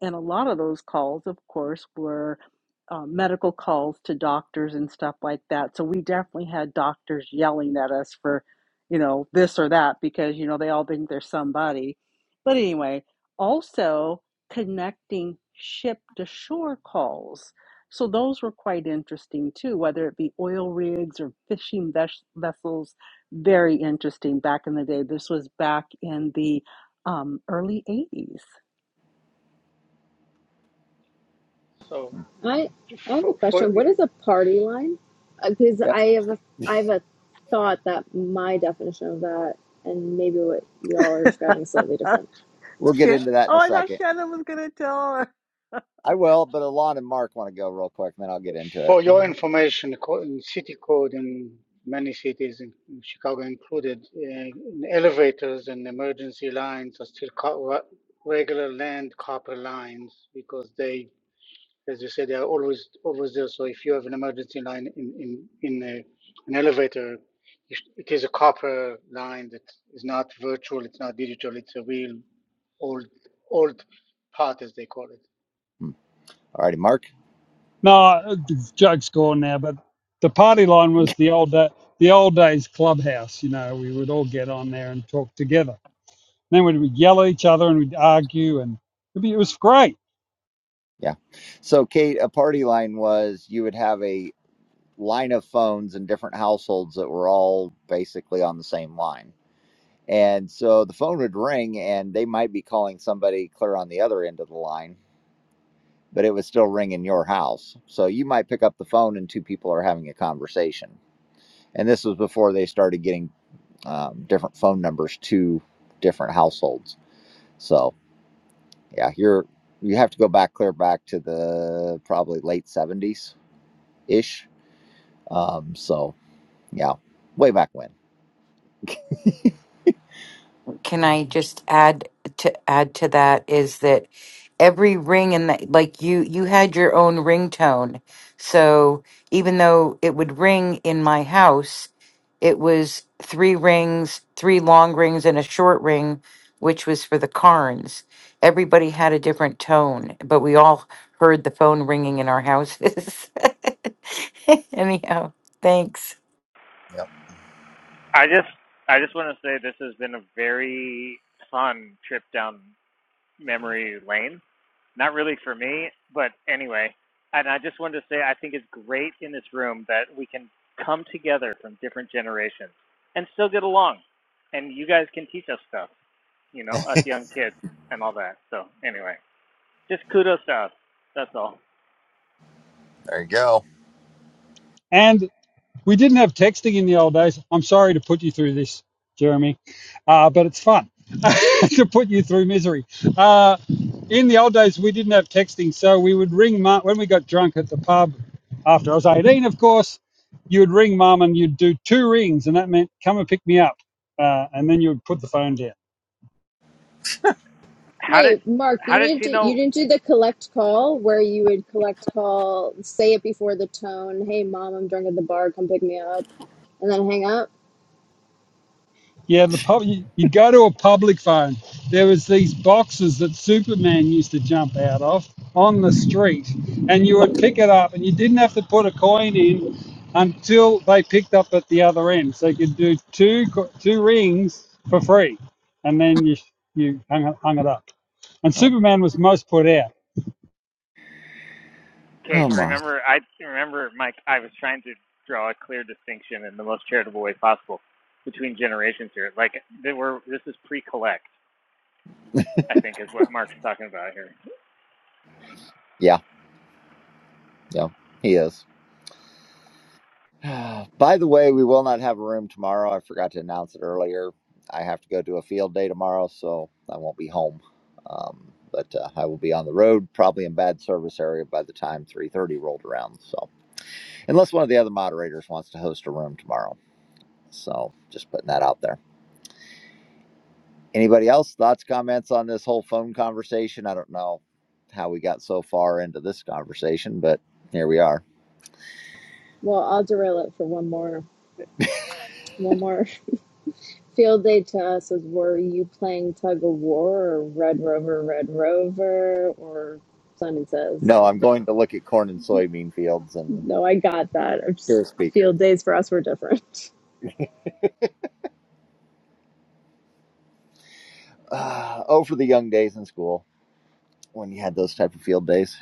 and a lot of those calls, of course, were uh, medical calls to doctors and stuff like that. So we definitely had doctors yelling at us for, you know, this or that because, you know, they all think they're somebody. But anyway, also connecting ship to shore calls. So those were quite interesting too, whether it be oil rigs or fishing ves- vessels. Very interesting back in the day. This was back in the um, early 80s. So I I have for a for, question. What is a party line? Because Yep. I have a I have a thought that my definition of that and maybe what y'all are describing is slightly different. We'll get Shit. into that in Oh, a I thought second. Shannon was gonna tell her. I will, but Alon and Mark want to go real quick, and then I'll get into it. for your information, city code in many cities in, Chicago included, uh, in elevators and emergency lines are still co- regular land copper lines because they as you say, they are always always there. So if you have an emergency line in in in a, an elevator, it is a copper line that is not virtual, it's not digital, it's a real old old part as they call it. Hmm. All righty, Mark. No, joke's gone now. But the party line was the old da the old days clubhouse. You know, we would all get on there and talk together. then we'd, we'd yell at each other and we'd argue, and it'd be, it was great. Yeah. So, Kate, a party line was you would have a line of phones in different households that were all basically on the same line. And so the phone would ring, and they might be calling somebody clear on the other end of the line, but it would still ring in your house. So you might pick up the phone, and two people are having a conversation. And this was before they started getting um, different phone numbers to different households. So yeah, you're you have to go back clear back to the probably late seventies ish. Um, so yeah, way back when. can I just add to add to that is that every ring in the like you you had your own ringtone. So even though it would ring in my house, it was three rings, three long rings and a short ring, which was for the Carnes. Everybody had a different tone, but we all heard the phone ringing in our houses. Anyhow, thanks. Yep. I just, I just want to say this has been a very fun trip down memory lane. Not really for me, but anyway. And I just wanted to say I think it's great in this room that we can come together from different generations and still get along. And you guys can teach us stuff, you know, us young kids and all that. So anyway, just kudos to us. That's all. There you go. And We didn't have texting in the old days. I'm sorry to put you through this, Jeremy, uh, but it's fun to put you through misery. Uh, in the old days, we didn't have texting, so we would ring mum when we got drunk at the pub. After I was 18, of course, you would ring mum and you'd do two rings, and that meant come and pick me up, uh, and then you would put the phone down. How did Wait, Mark, you how did didn't she do, you know didn't do the collect call where you would collect call, say it before the tone. Hey, mom, I'm drunk at the bar. Come pick me up, and then hang up. Yeah, the pub. You, you go to a public phone. There was these boxes that Superman used to jump out of on the street, and you would pick it up, and you didn't have to put a coin in until they picked up at the other end. So you could do two co- two rings for free, and then you you hung, it- hung it up. And Oh, Superman was most put out. Kate, oh my. remember, I remember, Mike. I was trying to draw a clear distinction in the most charitable way possible between generations here. Like, there were, this is pre-collect. I think is what Mark's talking about here. Yeah, yeah, he is. By the way, we will not have a room tomorrow. I forgot to announce it earlier. I have to go do a field day tomorrow, so I won't be home. Um, but uh, I will be on the road, probably in bad service area by the time 3:30 rolled around. So. unless one of the other moderators wants to host a room tomorrow. So just putting that out there. Anybody else thoughts, comments on this whole phone conversation? I don't know how we got so far into this conversation, but here we are. Well, I'll derail it for one more one more field day to us is were you playing tug of war or Red Rover, Red Rover, or Simon Says? No, I'm going to look at corn and soybean fields and No, I got that. I'm hear just, a speaker. field days for us were different. Uh, oh, for the young days in school when you had those type of field days.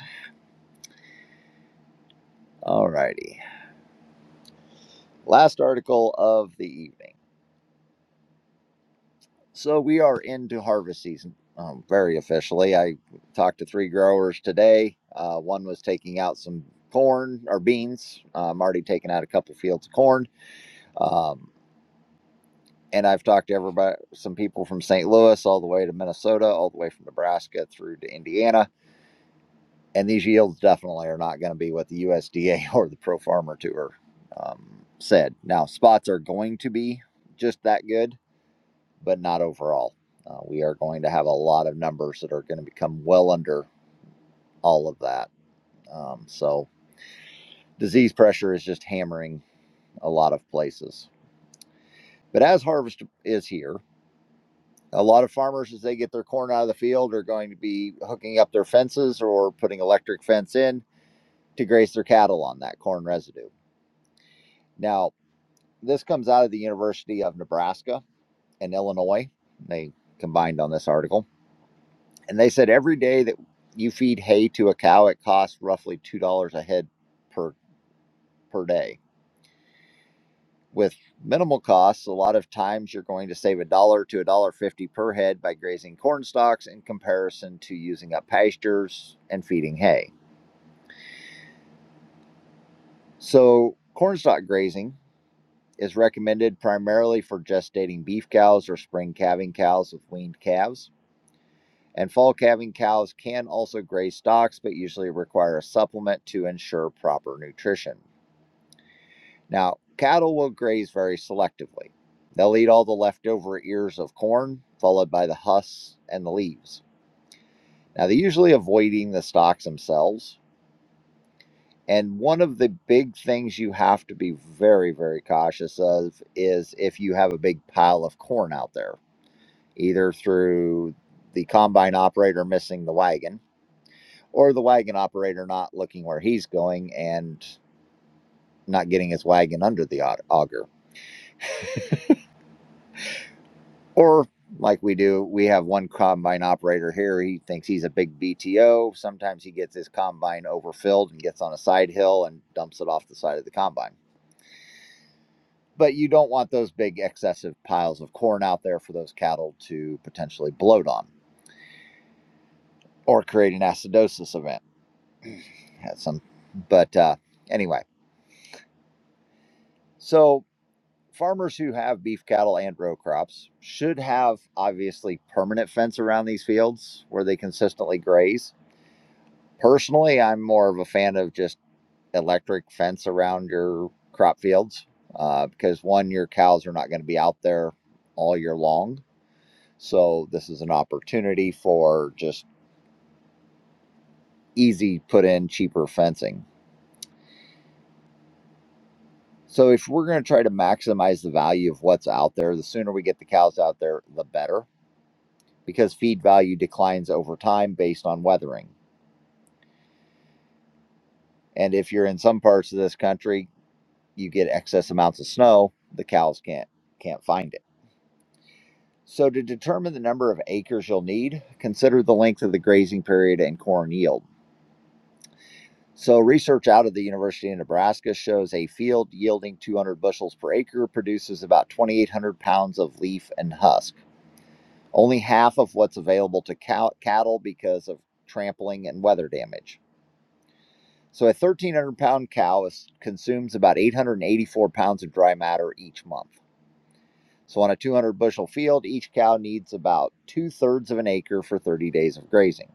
All righty. Last article of the evening. So we are into harvest season um, very officially. I talked to three growers today. Uh, one was taking out some corn or beans. Uh, I'm already taking out a couple fields of corn. Um, and I've talked to everybody, some people from St. Louis all the way to Minnesota, all the way from Nebraska through to Indiana. And these yields definitely are not going to be what the USDA or the Pro Farmer Tour um, said. Now, spots are going to be just that good but not overall. Uh, we are going to have a lot of numbers that are going to become well under all of that. Um, so disease pressure is just hammering a lot of places. But as harvest is here, a lot of farmers, as they get their corn out of the field, are going to be hooking up their fences or putting electric fence in to graze their cattle on that corn residue. Now, this comes out of the University of Nebraska and Illinois. They combined on this article And they said every day that you feed hay to a cow, it costs roughly two dollars a head per per day. With minimal costs, a lot of times you're going to save a dollar to a dollar fifty per head by grazing corn stalks in comparison to using up pastures and feeding hay. So corn stalk grazing is recommended primarily for gestating beef cows or spring calving cows with weaned calves. And fall calving cows can also graze stalks, but usually require a supplement to ensure proper nutrition. Now, cattle will graze very selectively. They'll eat all the leftover ears of corn, followed by the husks and the leaves. Now, they're usually avoiding the stalks themselves. And one of the big things you have to be very, very cautious of is if you have a big pile of corn out there, either through the combine operator missing the wagon or the wagon operator not looking where he's going and not getting his wagon under the auger Or like we do, we have one combine operator here. He thinks he's a big BTO. Sometimes he gets his combine overfilled and gets on a side hill and dumps it off the side of the combine. But you don't want those big excessive piles of corn out there for those cattle to potentially bloat on or create an acidosis event. Had some, but uh, anyway, so farmers who have beef cattle and row crops should have obviously permanent fence around these fields where they consistently graze Personally, I'm more of a fan of just electric fence around your crop fields uh, because one, your cows are not going to be out there all year long. So this is an opportunity for just easy put in cheaper fencing. So if we're going to try to maximize the value of what's out there, the sooner we get the cows out there, the better because feed value declines over time based on weathering. And if you're in some parts of this country, you get excess amounts of snow, the cows can't can't find it. So, to determine the number of acres you'll need, consider the length of the grazing period and corn yield. So, research out of the University of Nebraska shows a field yielding 200 bushels per acre produces about 2,800 pounds of leaf and husk, only half of what's available to cow- cattle because of trampling and weather damage. So, a 1,300 pound cow is, consumes about 884 pounds of dry matter each month. So, on a 200 bushel field, each cow needs about two thirds of an acre for 30 days of grazing.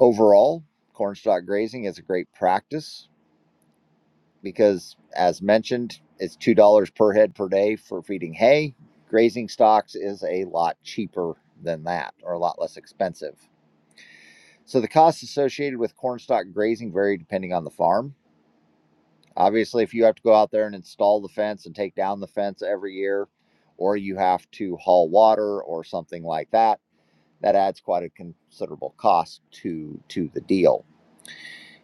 Overall, cornstalk grazing is a great practice because, as mentioned, it's $2 per head per day for feeding hay. Grazing stocks is a lot cheaper than that or a lot less expensive. So, the costs associated with cornstalk grazing vary depending on the farm. Obviously, if you have to go out there and install the fence and take down the fence every year, or you have to haul water or something like that, that adds quite a considerable cost to, to the deal.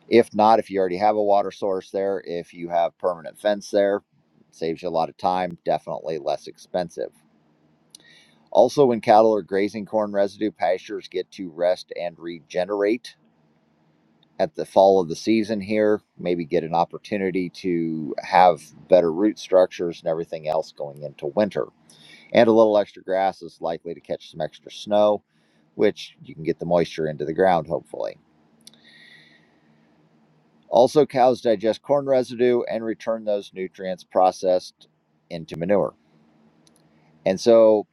If not, if you already have a water source there, if you have permanent fence there, saves you a lot of time, definitely less expensive. Also, when cattle are grazing corn residue, pastures get to rest and regenerate at the fall of the season here, maybe get an opportunity to have better root structures and everything else going into winter. And a little extra grass is likely to catch some extra snow, which you can get the moisture into the ground, hopefully. Also, cows digest corn residue and return those nutrients processed into manure. And so,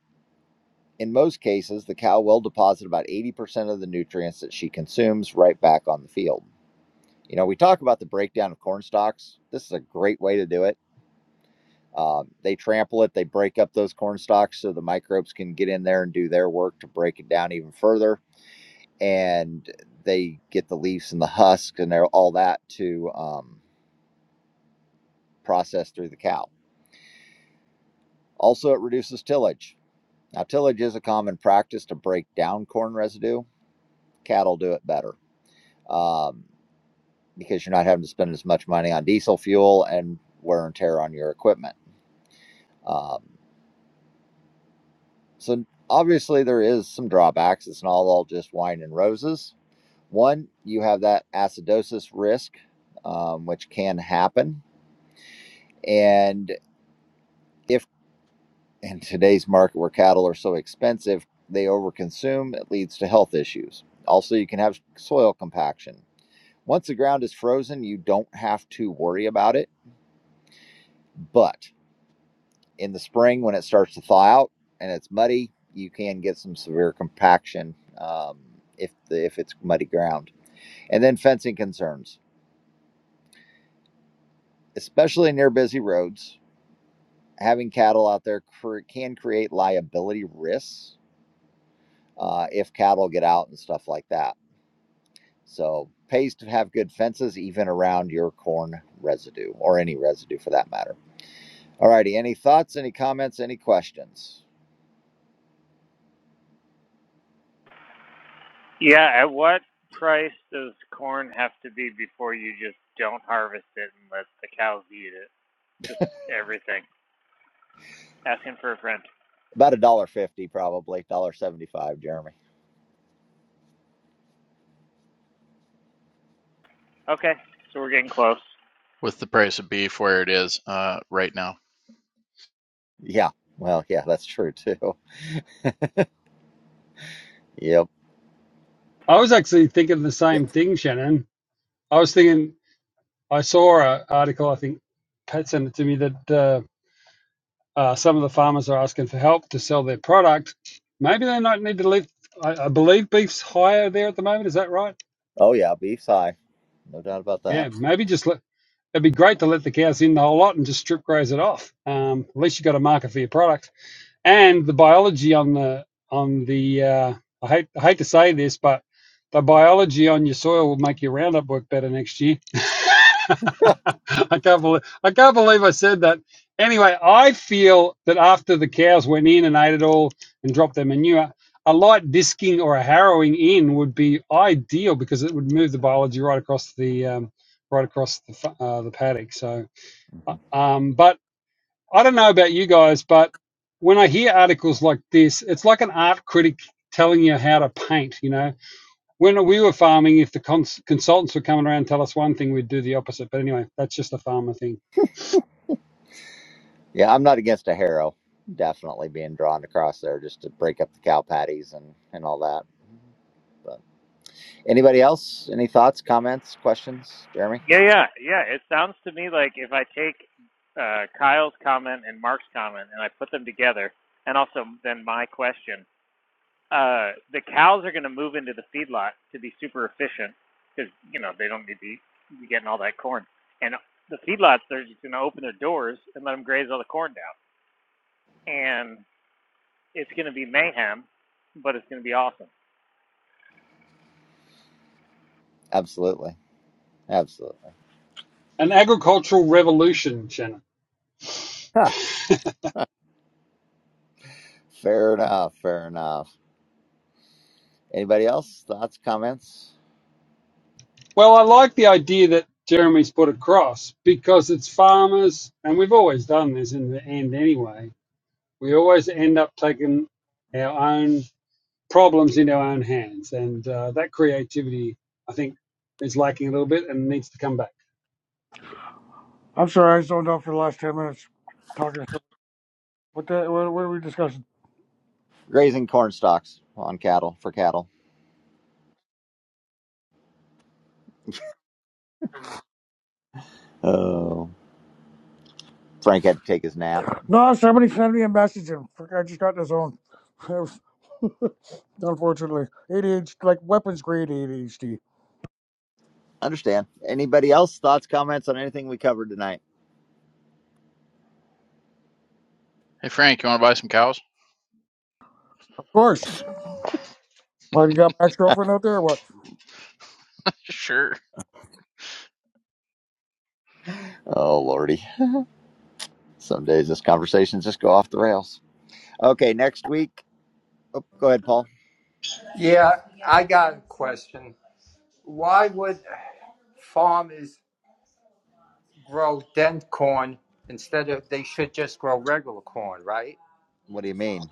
in most cases, the cow will deposit about 80% of the nutrients that she consumes right back on the field. You know, we talk about the breakdown of corn stalks. This is a great way to do it. Um, they trample it, they break up those corn stalks so the microbes can get in there and do their work to break it down even further. And they get the leaves and the husks and all that to um, process through the cow Also, it reduces tillage. Now, tillage is a common practice to break down corn residue. Cattle do it better um, because you're not having to spend as much money on diesel fuel and wear and tear on your equipment. Um, so, obviously, there is some drawbacks. It's not all just wine and roses. One, you have that acidosis risk, um, which can happen, and if in today's market where cattle are so expensive, they overconsume. It leads to health issues. Also, you can have soil compaction. Once the ground is frozen, you don't have to worry about it. But in the spring, when it starts to thaw out and it's muddy, you can get some severe compaction um, if the, if it's muddy ground. And then fencing concerns, especially near busy roads, having cattle out there cre- can create liability risks uh, if cattle get out and stuff like that So pays to have good fences even around your corn residue or any residue for that matter. All righty, any thoughts, any comments, any questions? Yeah. At what price does corn have to be before you just don't harvest it and let the cows eat it? Just everything. Asking for a friend. About a dollar fifty probably, a dollar seventy five, Jeremy. Okay. So we're getting close. With the price of beef where it is uh, right now. Yeah. Well, yeah, that's true too. Yep. I was actually thinking the same thing, Shannon. I was thinking I saw an article. I think Pat sent it to me that. Uh, Uh, some of the farmers are asking for help to sell their product. Maybe they don't need to leave. I, I believe beef's higher there at the moment. Is that right? Oh yeah, beef's high. No doubt about that. Yeah, maybe just let. It'd be great to let the cows in the whole lot and just strip graze it off. Um, at least you got a market for your product. And the biology on the on the uh, I hate I hate to say this, but the biology on your soil will make your Roundup work better next year I can't believe I can't believe I said that. Anyway, I feel that after the cows went in and ate it all and dropped their manure, a light disking or a harrowing in would be ideal because it would move the biology right across the um, right across the fa- uh, the paddock. So, uh, Mhm. um, but I don't know about you guys, but when I hear articles like this, it's like an art critic telling you how to paint. You know, when we were farming, if the cons- consultants were coming around and tell us one thing, we'd do the opposite. But anyway, that's just a farmer thing. Yeah, I'm not against a harrow definitely being drawn across there just to break up the cow patties and, and all that. But anybody else? Any thoughts, comments, questions, Jeremy? Yeah, yeah, yeah. It sounds to me like if I take uh, Kyle's comment and Mark's comment and I put them together, and also then my question, uh, the cows are going to move into the feedlot to be super efficient because you know they don't need to be getting all that corn, and the feedlots they're just going to open their doors and let them graze all the corn down, and it's going to be mayhem, but it's going to be awesome. Absolutely. Absolutely. An agricultural revolution, Shannon. Fair enough. Fair enough. Anybody else? Thoughts, comments? Well, I like the idea that Jeremy's put across because it's farmers, and we've always done this in the end anyway. We always end up taking our own problems into our own hands, and uh, that creativity, I think, is lacking a little bit and needs to come back. I'm sorry, I zoned out for the last ten minutes talking. to- What the, what, what are we discussing? Grazing corn stalks on cattle for cattle. Oh, Frank had to take his nap. No, somebody sent me a message and frick, I just got in the zone. It was- Unfortunately, ADHD, like weapons grade ADHD. Understand. Anybody else? Thoughts, comments on anything we covered tonight? Hey Frank, you want to buy some cows? Of course. Well, you got my ex girlfriend out there or what? Sure. Oh, Lordy. Some days this conversations just go off the rails. Okay, next week. Oh, go ahead, Paul. Yeah, I got a question. Why would farmers grow dent corn instead of they should just grow regular corn, right? What do you mean?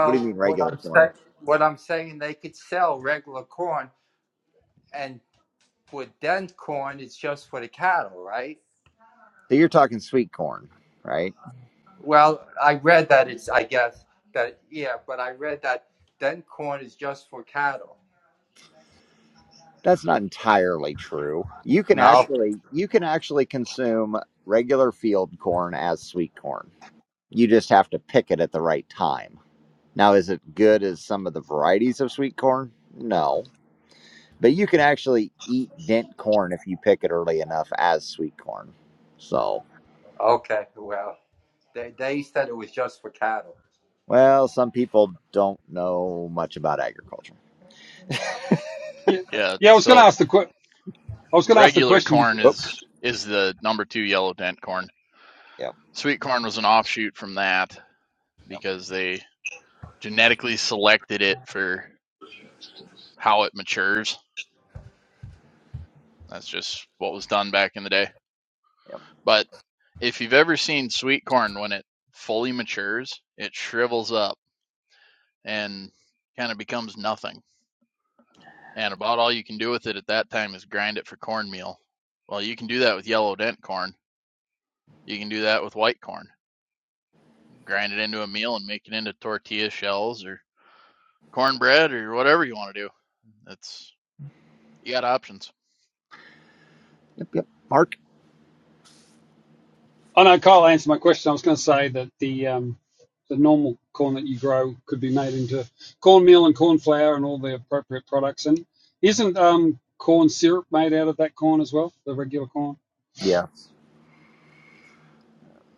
What do you mean what regular I'm corn? saying, what I'm saying, they could sell regular corn, and for dent corn, it's just for the cattle, right? So you're talking sweet corn, right? Well, I read that it's, I guess that yeah, but I read that dent corn is just for cattle. That's not entirely true. You can No, actually you can actually consume regular field corn as sweet corn. You just have to pick it at the right time. Now, is it good as some of the varieties of sweet corn? No. But you can actually eat dent corn if you pick it early enough as sweet corn. So, okay, well, they they said it was just for cattle. well, some people don't know much about agriculture. Yeah, Yeah. yeah. I was going to So ask the que- I was going to ask the regular question corn Oh, is is the number two yellow dent corn. yeah. Sweet corn was an offshoot from that Yep, yep. because they genetically selected it for how it matures That's just what was done back in the day. But if you've ever seen sweet corn when it fully matures, it shrivels up and kind of becomes nothing. And about all you can do with it at that time is grind it for cornmeal. Well, you can do that with yellow dent corn. You can do that with white corn. Grind it into a meal and make it into tortilla shells or cornbread or whatever you want to do. That's you got options yep. Yep. Mark? I know Kyle answered my question. I was going to say that the um, the normal corn that you grow could be made into cornmeal and corn flour and all the appropriate products. And isn't um, corn syrup made out of that corn as well, the regular corn? Yes.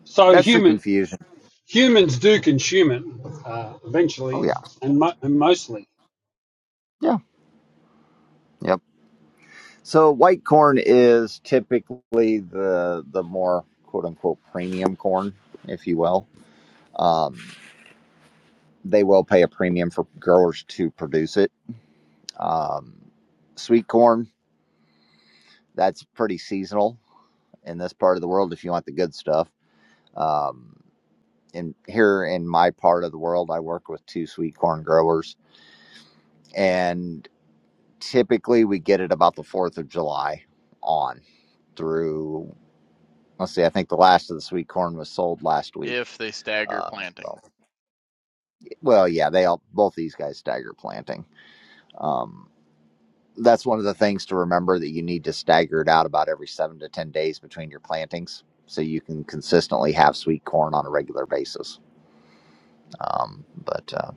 So That's the human confusion. humans do consume it uh, Oh, eventually yeah. and, mo- and mostly. Yeah. Yep. So white corn is typically the the more quote unquote premium corn, if you will. Um, they will pay a premium for growers to produce it. Um, sweet corn that's pretty seasonal in this part of the world. If you want the good stuff, um, in here in my part of the world, I work with two sweet corn growers, and typically we get it about the Fourth of July on through. Let's see, I think the last of the sweet corn was sold last week if they stagger Um, planting. so, well, yeah, they all both these guys stagger planting. Um, that's one of the things to remember that you need to stagger it out about every seven to ten days between your plantings, so you can consistently have sweet corn on a regular basis. Um, but uh,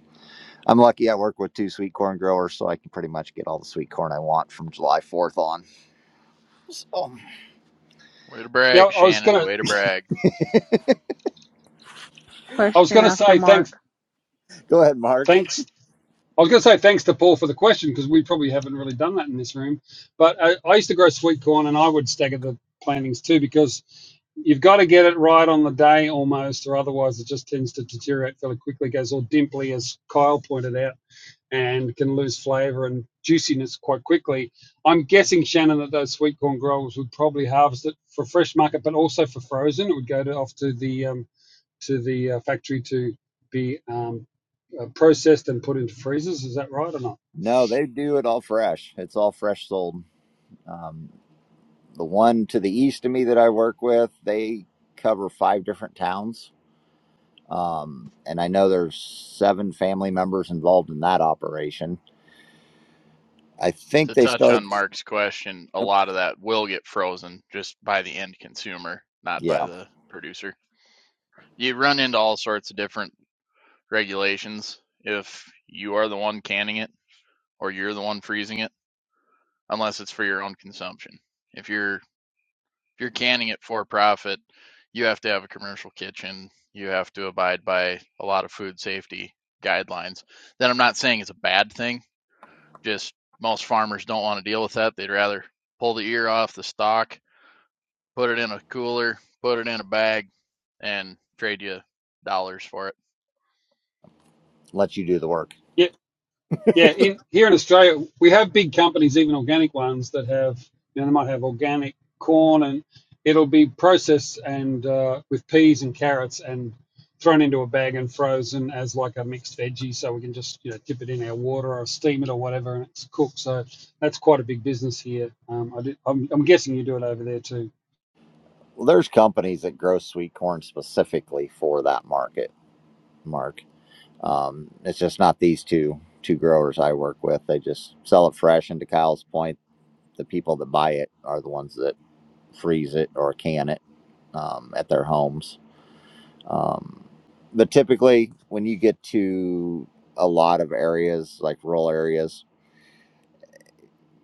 I'm lucky; I work with two sweet corn growers, so I can pretty much get all the sweet corn I want from July 4th on. So, Way to Yeah, brag, I was Shannon. gonna Way to brag. I was Question gonna after say thanks Mark. go ahead, Mark. thanks I was going to say thanks to Paul for the question because we probably haven't really done that in this room. But I, I used to grow sweet corn and I would stagger the plantings too because you've got to get it right on the day almost, or otherwise it just tends to deteriorate fairly quickly, goes all dimply, as Kyle pointed out, and can lose flavor and juiciness quite quickly. I'm guessing, Shannon, that those sweet corn growers would probably harvest it for fresh market, but also for frozen. It would go to, off to the um, to the uh, factory to be um, uh, processed and put into freezers. Is that right or not? No, they do it all fresh. It's all fresh sold. Um, the one to the east of me that I work with, they cover five different towns Um, and I know there's seven family members involved in that operation. I think To they touch on start, Mark's question, a Yep. lot of that will get frozen just by the end consumer, not by yeah, the producer. You run into all sorts of different regulations if you are the one canning it or you're the one freezing it, unless it's for your own consumption. If you're if you're canning it for profit, you have to have a commercial kitchen. You have to abide by a lot of food safety guidelines. That I'm not saying it's a bad thing. Just most farmers don't want to deal with that. They'd rather pull the ear off the stalk put it in a cooler, put it in a bag, and trade you dollars for it. let you do the work. Yeah, yeah. In here in Australia, we have big companies, even organic ones, that have you know they might have organic corn and it'll be processed and uh, with peas and carrots and thrown into a bag and frozen as like a mixed veggie. So we can just you know dip it in our water or steam it or whatever and it's cooked. So that's quite a big business here. Um, I did, I'm, I'm guessing you do it over there too. Well, there's companies that grow sweet corn specifically for that market, Mark. Um, it's just not these two two growers I work with. They just sell it fresh. And to Kyle's point, the people that buy it are the ones that freeze it or can it um, at their homes. Um, but typically, when you get to a lot of areas, like rural areas,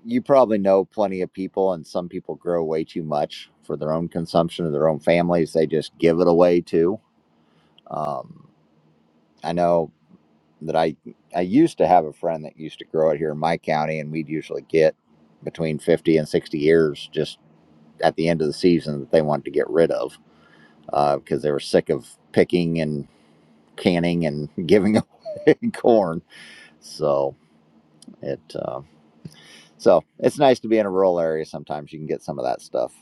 you probably know plenty of people, and some people grow way too much for their own consumption of their own families. They just give it away too. Um, I know that I I used to have a friend that used to grow it here in my county, and we'd usually get between fifty and sixty ears just at the end of the season that they wanted to get rid of uh, because they were sick of picking and canning and giving away corn. So it uh, so it's nice to be in a rural area. Sometimes you can get some of that stuff.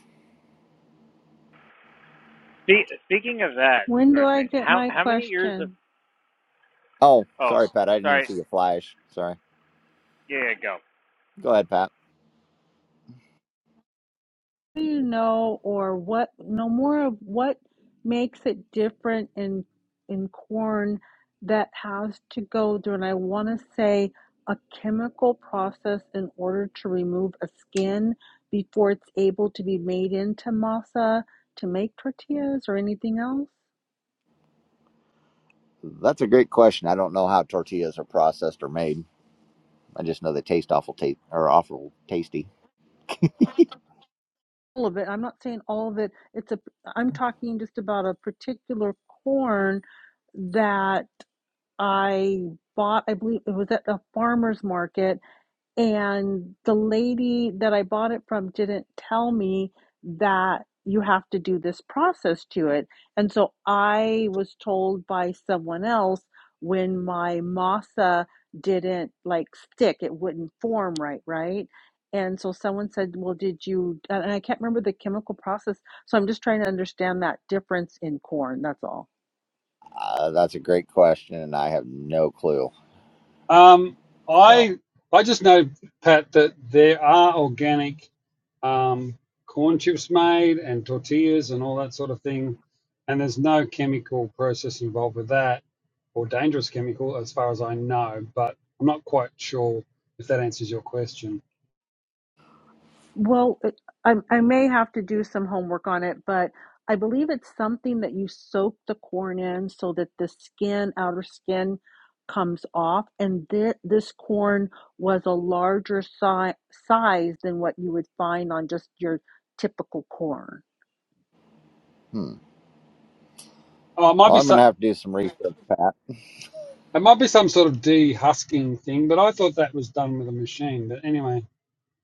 Spe- speaking of that When do sort of I thing, get how my how many years of question? Oh, oh sorry, Pat. I didn't even sorry see the flash. Sorry. yeah yeah go Go ahead, Pat. Do you know or what no more of what makes it different in in corn that has to go through and I wanna say a chemical process in order to remove a skin before it's able to be made into masa to make tortillas or anything else? That's a great question. I don't know how tortillas are processed or made. I just know they taste awful taste or awful tasty. all of it. I'm not saying all of it. It's a. I'm talking just about a particular corn that I bought. I believe it was at a farmer's market, and the lady that I bought it from didn't tell me that you have to do this process to it. And so I was told by someone else when my masa didn't like stick, it wouldn't form right, right? And so someone said, Well, did you? And I can't remember the chemical process. So I'm just trying to understand that difference in corn. That's all. Uh, that's a great question, and I have no clue. Um, So, I I just know, Pat, that there are organic um, corn chips made and tortillas and all that sort of thing, and there's no chemical process involved with that or dangerous chemical, as far as I know. But I'm not quite sure if that answers your question. Well, it- I, I may have to do some homework on it, but I believe it's something that you soak the corn in so that the skin, outer skin, comes off. And thi- this corn was a larger si- size than what you would find on just your typical corn. hmm. Oh, it might Well, be I'm gonna some. have to do some research, Pat. It might be some sort of de-husking thing, but I thought that was done with a machine. But anyway,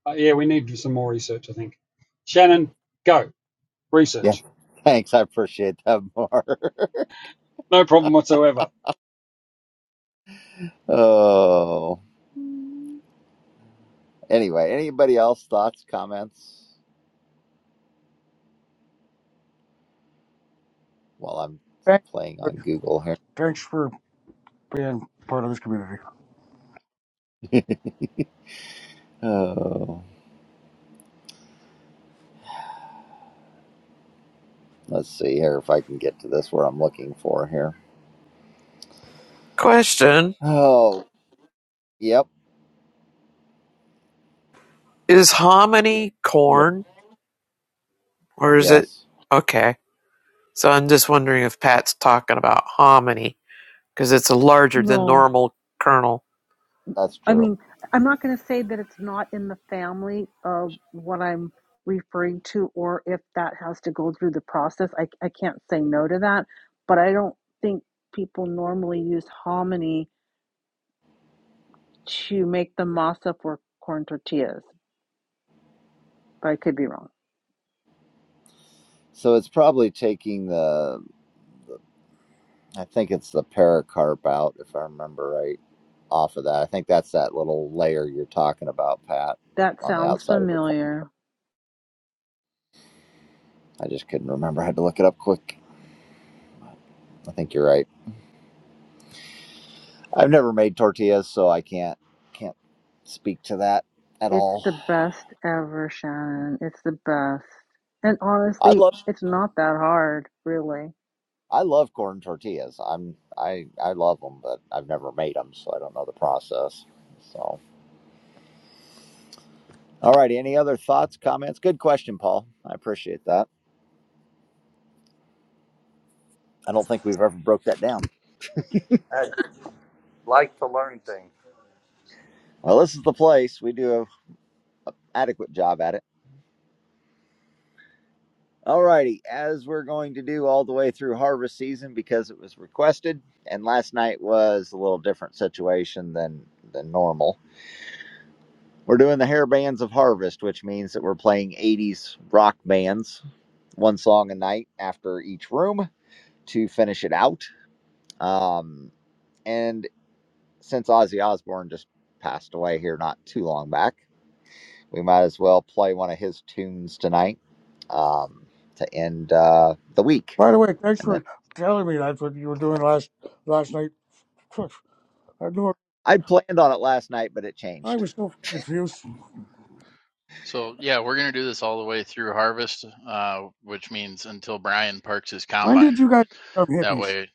uh, yeah, we need some more research, I think. Shannon, go Yeah. research. Thanks. I appreciate that more. No problem whatsoever. oh. Anyway, anybody else thoughts, comments? While I'm Thanks, playing on everybody. Google here. thanks for being part of this community. oh. Let's see here if I can get to this where I'm looking for here. Question: Oh, yep. Is hominy Yeah. corn, or is it Yes, okay? So I'm just wondering if Pat's talking about hominy because it's a larger than No, normal kernel. that's I true. mean, I'm not going to say that it's not in the family of what I'm referring to, or if that has to go through the process. I, I can't say no to that, but I don't think people normally use hominy to make the masa for corn tortillas, but I could be wrong. So it's probably taking the, I think it's the pericarp out, if I remember right, off of that. I think that's that little layer you're talking about, Pat, That on the sounds outside of a corn. familiar. I just couldn't remember. I had to look it up quick. I think you're right. I've never made tortillas, so I can't can't speak to that at It's all. the best ever, Shannon. It's the best. And I honestly, love. it's not that hard, really. I love corn tortillas. I'm I I love them, but I've never made them, so I don't know the process. So, all right. Any other thoughts, comments? Good question, Paul. I appreciate that. I don't think we've ever broke that down. I'd like to learn things. Well, this is the place. We do an adequate job at it. All righty. As we're going to do all the way through harvest season because it was requested, and last night was a little different situation than than normal. We're doing the hair bands of harvest, which means that we're playing 80s rock bands, one song a night after each room to finish it out. Um, and since Ozzy Osbourne just passed away here not too long back, we might as well play one of his tunes tonight um, to end uh, the week. By the way, thanks And then for telling me that's what you were doing last last night. Phew, I knew it. I planned on it last night, but it I changed. was so confused. So yeah, we're gonna do this all the way through harvest, uh, which means until Brian parks his When did combine. you guys become That hippies? way,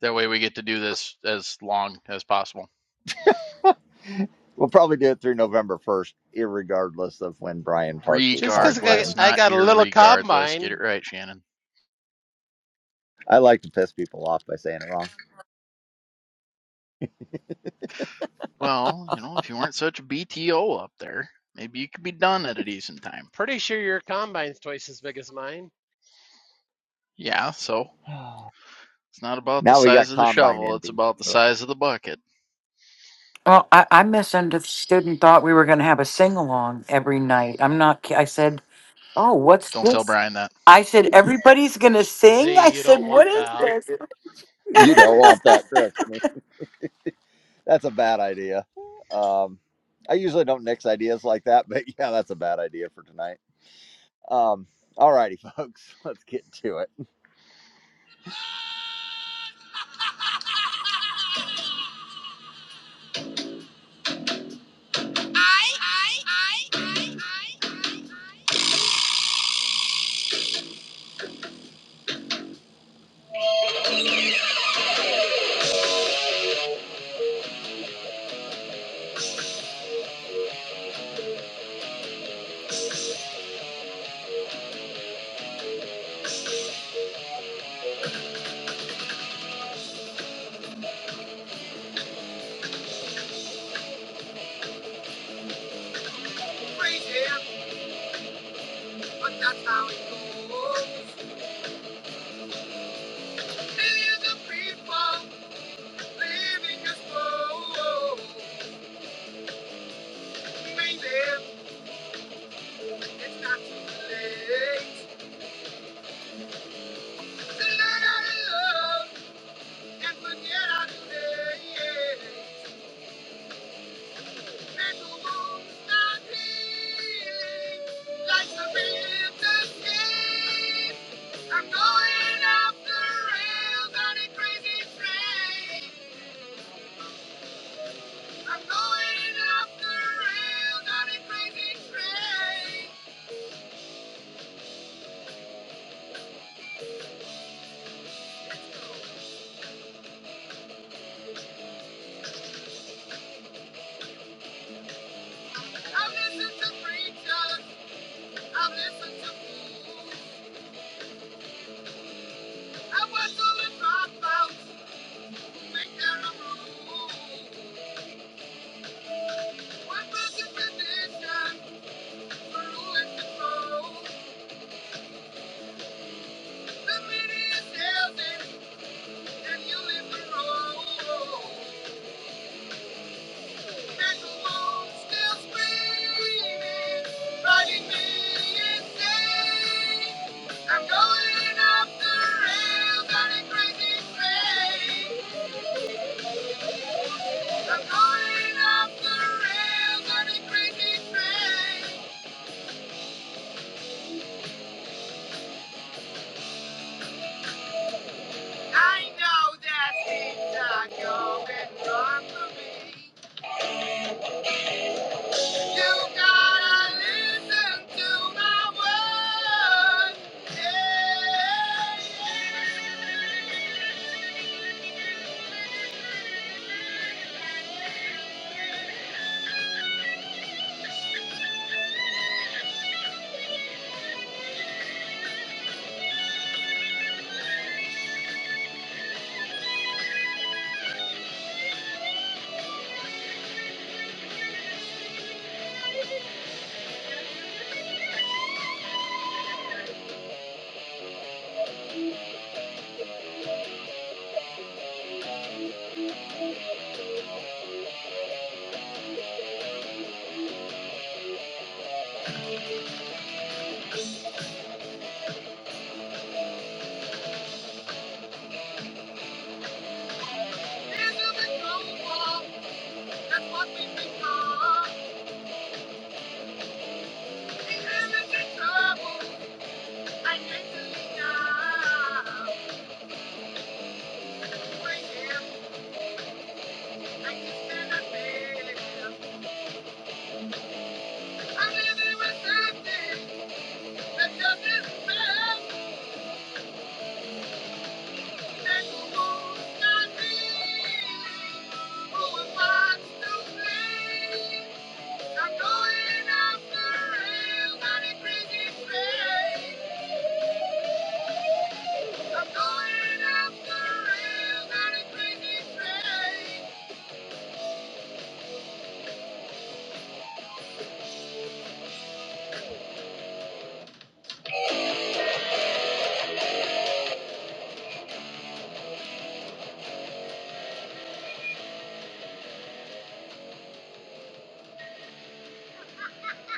that way we get to do this as long as possible. We'll probably do it through November 1st, irregardless of when Brian Parks' Just 'cause I got, combine. Regardless, I not got a little irregardless. Get combine, it right, Shannon. I I like to piss people off by saying it Well, you know, if you weren't such a BTO up there, maybe you could be done at a decent time. pretty sure your combine's twice as big as mine. Yeah, so wrong. it's not about the Now we got size of the combine shovel; envy. it's about the size of the bucket. Well, I, I misunderstood and thought we were going to have a sing along every night. I'm not. ki- I said, "Oh, what's Don't tell this?" Brian that. I said, "Everybody's going to sing." Z, I you said, don't "What want is that. this?" You don't want that, trust me. That's a bad idea. Um, I usually don't nix ideas like that, but yeah, that's a bad idea for tonight. Um, all righty, folks, let's get to it. I'm going off the rails on a crazy train. I'm going off the rails on a crazy train. I've listened to preachers, I've listened to fools. I was all the dropouts, I'm going off the rails on a crazy train. I'm going off the rails on a crazy train. I know that things are going wrong for me. You gotta listen to my words. Yeah. I Thank you.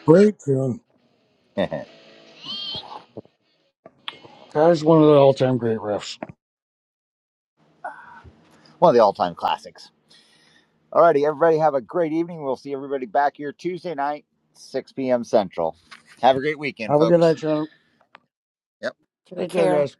Great tune. That is one of the all time great riffs. One of the all-time classics. All righty, everybody have a great evening. We'll see everybody back here Tuesday night, 6 p.m. Central. Have a great weekend, Have a good folks. night, Shannon. Don't Take care, care. guys.